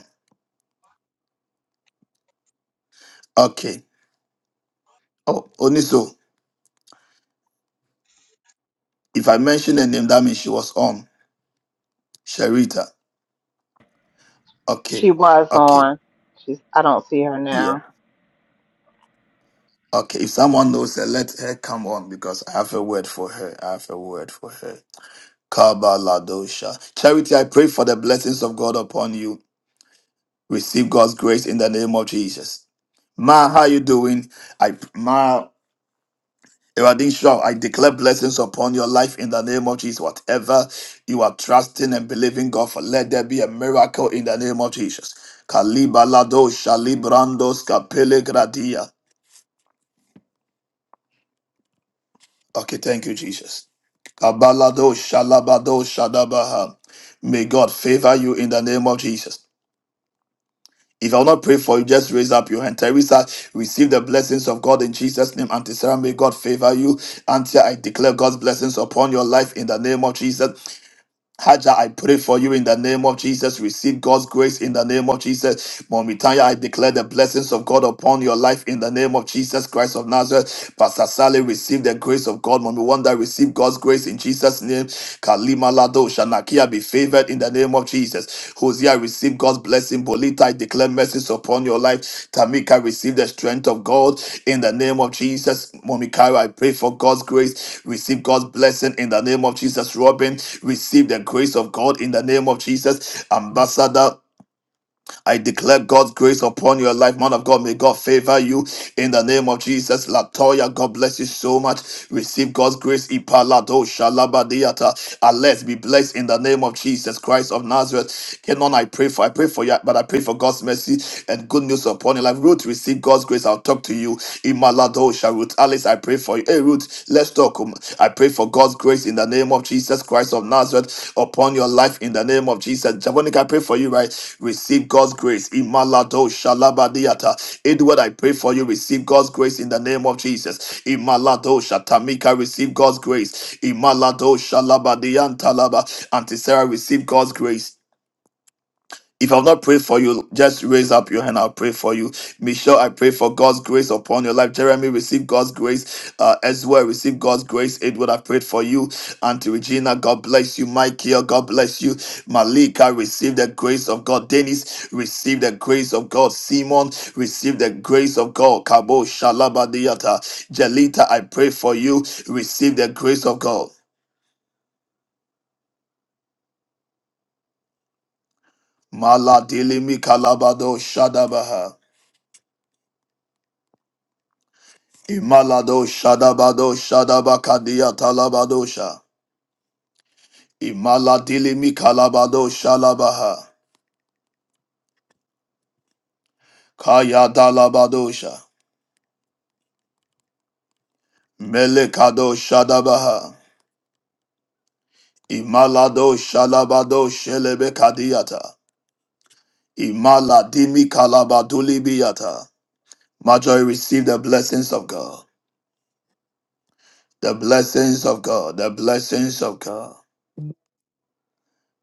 Okay. Oh, Oniso, if I mention the name, that means she was on. Sherita. Okay.
She was
Okay.
on. She's. I don't see her
Yeah.
now.
Okay. If someone knows her, let her come on because I have a word for her. I have a word for her. Kabaladosha. Charity, I pray for the blessings of God upon you. Receive God's grace in the name of Jesus. Ma, how you doing? I Ma Eradin Shaw, I declare blessings upon your life in the name of Jesus. Whatever you are trusting and believing God for, let there be a miracle in the name of Jesus. Kalibaladosha librandos kapele gradia. Okay, thank you, Jesus. Kabaladosha labadosha dabaha. May God favor you in the name of Jesus. If I will not pray for you, just raise up your hand. Teresa, receive the blessings of God in Jesus' name. Auntie Sarah, may God favor you. Auntie, I declare God's blessings upon your life in the name of Jesus. Haja, I pray for you in the name of Jesus. Receive God's grace in the name of Jesus. Momitanya, I declare the blessings of God upon your life in the name of Jesus Christ of Nazareth. Pastor Sally, receive the grace of God. Mommy Wanda, receive God's grace in Jesus' name. Kalima Lado, Shanakia, be favored in the name of name of Jesus. Hosea, receive God's blessing. Bolita, I declare mercies upon your life. Tamika, receive the strength of God in the name of Jesus. Momikayo, I pray for God's grace. Receive God's blessing in the name of Jesus. Robin, receive the grace of God in the name of Jesus. Ambassador. I declare God's grace upon your life, man of God. May God favor you in the name of Jesus. Latoya, God bless you so much. Receive God's grace. Ipalado shalabadiata. And let's be blessed in the name of Jesus Christ of Nazareth. Kenon, I pray for, I pray for you, but I pray for God's mercy and good news upon your life. Ruth, receive God's grace. I'll talk to you. Imalado Ruth Alice, I pray for you story. Hey, Ruth, let's talk. um. I pray for God's grace in the name of Jesus Christ of Nazareth upon your life in the name of Jesus. Javonica, I pray for you, right? Receive God's grace. Imalado shalabadiata. Edward, I pray for you. Receive God's grace in the name of Jesus. Imalado shatamika. Receive God's grace. Imalado shalabadiantalaba. Auntie Sarah, receive God's grace. If I've not prayed for you, just raise up your hand. I'll pray for you. Michelle, I pray for God's grace upon your life. Jeremy, receive God's grace uh, as well. Receive God's grace. It would have prayed for you. Auntie Regina, God bless you. Michael, God bless you. Malika, receive the grace of God. Dennis, receive the grace of God. Simon, receive the grace of God. Kabo, Shalabadiata. Jelita, I pray for you. Receive the grace of God. Maladilimi Kalabado Shadabaha. Imalado Shadabado Shadabakadia Talabadosha. Imaladilimi Kalabado Shalabaha. Kaya Dalabadosha. Melekado Shadabaha. Imalado Shalabado Shelebekadiata. Imaladimi Kalabadulibiata. Major receive the blessings of God. The blessings of God. The blessings of God.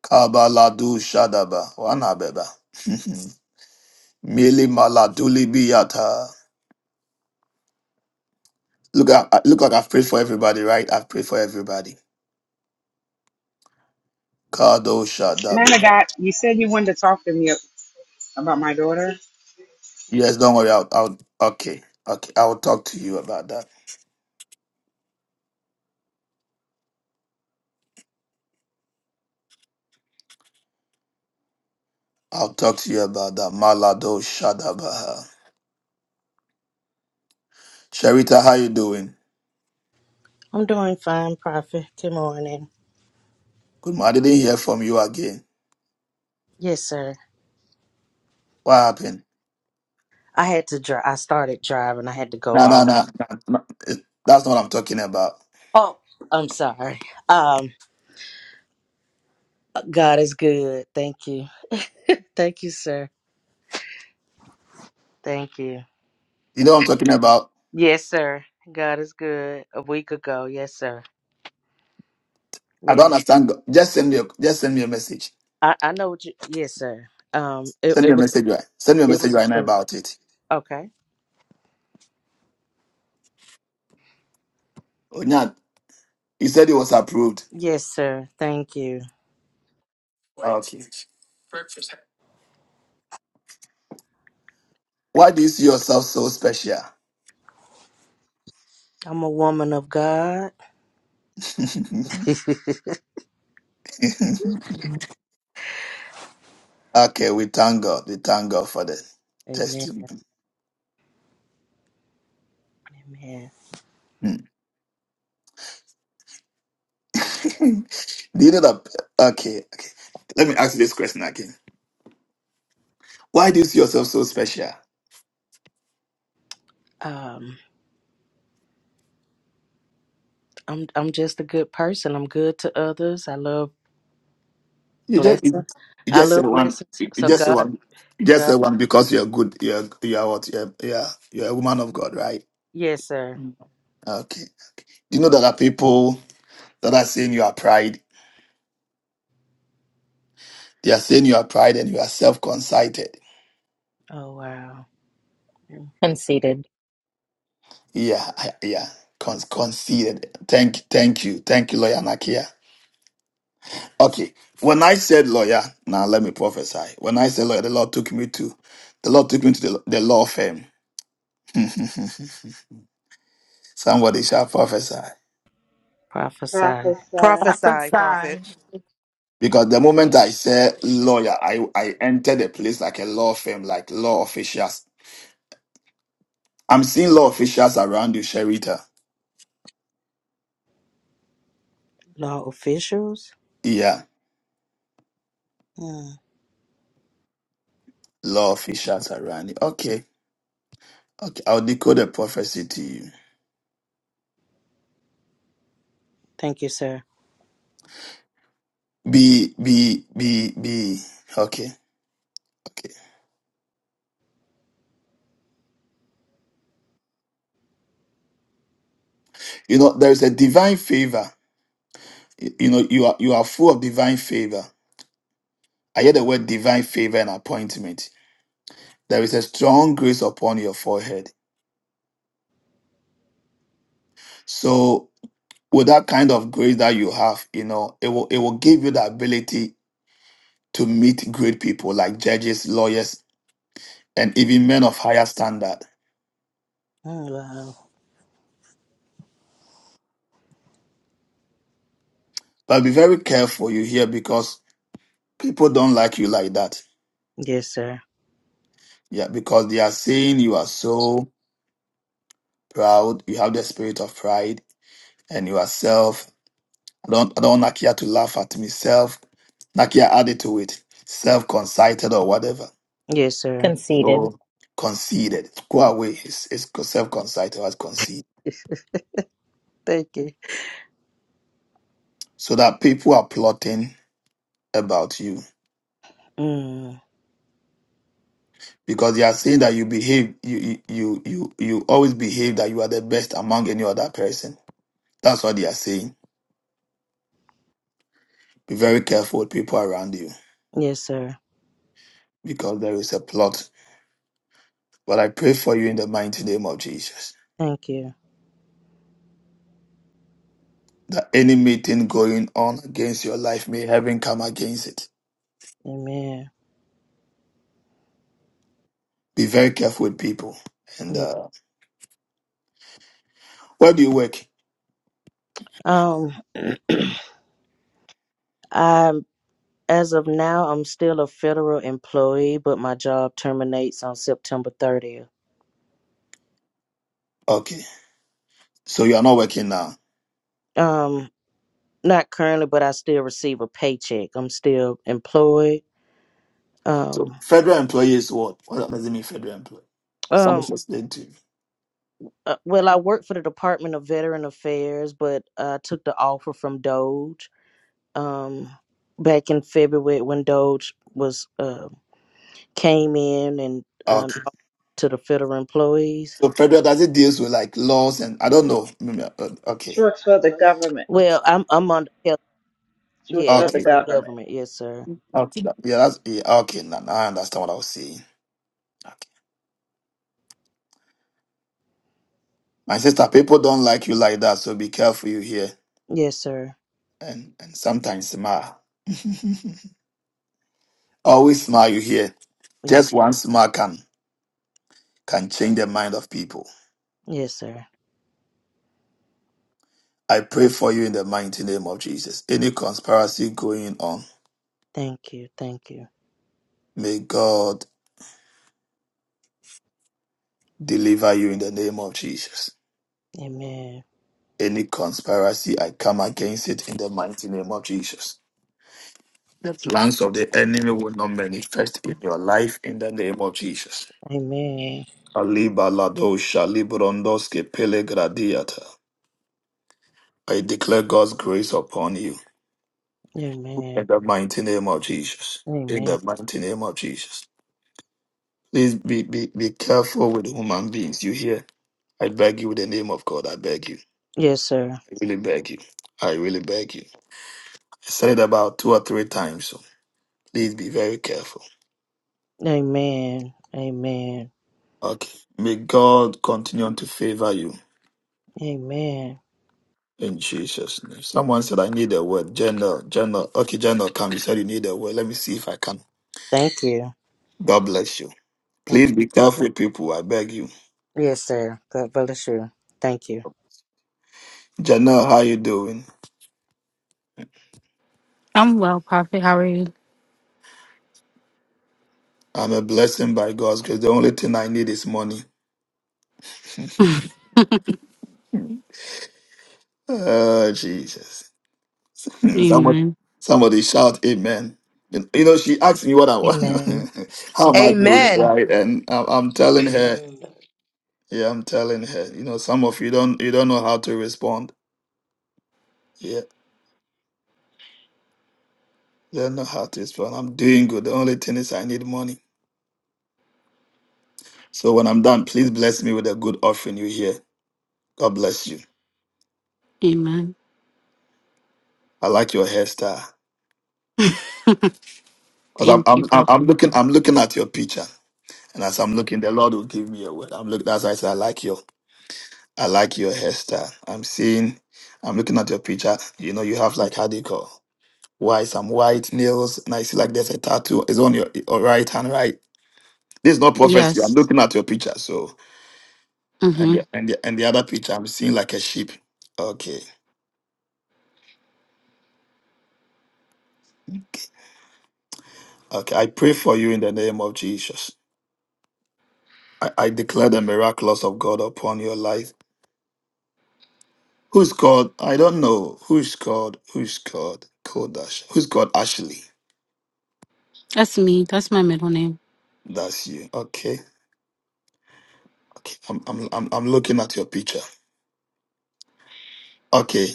Kabaladu Shadaba. Wanabeba. (laughs) Mili Maladulibiata. Look, I, I- look like I've prayed for everybody, right? I've prayed for everybody. Kado
Man of
Shadaboha.
God, you said you wanted to talk to me about my daughter.
Yes, don't worry. I'll, I'll, okay, okay. I'll talk to you about that. I'll talk to you about that. Malado Shadabaha. Sharita, how you doing?
I'm doing fine, Prophet. Good morning.
Good morning. I didn't hear from you again.
Yes, sir.
What happened?
I had to drive. I started driving. I had to go
No, no, no.
off.
no, no. It- That's not what I'm talking about.
Oh, I'm sorry. Um, God is good. Thank you. Thank you, sir. Thank you.
You know what I'm talking about?
Yes, sir. God is good. A week ago. Yes, sir.
I don't
Yeah.
understand. God. Just send me, a, just send me a message.
I, I know what you. Yes, sir. Um, it,
Send
it
me a
was
message right. Send me a
it
message
was
right now
approved.
about it.
Okay.
Onyan, you said it was approved.
Yes, sir. Thank you.
Okay. Why do you see yourself so special?
I'm a woman of God. (laughs)
(laughs) okay, we thank God. We thank God for the
Amen.
testimony.
Amen.
Hmm. (laughs) do you know that? Okay, okay. Let me ask you this question again. Why do you see yourself so special?
Um, I'm I'm just a good person. I'm good to others. I love
You just you
blessings. I
just
love
said one.
blessings.
You
So
just said
God,
one. You just
God,
said one because you're good. You're you're what? You're you're, you're a woman of God, right?
yes, sir.
Okay. Do you know that there are people that are saying you are pride? They are saying you are pride and you are self-concited.
Oh, wow. Mm.
conceited,
Yeah, I- yeah. Con- conceded. Thank, thank you, thank you, lawyer Nakia. Okay, when I said lawyer, now let me prophesy. When I said lawyer, the Lord took me to, the Lord took me to the, the law firm. (laughs) Somebody shall prophesy.
Prophesy.
Prophesy.
Prophesy, prophet.
Prophesy.
Because the moment I said
Prophesy,
lawyer, I, I
prophesy.
entered a place like a law firm, like law officials. I'm seeing law officials around you, Sherita.
Law officials?
Yeah,
Mm.
law officials around you. Okay, okay. I'll decode a prophecy to you.
Thank you, sir.
Be, be, be, be. Okay, okay. You know, there is a divine favor. You you know, you are you are full of divine favor. I hear the word divine favor and appointment. There is a strong grace upon your forehead. So, with that kind of grace that you have, you know, it will it will give you the ability to meet great people like judges, lawyers, and even men of higher standard.
Mm, wow.
But be very careful you hear because people don't like you like that.
Yes, sir.
Yeah, because they are saying you are so proud, you have the spirit of pride, and you are self. I don't I don't want Nakia to laugh at me. Self Nakia added to it. Self concited or whatever.
Yes, sir.
conceited.
So conceited. Go away. It's, it's self concited as conceit.
Thank you.
So that people are plotting about you.
Mm.
Because they are saying that you behave you you you you you always behave that you are the best among any other person. That's what they are saying. Be very careful with people around you
Yes, sir.
because there is a plot. But I pray for you in the mighty name of Jesus
Thank you.
that any meeting going on against your life may heaven come against it.
Amen.
Be very careful with people. And
Yeah.
uh, where do you work?
Um, I'm as of now, I'm still a federal employee, but my job terminates on September 30th.
Okay, so you are not working now.
Um, Not currently, but I still receive a paycheck. I'm still employed.
So
Um,
federal employee is what? What does it mean, federal employee? Someone
um,
should explain to me.
uh, well, I work for the Department of Veteran Affairs, but I took the offer from Doge um, back in February when Doge was uh, came in and um,
Okay.
to the federal employees.
So federal does it deals with like laws and I don't know. Maybe, uh, Okay.
She works for the government.
Okay.
Well, I'm I'm under health.
She works
Yeah,
for
I'm
the
Okay.
for the
government.
government. Yes, sir.
Okay. that- Yeah. That's yeah. Okay. Now now I understand what I was saying. Okay. My sister, people don't like you like that, so be careful you hear.
Yes, sir.
And and sometimes smile. (laughs) Always smile you hear.
Yes,
Just one smile can can change the mind of people.
yes, sir.
I pray for you in the mighty name of Jesus. Any conspiracy going on,
Thank you. Thank you.
may God deliver you in the name of Jesus.
Amen.
Any conspiracy, I come against it in the mighty name of Jesus. The plans of the enemy will not manifest in your life in the name of Jesus.
Amen.
Aliba ladosha librondoske pelegradiata. I declare God's grace upon you.
Amen.
In the mighty name of Jesus. In
Amen.
the mighty name of Jesus. Please be, be, be careful with human beings. You hear? I beg you with the name of God. I beg you.
Yes, sir.
I really beg you. I really beg you. I said it about two or three times. So please be very careful.
Amen. Amen.
Okay. May God continue to favor you
Amen.
in Jesus' name. Someone said, I need a word. General, General. Okay, General, come. You said you need a word. Let me see if I can.
Thank you.
God bless you.
Thank
Please be
you.
careful, people. I beg you.
Yes, sir. God bless you. Thank you.
General, how you doing?
I'm well, Prophet. How are you?
I'm a blessing by God's grace. The only thing I need is money. (laughs) oh, Jesus. (laughs) Somebody,
Amen.
somebody shout amen. You you know, she asked me what I want.
Amen.
(laughs) How am I doing?
Amen.
Right. And I- I'm telling her,
Amen.
yeah, I'm telling her, you know, some of you don't, you don't know how to respond. Yeah. Don't know how to respond. I'm doing good. The only thing is I need money. So when I'm done, please bless me with a good offering you hear. God bless you.
Amen.
I like your hairstyle.
(laughs)
Because I'm,
Thank
I'm,
you,
I'm I'm
Prophet.
looking, I'm looking at your picture. And as I'm looking, the Lord will give me a word. I'm looking. That's why I said I like your, I like your hairstyle. I'm seeing, I'm looking at your picture. You know, you have like how do you call white, some white nails, and I see like there's a tattoo. It's on your, your right hand, right. This is not prophecy. I'm
Yes.
looking at your picture. So and
Mm-hmm.
the, and the and the other picture, I'm seeing like a sheep. Okay, okay. I pray for you in the name of Jesus. I, I declare the miraculous of God upon your life Who's called? I don't know. Who's called? Who's called? Kodash. Who's called Ashley?
That's me. That's my middle name.
That's you. Okay. Okay. I'm I'm I'm I'm looking at your picture. Okay.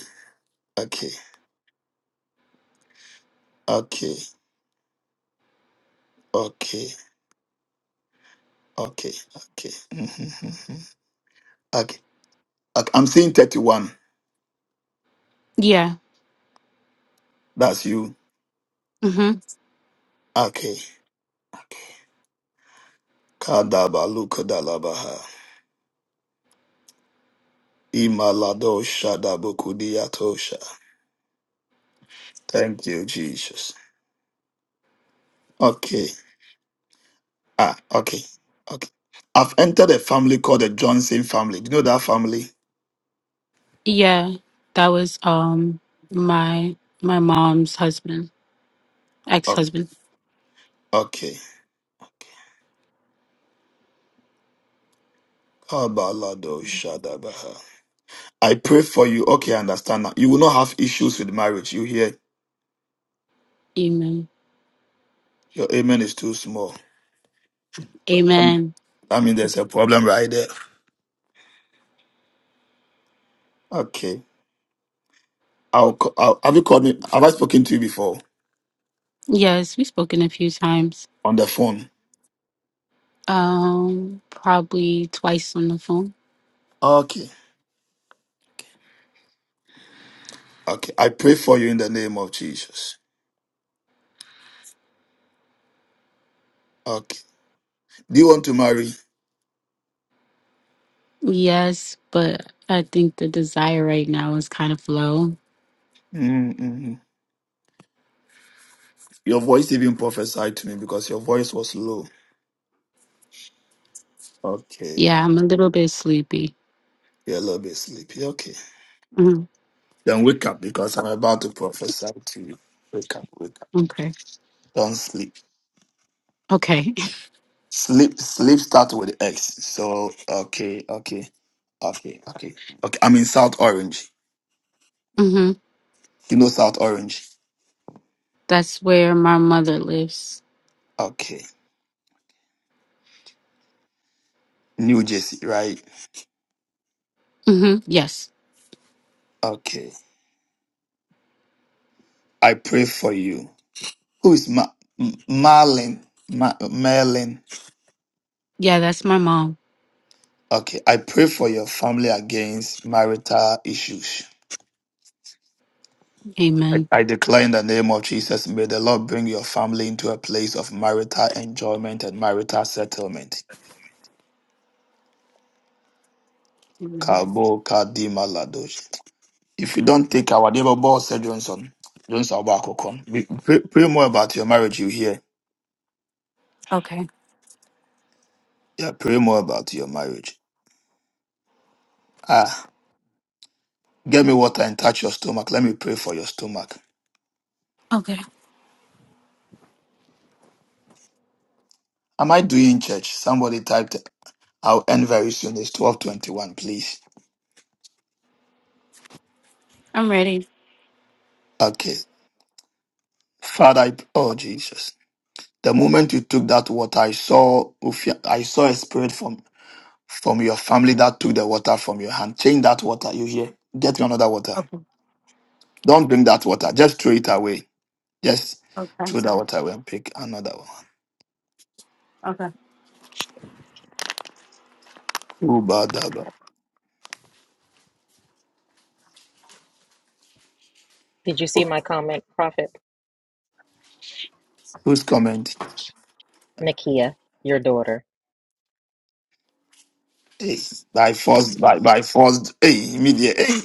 Okay. Okay. Okay. Okay. Okay. Mhm. mhm. okay. Okay. I'm seeing 31.
Yeah.
That's you.
Mm-hmm.
Okay. Okay. Kadaba lukadalabaha. Imalado shadabukudiatosha. Thank you, Jesus. Okay. Ah, okay. Okay. I've entered a family called the Johnson family. Do you know that family?
Yeah. That was um my my mom's husband, ex
Oh,
husband.
okay. Kabalado Shadabaha. I pray for you. Okay, I understand now. You will not have issues with marriage. You hear?
Amen.
Your amen is too small. Um,
Amen.
I mean, there's a problem right there. Okay. I'll, ca- I'll, have you called me? Have I spoken to you before
Yes, we've spoken a few times.
on the phone?
Um, probably twice on the phone.
Okay. Okay. I pray for you in the name of Jesus. Okay. Do you want to marry?
Yes, but I think the desire right now is kind of low.
Mm, mm, mm. Your voice even prophesied to me because your voice was low. Okay.
Yeah, I'm a little bit sleepy.
You're a little bit sleepy. Okay.
hmm
Then wake up because I'm about to prophesy to you. Wake up, wake up.
Okay.
Don't sleep.
Okay.
Sleep, sleep starts with X. So, okay, okay, okay, okay. Okay, I'm in South Orange.
hmm
You know South Orange?
That's where my mother lives.
Okay. New Jersey, right?
hmm Yes.
Okay. I pray for you. Who is Ma- M- Marlon? Ma- Merlin?
Yeah, that's my mom.
Okay. I pray for your family against marital issues. I,
Amen.
I declare in the name of Jesus, may the Lord bring your family into a place of marital enjoyment and marital settlement.
Mhm.
Kabo kadima ladosh. If you don't take our neighbor boss, said Johnson, Johnson Abakokon, we- pray, pray more about your marriage, you hear?
Okay.
Yeah, pray more about your marriage. Ah, get me water and touch your stomach. Let me pray for your stomach.
Okay.
Am I doing church? Somebody typed, I'll end very soon. It's 1221, please.
I'm ready.
Okay. Father, I, oh Jesus. The moment you took that water, I saw Ufia- I saw a spirit from from your family that took the water from your hand. Change that water. You hear? Get me another water.
Okay.
Don't drink that water. Just throw it away. Just
Okay.
throw that water away and pick another one.
Okay.
Kubadaba.
Did you see my comment, Prophet?
Who's comment?
Nakia, your daughter.
Hey, by force, by by force, hey, immediate, hey,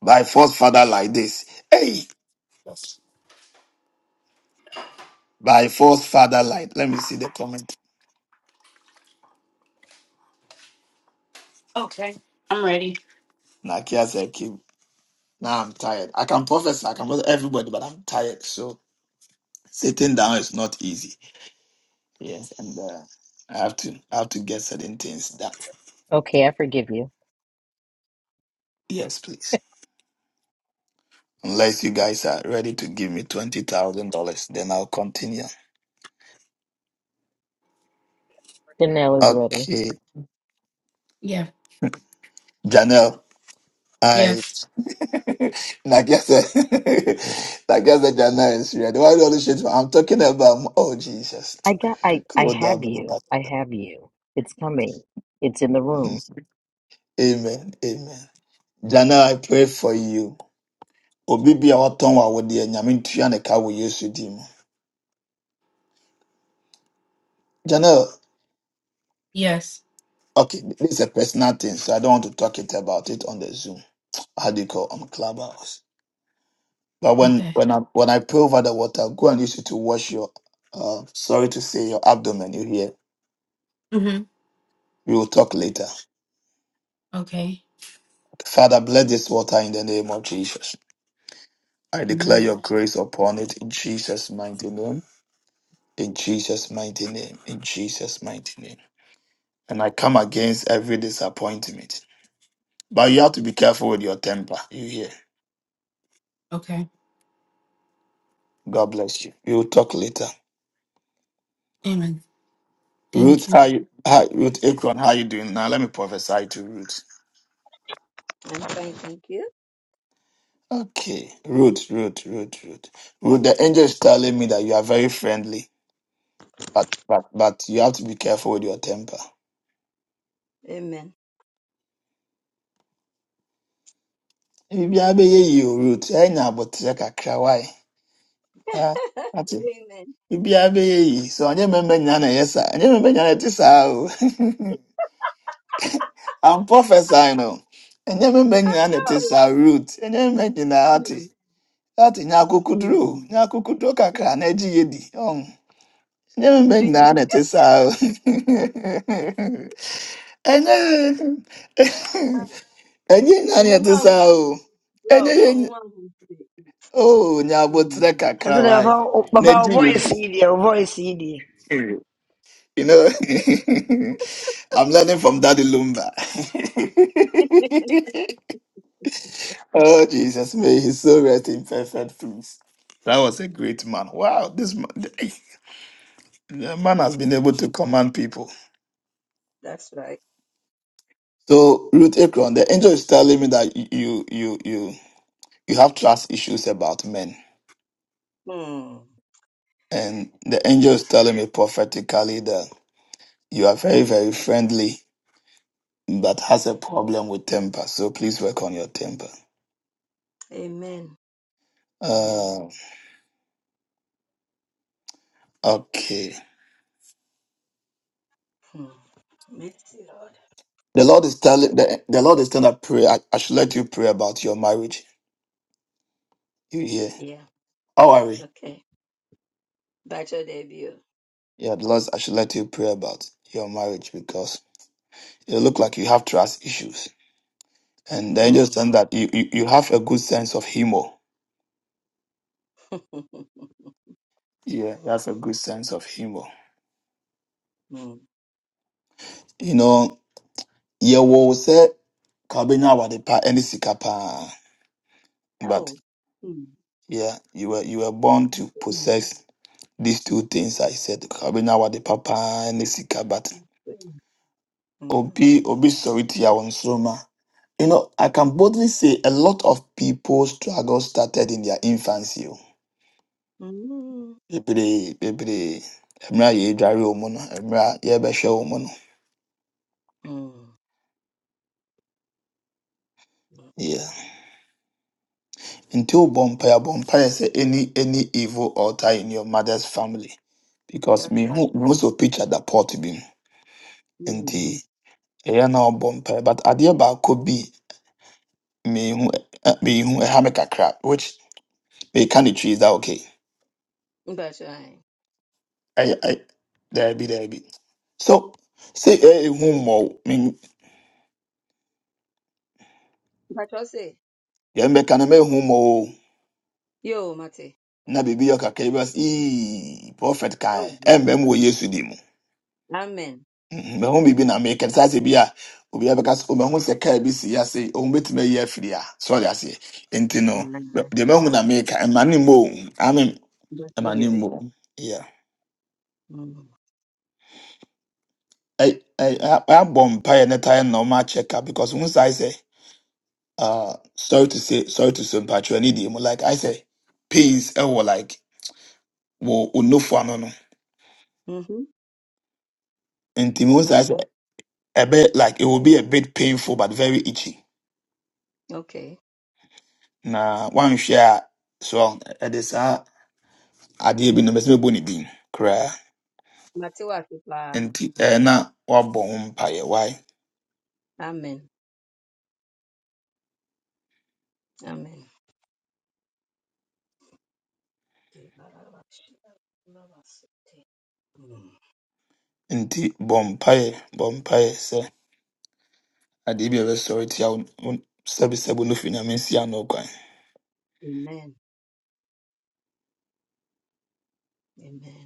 by force, father like this, hey,
Yes.
by force, father like. Let me see the comment.
Okay. I'm ready.
Nakia said, "Kim, now I'm tired. I can prophesy, I can prophesy everybody, but I'm tired. So Sitting down is not easy. Yes, and uh, I have to I have to get certain things done.
Okay, I forgive you.
Yes, please. Unless you guys are ready to give me twenty thousand dollars, then I'll continue.
Danelle is ready.
Okay,
Yeah.
Janelle. I
Yes.
(laughs) like I said, (laughs) like I said, Janelle is ready. Why do all this shit? I'm talking about oh Jesus.
I got I I
Cool, that-
have you.
that-
I
that-
have you. It's coming. It's in the room. (laughs)
that. Amen. Amen. Janelle, I pray for you. Obi bi a wɔtɔn wɔ awodeɛ, Nyame ntua ne ka wɔ Yesu din mu. Janelle.
Yes.
Okay, this is a personal thing, so I don't want to talk it about it on the Zoom. How do you call on Clubhouse? But when
Okay.
when I when I pray over the water, go and use it to wash your. Uh, sorry to say, your abdomen. You hear?
hmm
We will talk later.
Okay.
Father, bless this water in the name of Jesus. I declare
hmm
your grace upon it in Jesus' mighty name. In Jesus' mighty name. In Jesus' mighty name. And I come against every disappointment. But you have to be careful with your temper. You hear?
Okay.
God bless you. We will talk later.
Amen. Thank
Ruth,
you.
how you, how, Ruth Akron, how you doing now? Let me prophesy to Ruth.
I'm fine, thank you.
Okay, Ruth, Ruth, Ruth, Ruth. Ruth, the angel is telling me that you are very friendly, but but but you have to be careful with your temper.
Amen.
Ibi abeye yi o, Ruth. Enya abotire kakra why? Ah,
(laughs)
ati.
Amen.
Ibi abeye yi. So anye membe nyana yesa. Anye membe nyana tisa o. (laughs) I'm prophesying o. Anye membe
I
nyana
know.
tisa Ruth. Anye membe nyana ati.
Amen.
That in
Hmm.
Yakukudro, Yakukudro Kakra, Neji Yedi. Um, never make
Titiri ti.
na na te sa. (laughs) Enye, enye na (laughs) na
Ọmụmụ
te
ahụ
sa
si
o.
prof.
Enye,
Ọmụmụ ahụ si.
oh,
Hmm.
Nyabotre
I
Kakra
said,
wai.
Baba, Baba,
Neji
voice
Amen.
Yedi.
CD, voice CD.
You know, (laughs) I'm learning from Daddy Lumba. (laughs) oh Jesus, may his soul rest in perfect peace. That was a great man. Wow, this man. (laughs) The man has been able
Hmm.
to command people.
That's right.
So Ruth Akron, the angel is telling me that you you you you have trust issues about men,
Hmm.
and the angel is telling me prophetically that you are very very friendly, but has a problem with temper. So please work on your temper.
Amen. Amen.
Uh, okay.
Hmm. Mercy, Lord.
The Lord is telling the, the Lord is telling that pray. I, I should let you pray about your marriage. You hear?
Yeah.
How are we?
Okay. That's your debut.
Yeah, the Lord, I should let you pray about your marriage because it look like you have trust issues. And then
Hmm.
just understand that you, you, you have a good sense of humor.
(laughs)
Yeah, you have a good sense of humor.
hmm.
You know, yeah, well said Kabina Wadepa any sikapa. But
Oh. Hmm.
yeah, you were you were born to
Hmm.
possess these two things I said. Kabina Wadepa any sika but
Hmm.
Obi Obi Soriti Soma. You know, I can boldly say a lot of people's struggle started in their infancy. oh.
Hmm.
Bebree, bebree. Mra ye dware omo no, mra ye bɛhwɛ omo no.
Hmm.
Yeah. Nti wobɔ mpaeɛ a, bɔ mpaeɛ sɛ any any evil altar in your mother's family. Because me
That's
who
right.
knows a picture that pot bi mu. Nti
Hmm.
ɛyɛ na wobɔ mpaeɛ. But adeɛ baako bi mehu ɛ- mehu ɛha me kakra which meka ne twi is that okay?
Bachelor.
I I there be there be. So sɛ ɛyɛ ehu mmɔ me
Bachelor say.
yɛn bɛka no mɛhu mmɔ o.
Yo, Mate.
Na biribi yɛ kakra bi a, ɛbɛs ee prophet
Oh,
kan
baby.
ɛmbɛm wɔ Yesu din mu.
Amen.
Mm, Me mehu biribi na meka saa sɛ bi a obiara bɛka me omahu sɛ kaa bi si ase ɔhu bɛtumi ayi afiri a sɔre aseɛ nti no bɛ- deɛ mahu na meka ɛma ne mmɔ o ame
Good for
ɛma ne
you.
mmɔ o Yeah.
Mm-hmm.
Ɛ- ɛ- ɛ- ɛabɔ mpaeɛ ne tae na ɔma akyɛ because hu I say, uh, sorry to say sorry to say mpatwerɛ you. deɛ mu like I sɛ pains ɛwɔ like wɔ onofo ano no no. nti I say
Okay.
a bit like it will be a bit painful but very itchy
Okay.
na One share. so ɛde saa adeɛ bi no mɛsɛ mɛbɔ ne din koraa
Matiwa Kipa.
nti ɛɛ na wabɔ ho mpaeɛ wae
Amen. Amen. Mm.
nti bɔ mpaeɛ bɔ mpaeɛ sɛ adeɛ bi a ɛbɛsɔre tia wo wo sɛbesɛbe no fi nyame nsia no kwan
Amen. Amen. Amen.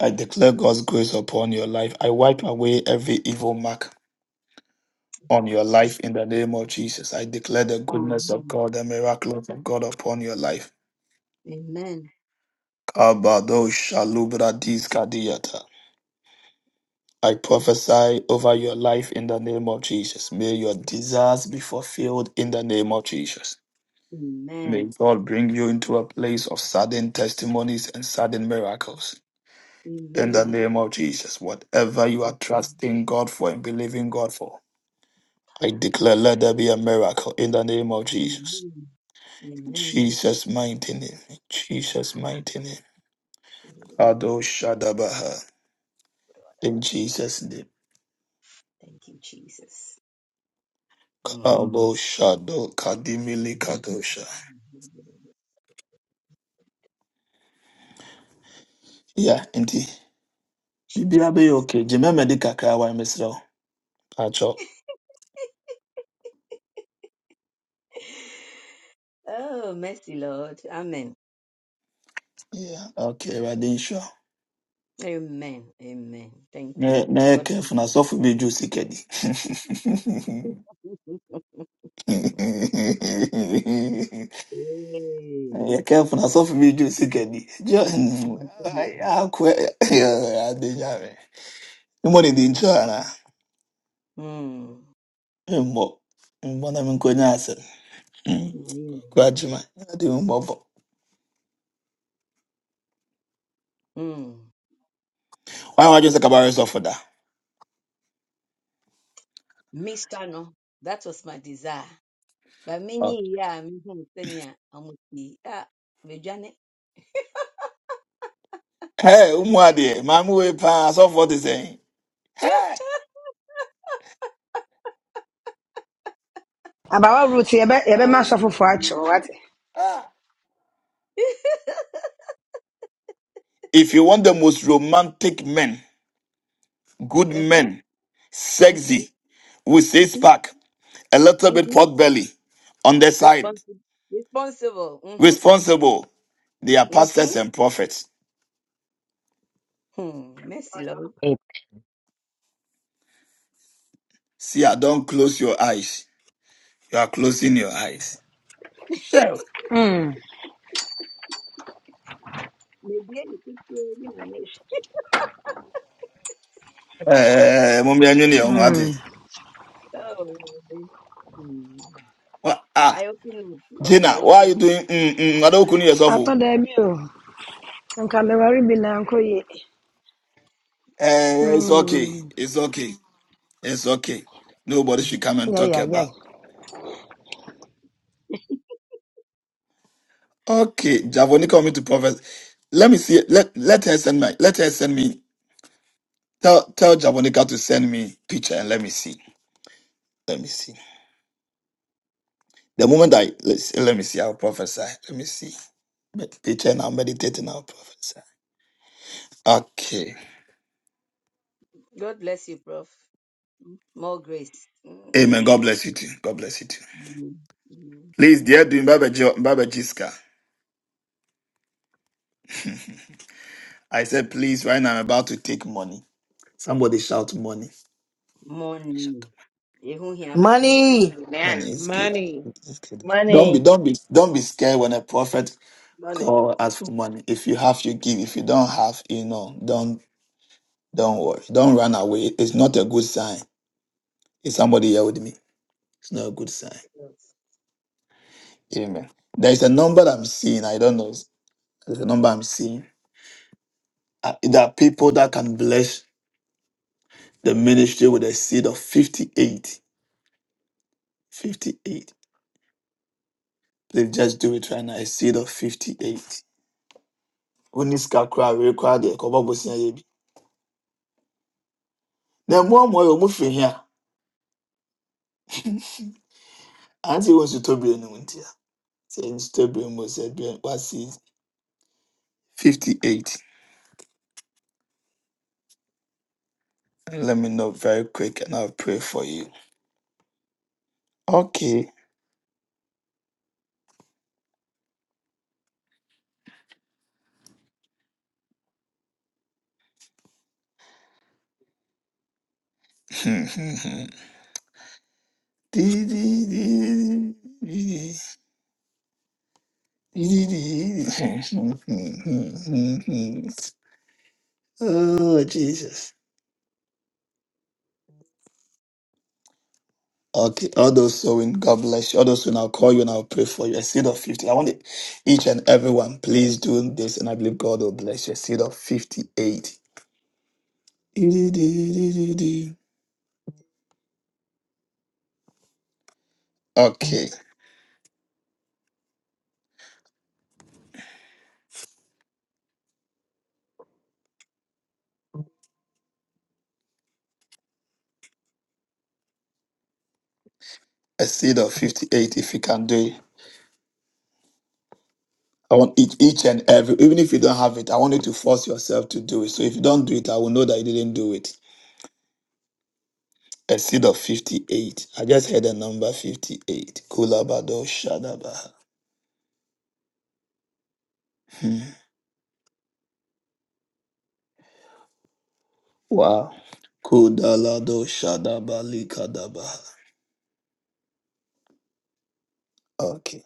i declare god's grace upon your life i wipe away every evil mark on your life in the
Jesus.
name of jesus i declare the
Amen.
goodness of god the miracles of god upon your life
Amen.
kabado shalubra diskadiyata. I prophesy over your life in the name of Jesus. May your desires be fulfilled in the name of Jesus. May
Amen.
God bring you into a place of sudden testimonies and sudden miracles. In the
Amen.
name of Jesus, whatever you are trusting God for and believing God for, I declare let there be a miracle in the name of Jesus.
Amen. Amen.
Jesus' mighty name. Jesus' mighty name. Kado Shadabaha. In Jesus' name.
Thank you, Jesus. Mm.
Kado Shado Kadimili Kadosha. Yeah, indeed. biribiara bɛyɛ
Jesus.
okay gye mɛma di kakra wa mesrɛ wo atwɔ
Oh, mercy, Lord. Amen.
yeah okay awurade nhyira wo.
Amen. Amen. Thank
na
you.
na yɛ
God bless
kɛfo na
you.
asɔfo bi dwo sika di
Hey, I
(laughs) yɛ kɛfo na asɔfo bi dwo sika You
tell
money akɔ (laughs) awurade nyame mmɔ ne di nkyɛ anaa
Mm,
mmɔ mmɔ na menkɔnya asɛm
mm,
kɔ agyema ade mmɔbɔ
mm.
wan wadwo sɛ kabarɛ sɔfo
Me no. That was my desire. But many yeah, me home senior. I'm with ah, me jane.
Hey, Umwadi, Mamu Pass of what is saying. Hey,
About what route you ever master for for actual, what?
ah. If you want the most romantic men, good
(laughs)
men,
Mhm,
sexy, with six
mhm, mhm,
pack, a little bit
mhm.
pot belly, on the side,
Responsible, responsible. Mhm,
responsible, they are
mhm.
pastors and prophets.
Hmm. Mercy, Lord.
It-
See, I don't close your eyes. You are closing your eyes. Sure.
Hmm.
Maybe I need to make.
Eh, Mummy Anyuni,
Hmm.
Umwadi.
(laughs) Oh, Lord. Hmm.
Wha- Ah,
I open up, love.
Gina,
I
why are
open.
you
up.
doing? Mm, mm, I don't yourself. oh.
After the meal, I'm coming very big uncle.
Eh, it's okay.
Hmm.
It's okay. It's okay. Nobody should come and
Yeah,
talk
yeah, yeah.
about. Okay, Javonica want me to prophesy. Let me see. Let let her send my. Let her send me. Tell tell Javonica to send me picture and let me see. Let me see. The moment I let's, let me see, I'll prophesy. Let me see. Med- Picture and I'll meditate and I'll prophesy. Okay.
God bless you, Prof. More grace. Mm.
Amen. God bless you too. God bless you too.
Mm.
Please, dear doing Baba Jo- Baba Jiska. I said, please, right now I'm about to take money. Somebody shout money.
Money. Ehun hia.
Money.
Amen.
Money is good.
Money.
It's good. Don't be
Money.
don't be don't be scared when a prophet
Money.
call asks for money. If you have, you give. If you don't have, you know, don't don't worry. Don't run away. It's not a good sign. Is somebody here with me? It's not a good sign. Amen. There is a number I'm seeing. I don't know. There's a number I'm seeing. Uh, there are people that can bless the ministry with a seed of 58. 58. Please just do it right now. A seed of 58. Who needs kakra? We require the kobo bosi na yebi. na mmoamoa yɛ ɔmo fi hia (laughs) ante wɔ nsutɔbea no mu ntia sɛ nsutɔbea mu sɛ bia wasi 58 let me know very quick and i'll pray for you okay (laughs) oh jesus Okay, all those sowing, God bless you. All those sowing, I'll call you and I'll pray for you. A seed of 50. I want it, each and everyone, please do this, and I believe God will bless you. A seed of 58. Okay, a seed of 58 if you can do it. I want each, each and every, even if you don't have it, I want you to force yourself to do it. So if you don't do it, I will know that you didn't do it. A seed of 58. I just heard the number 58. Kulabado Shadaba. Hmm. Wow. Kudalado Shadaba Likadaba. Okay.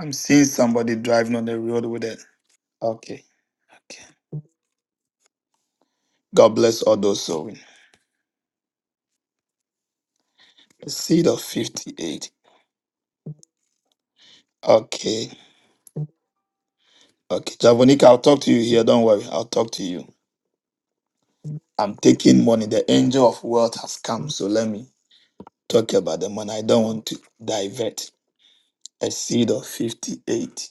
I'm seeing somebody driving on the road with it. Okay. Okay. God bless all those sowing. A seed of 58. Okay. Okay, Javonica, I'll talk to you here. Don't worry, I'll talk to you. I'm taking money. The angel of wealth has come, so let me talk about the money. I don't want to divert. A seed of 58.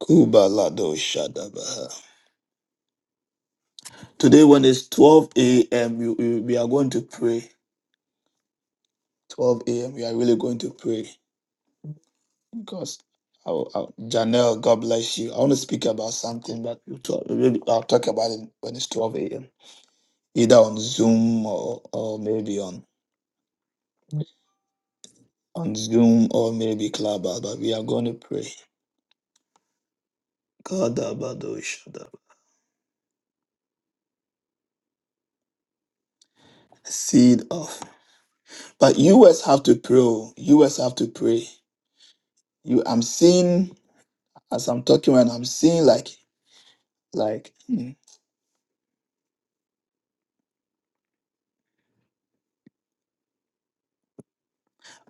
Kubalado Shadabaha. Today, when it's 12 a.m., we you, we are going to pray. 12 a.m., we are really going to pray because. I'll, I'll, Janelle, God bless you. I want to speak about something, but we'll talk, maybe I'll talk about it when it's 12 a.m. Either on Zoom or, or maybe on on Zoom or maybe Clubhouse, but we are going to pray. God, Abado, Shadaba. seed of. But you US have to pray. oh. You US have to pray. You, I'm seeing as I'm talking, and I'm seeing like, like, hmm,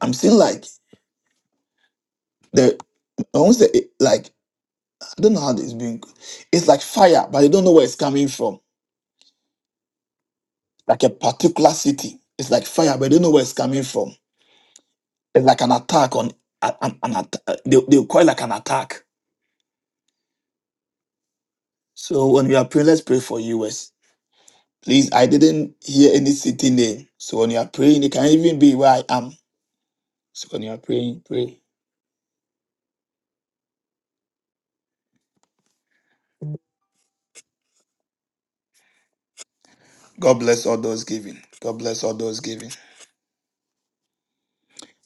I'm seeing like the. I won't say it, like I don't know how this being. It's like fire, but you don't know where it's coming from. Like a particular city, it's like fire, but you don't know where it's coming from. It's like an attack on an, an, an atta- They, they will call it like an attack So when you are praying, let's pray for US. Please, I didn't hear any city name. So when you are praying, it can even be where I am. So when you are praying, pray. God bless all those giving. God bless all those giving.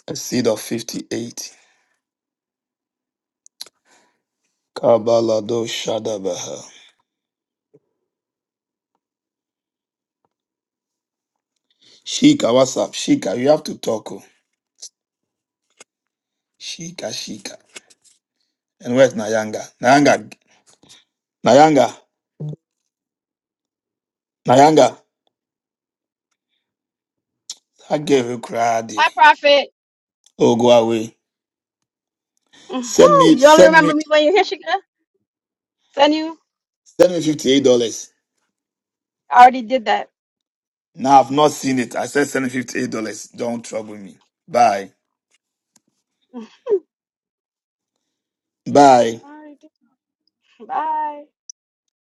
A seed of 58. Kabalado Shadabaha. Shika, what's up? Shika, you have to talk. oh. Shika, Shika. And where's Nayanga? Nayanga, Nayanga, Nayanga. I gave you cry,
Hi, Prophet.
Oh, go away. Send
hmm
me,
You only
send
remember
me,
me when you're here, Shika. Send you.
send me $58.
I already did that.
Now I've not seen it. I said seven fifty eight dollars. Don't trouble me. Bye.
I
Bye.
already did. Bye.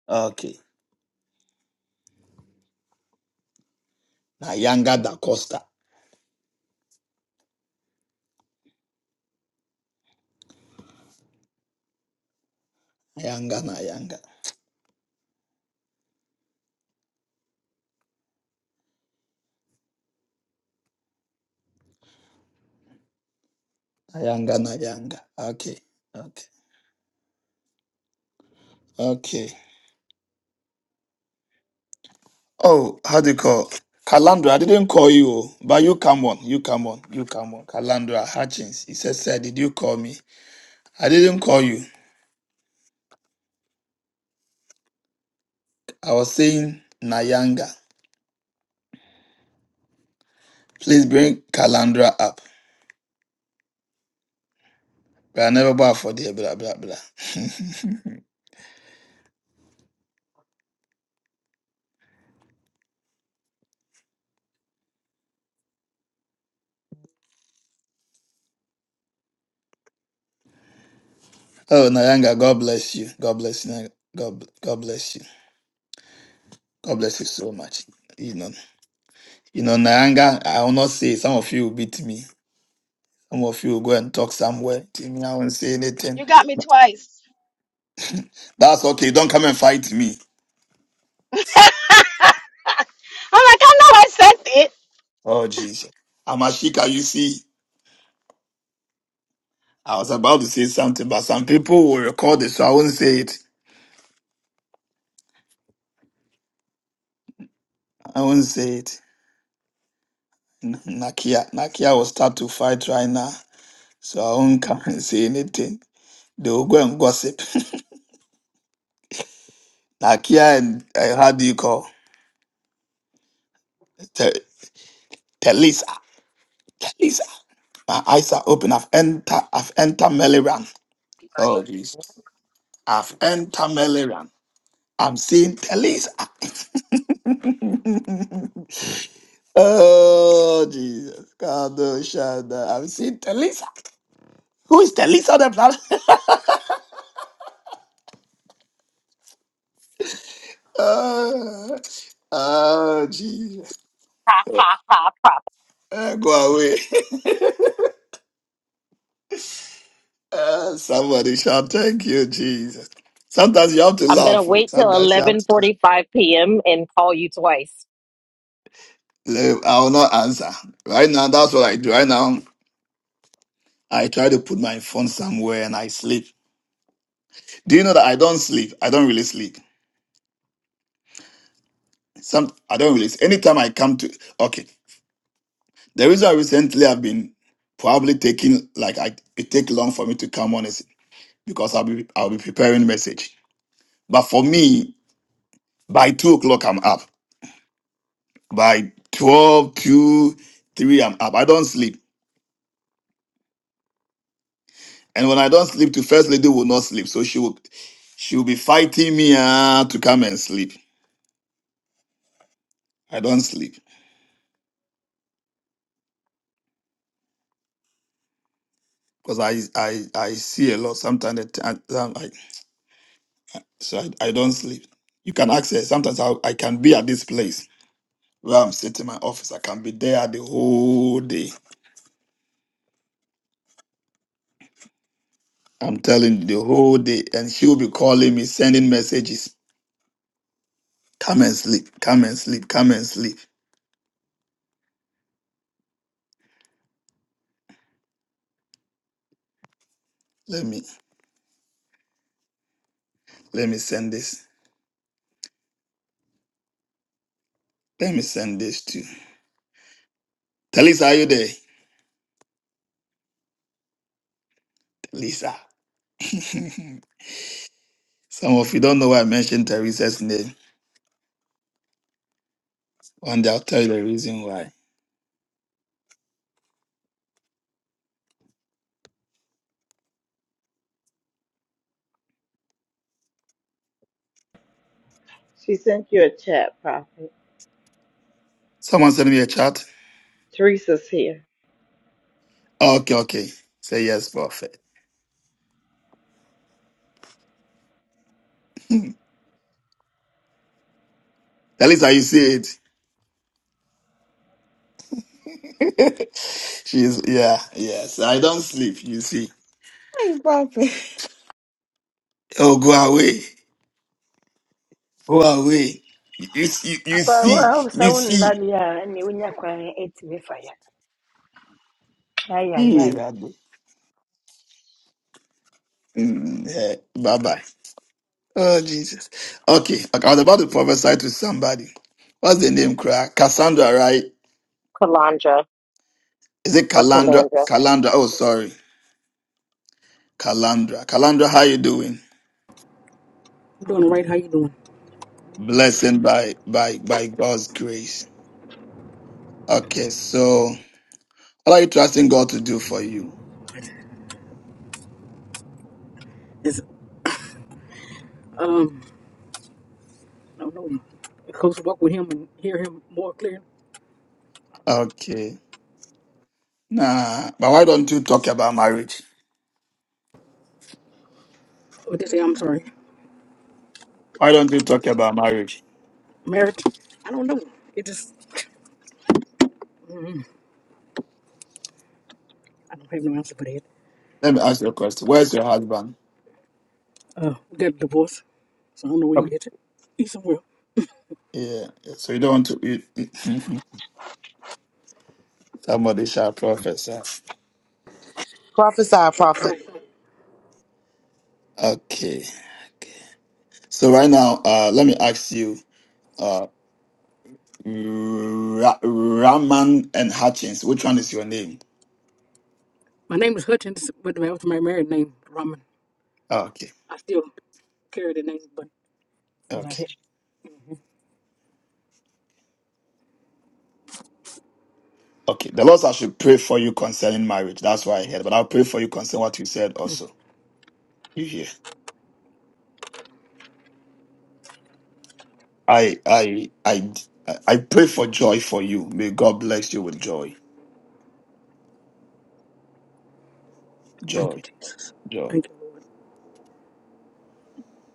Okay. Nayanga da Costa. Nayanga Nayanga. Nayanga Nayanga. Okay. Okay. Okay. Oh, how do you call? Calandra, I didn't call you, oh, but you come on, you come on, you come on. Calandra Hutchins, he said, Sir, did you call me? I didn't call you. I was saying Nayanga. Please bring Calandra up. But I never bought for the blah blah blah. (laughs) Oh, Nayanga, God bless you. God bless you. Nayanga. God, bl- God bless you. God bless you so much. You know, you know, Nayanga, I will not say some of you will beat me. Some of you will go and talk somewhere to me. I won't say anything.
You got me twice.
That's okay. Don't come and fight me.
(laughs) I'm like, I know I sent it.
Oh, Jesus. Amashika, you see, I was about to say something, but some people will record it, so I won't say it. I won't say it. N- Nakia, Nakia will start to fight right now, so I won't come and say anything. They will go and gossip. (laughs) Nakia and uh, how do you call? Te- Telisa. Telisa. My eyes are open. I've entered I've entered Meliran. Oh Jesus. I've entered Meliran. I'm seeing Telisa. Oh Jesus. God oh, Shada. I'm seeing Telisa. Who is Telisa on the planet? (laughs) oh, oh Jesus.
Ha, ha, ha, ha.
Eh, go away. (laughs) Eh, somebody shout, thank you, Jesus. Sometimes you have to
I'm gonna
laugh. oh.
wait till
Sometimes you have
eleven
to.
forty five PM and call you twice.
No, I will not answer. Right now, that's what I do. Right now, I try to put my phone somewhere and I sleep. Do you know that I don't sleep? I don't really sleep. Some I don't really. Anytime I come to okay, the reason I recently I've been probably taking like I it take long for me to come on is because I'll be I'll be preparing message. But for me, by two o'clock I'm up. By twelve, two, 3, I'm up. I don't sleep. And when I don't sleep, the first lady will not sleep. So she will she will be fighting me ah, to come and sleep. I don't sleep. because I I I see a lot. Sometimes the time- time I so I, I don't sleep. You can access. Sometimes I I can be at this place where I'm sitting in my office. I can be there the whole day. I'm telling you the whole day, and she'll be calling me, sending messages. Come and sleep. Come and sleep. Come and sleep. Let me let me send this. Let me send this to Talisa. Are you there, Talisa? (laughs) Some of you don't know why I mentioned Teresa's name. One day I'll tell you the reason why.
She sent you a chat, Prophet.
Someone sent me a chat
Teresa's here.
Okay, okay. Say yes, prophet. At least I you see it. (laughs) She's yeah, yes. I don't sleep, you see.
Hey, Buffy.
Oh, go away. Go away. You, you, see- you
Apa, I
see,
hope
you
so. That
see.
yeah, and you will not quite eight me fire. Ay, ay, ay.
Mm, yeah. Bye bye. Oh Jesus. Okay. okay. I was about to prophesy to somebody. What's the name, cry? Cassandra, right?
Kalandra
Is it
or
Calandra?
Kalandra.
Calandra. Oh, sorry. Calandra. Calandra, how you doing?
I'm Doing all right. How you doing?
Blessed by by by God's grace. Okay, so What are you trusting God to do for you?
Is um, I don't know. Close walk with him and hear him more clear.
Okay. Nah, but why don't you talk about marriage?
What they say? I'm sorry.
Why don't you talk about marriage?
Marriage? I don't know. It just I don't have no answer for that.
Let me ask you a question. Where's your husband?
Uh, we got a divorce, so I don't know where you
Um,
hit it. He's somewhere.
Yeah. yeah, So you don't want to. You, (laughs) somebody shall prophesy.
Prophesy,
Probably
prophet.
say.
Okay. Okay. So right now, uh, let me ask you, uh, Ra- Raman and Hutchins, which one is your name?
My name is Hutchins, but that was my married name, Raman.
Okay.
I still carry the name, but it was not
Okay.
it.
Okay. The Lord said I should pray for you concerning marriage. That's why I heard, but I'll pray for you concerning what you said also. You hear? I I I I pray for joy for you. May God bless you with joy.
Thank
Joy.
you, Jesus.
Joy.
Thank you, Lord.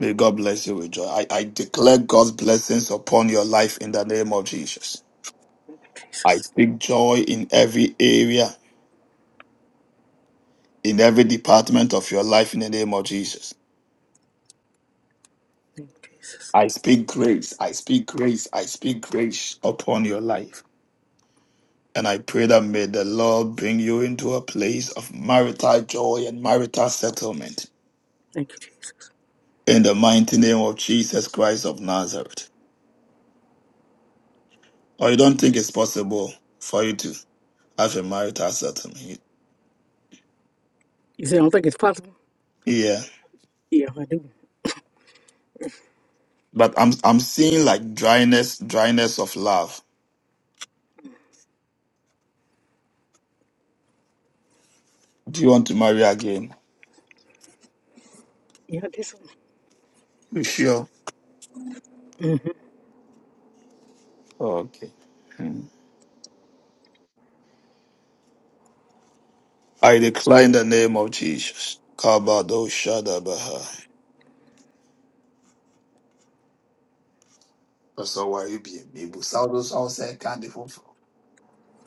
May God bless you with joy. I, I declare God's blessings upon your life in the name of Jesus.
Thank you,
I
Jesus.
speak joy in every area, in every department of your life in the name of Jesus.
Thank you, Jesus.
I speak grace. I speak grace. I speak grace upon your life. And I pray that may the Lord bring you into a place of marital joy and marital settlement.
Thank you, Jesus.
in the mighty name of Jesus Christ of Nazareth. Or you don't think it's possible for you to have a marital settlement?
You say I don't think it's possible?
Yeah.
Yeah, I do.
But I'm I'm seeing like dryness, dryness of love. Do you want to marry again?
Yeah, this one.
You sure? Okay. I decline the name of Jesus. Kabado Shadabaha. So why you be me? Busado so those who say, can't you fulfill?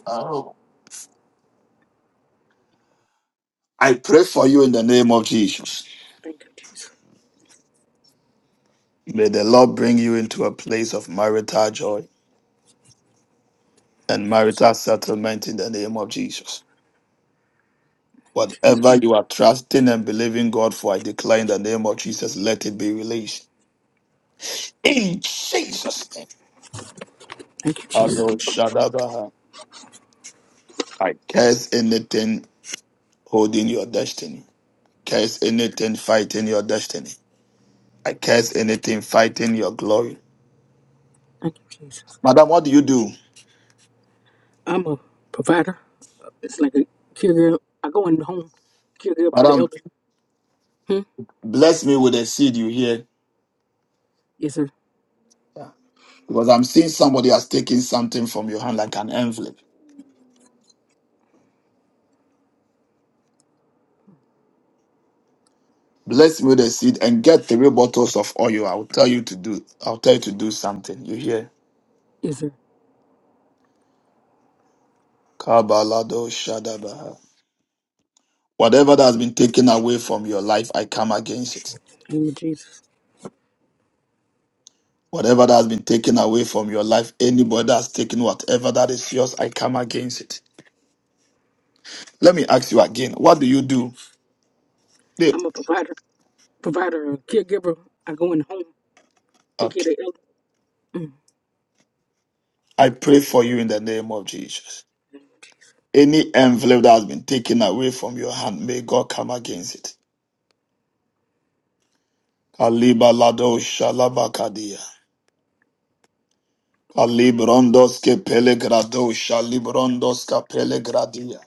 Oh. I pray for you in the name of Jesus.
Thank you, Jesus.
May the Lord bring you into a place of marital joy and marital settlement in the name of Jesus. Whatever you are trusting and believing God for, I declare in the name of Jesus, let it be released. In Jesus' name.
Thank you, Jesus.
Adoshadabaha. I curse anything holding your destiny. Curse anything fighting your destiny. I curse anything fighting your glory.
Thank you, Jesus.
Madam, what do you do?
I'm a provider. It's like a caregiver. I go in the home, caregiver for the
Madam,
elderly. Hmm?
bless me with a seed you hear.
Yes, sir.
Yeah. Because I'm seeing somebody has taken something from your hand like an envelope. Bless me with a seed and get three bottles of oil. I'll tell you to do. I'll tell you to do something. You hear?
Yes, sir.
Kabalado shadabaha. Whatever that has been taken away from your life, I come against it.
Name of Jesus.
Whatever that has been taken away from your life, anybody that's taken whatever that is yours, I come against it. Let me ask you again. What do you do? They-
I'm a provider. Provider, a caregiver. I go in the home, take care of
Okay.
the elderly. Mm.
I pray for you in the name of Jesus. Any envelope that has been taken away from your hand, may God come against it. Kalibalado shalabakadia. Kalibrondoske pelegradosha librondoska pelegradia.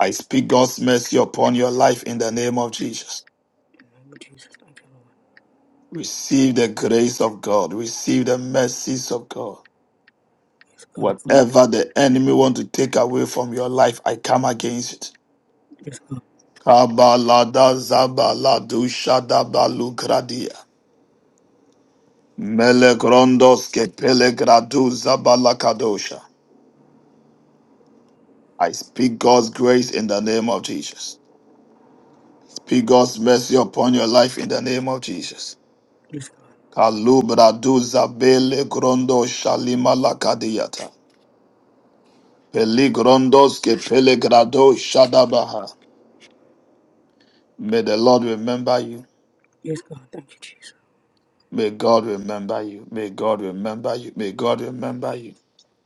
I speak God's mercy upon your life in the name of Jesus.
Name of Jesus. Thank you, Lord.
Receive the grace of God. Receive the mercies of God.
Yes, God.
Whatever the enemy want to take away from your life, I come against it.
Yes, God.
Kabalada zabaladusha dabalugradia. Melegrondoske pelegradu zabalakadosha. I speak God's grace in the name of Jesus. Be God's mercy upon your life in the name of Jesus.
Yes, God.
Kalubradu zabele grondo shalima lakadiyata. Peligrondos ke pelegrado shadabaha. May the Lord remember you.
Yes, God. Thank you, Jesus.
May God remember you. May God remember you. May God remember you.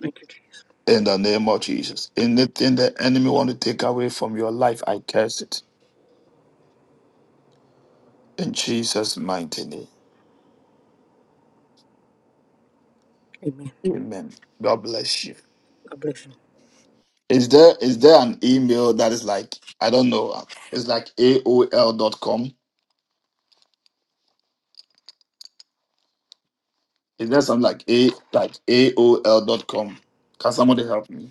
Thank you, Jesus.
In the name of Jesus. Anything the enemy want to take away from your life, I curse it. In Jesus' mighty name.
Amen.
Amen. God bless you.
God bless you.
Is there is there an email that is like I don't know? It's like aol dot com? Is there something like a like aol dot com? Can somebody help me?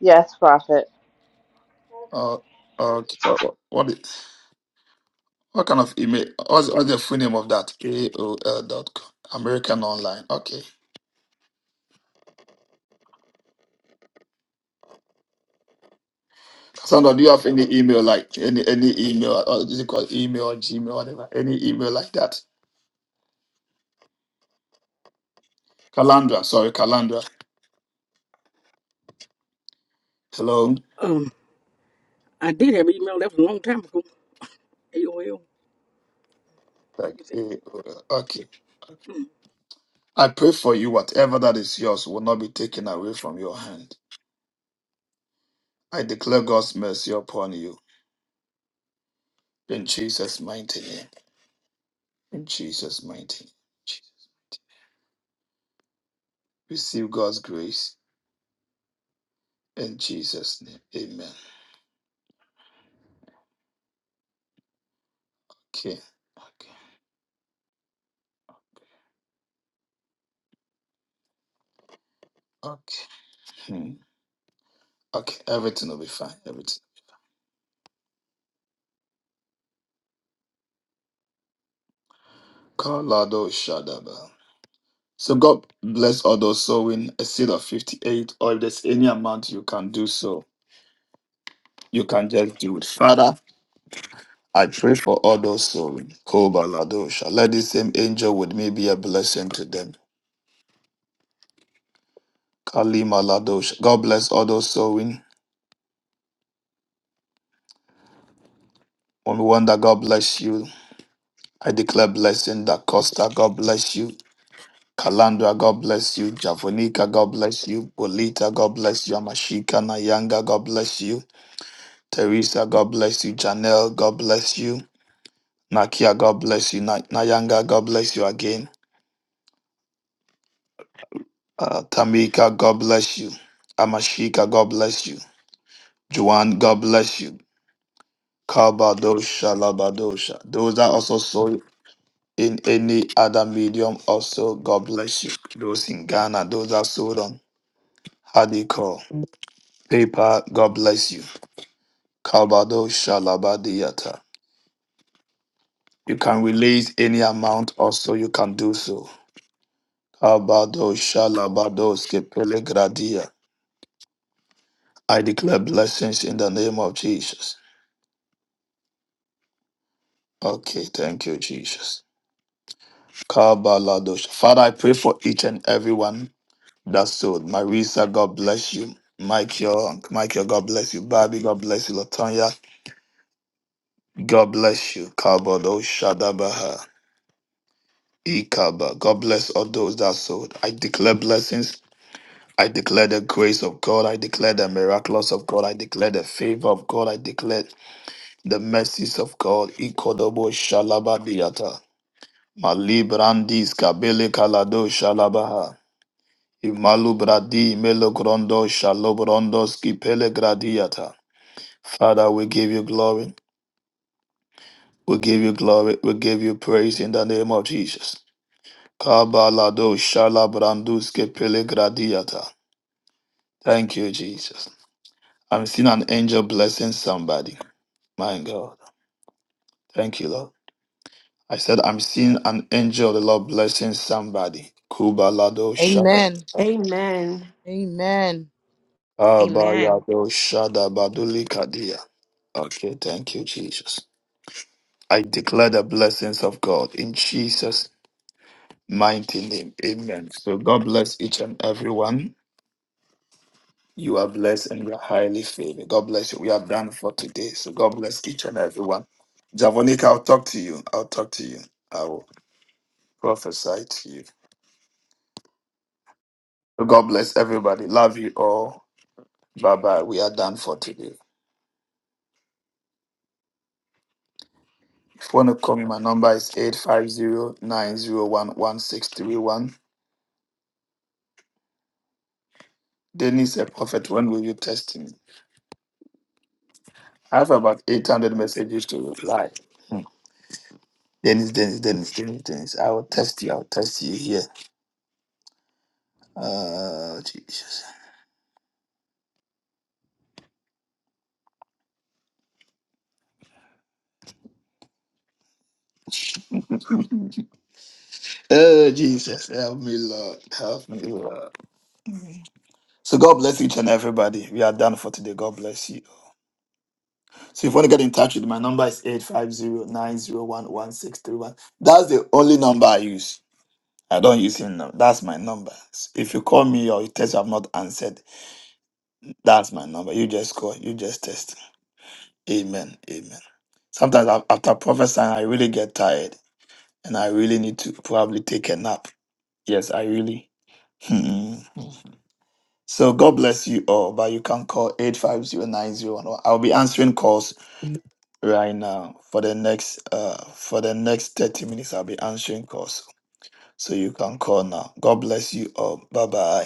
Yes, Prophet.
Uh, uh, what what what, is, what kind of email? What's, what's the full name of that? Aol dot com, American Online. Okay. Sandra, do you have any email like any any email? Or is it called email or Gmail whatever? Any email like that? Calandra. Sorry, Calandra. Hello.
Um, I did have an email. That was a long time ago. AOL.
Like
You see?
aol. I pray for you, whatever that is yours will not be taken away from your hand. I declare God's mercy upon you. In Jesus' mighty name. In Jesus' mighty name. Jesus. Receive God's grace. In Jesus' name. Amen. Okay. Okay. Okay. Hmm. Okay. Everything will be fine. Everything. Colorado Shadaba. So God bless all those sowing a seed of 58, or if there's any amount you can do so, you can just do it. Father, I pray for all those souls. Kobaladosha. Let this same angel with me be a blessing to them. Kalima Ladosha. God bless all those sowing. Mommy Wanda, God bless you. I declare blessing. Da Costa, God bless you. Kalandra, God bless you. Javonica, God bless you. Bolita, God bless you. Amashika, Nayanga, God bless you. Teresa, God bless you. Janelle, God bless you. Nakia, God bless you. Na- Nayanga, God bless you again. Uh, Tamika, God bless you. Amashika, God bless you. Juan, God bless you. Kabadosha Labadosha. Those that also sold in any other medium, also God bless you. Those in Ghana, those that sold on Hadiko, paper, God bless you. Kabadosha Labadiata. You can release any amount, also you can do so. Kabadosha Labadoske Pelegradia. I declare blessings in the name of Jesus. Okay, thank you, Jesus. Kabaladosha. Father, I pray for each and everyone That's so. Marisa, God bless you. Michael, Michael, God bless you. Bobby, God bless you. Latonya, God bless you. Kabado Shadabaha. Ikaba. God bless all those that sold. I declare blessings. I declare the grace of God. I declare the miracles of God. I declare the favor of God. I declare the mercies of God. Ikodobo Shalabadiata. Malibrandis Kabele Kalado Shalabaha. Imalubradi Melogrondo Shalobrondos Kipele Gradiata. Father, we give you glory. We give you glory. We give you praise in the name of Jesus. Kabalado shalabranduske pelegradiata. Thank you, Jesus. I'm seeing an angel blessing somebody. My God. Thank you, Lord. I said, I'm seeing an angel, of the Lord blessing somebody. Kubalado
Amen.
shadabata.
Amen.
Amen.
Amen.
Kabalado shadabadulikadia. Okay, thank you, Jesus. I declare the blessings of God in Jesus' mighty name. Amen. So God bless each and everyone. You are blessed and you are highly favored. God bless you. We are done for today. So God bless each and everyone. Javonica, I'll talk to you. I'll talk to you. I will prophesy to you. So God bless everybody. Love you all. Bye bye. We are done for today. If you want to call me, my number is eight five zero nine zero one one six three one. Dennis, a prophet, when will you test me? I have about 800 messages to reply. Dennis, Dennis, Dennis, Dennis, Dennis. I will test you. I will test you here. Oh, Jesus. (laughs) oh, Jesus. Help me, Lord. Help me, Lord. So God bless each and everybody. We are done for today. God bless you. So if you want to get in touch with me, my number is eight five zero nine zero one one six three one. That's the only number I use. I don't use him now. That's my number. So if you call me or you text, I've not answered. That's my number. You just call. You just text. Amen. Amen. Sometimes af- after prophesying, I really get tired. and I really need to probably take a nap. Yes, I really. Hmm. so God bless you all, but you can call 8509011. I'll be answering calls right now for the next uh for the next 30 minutes. I'll be answering calls. So you can call now. God bless you all. Bye bye.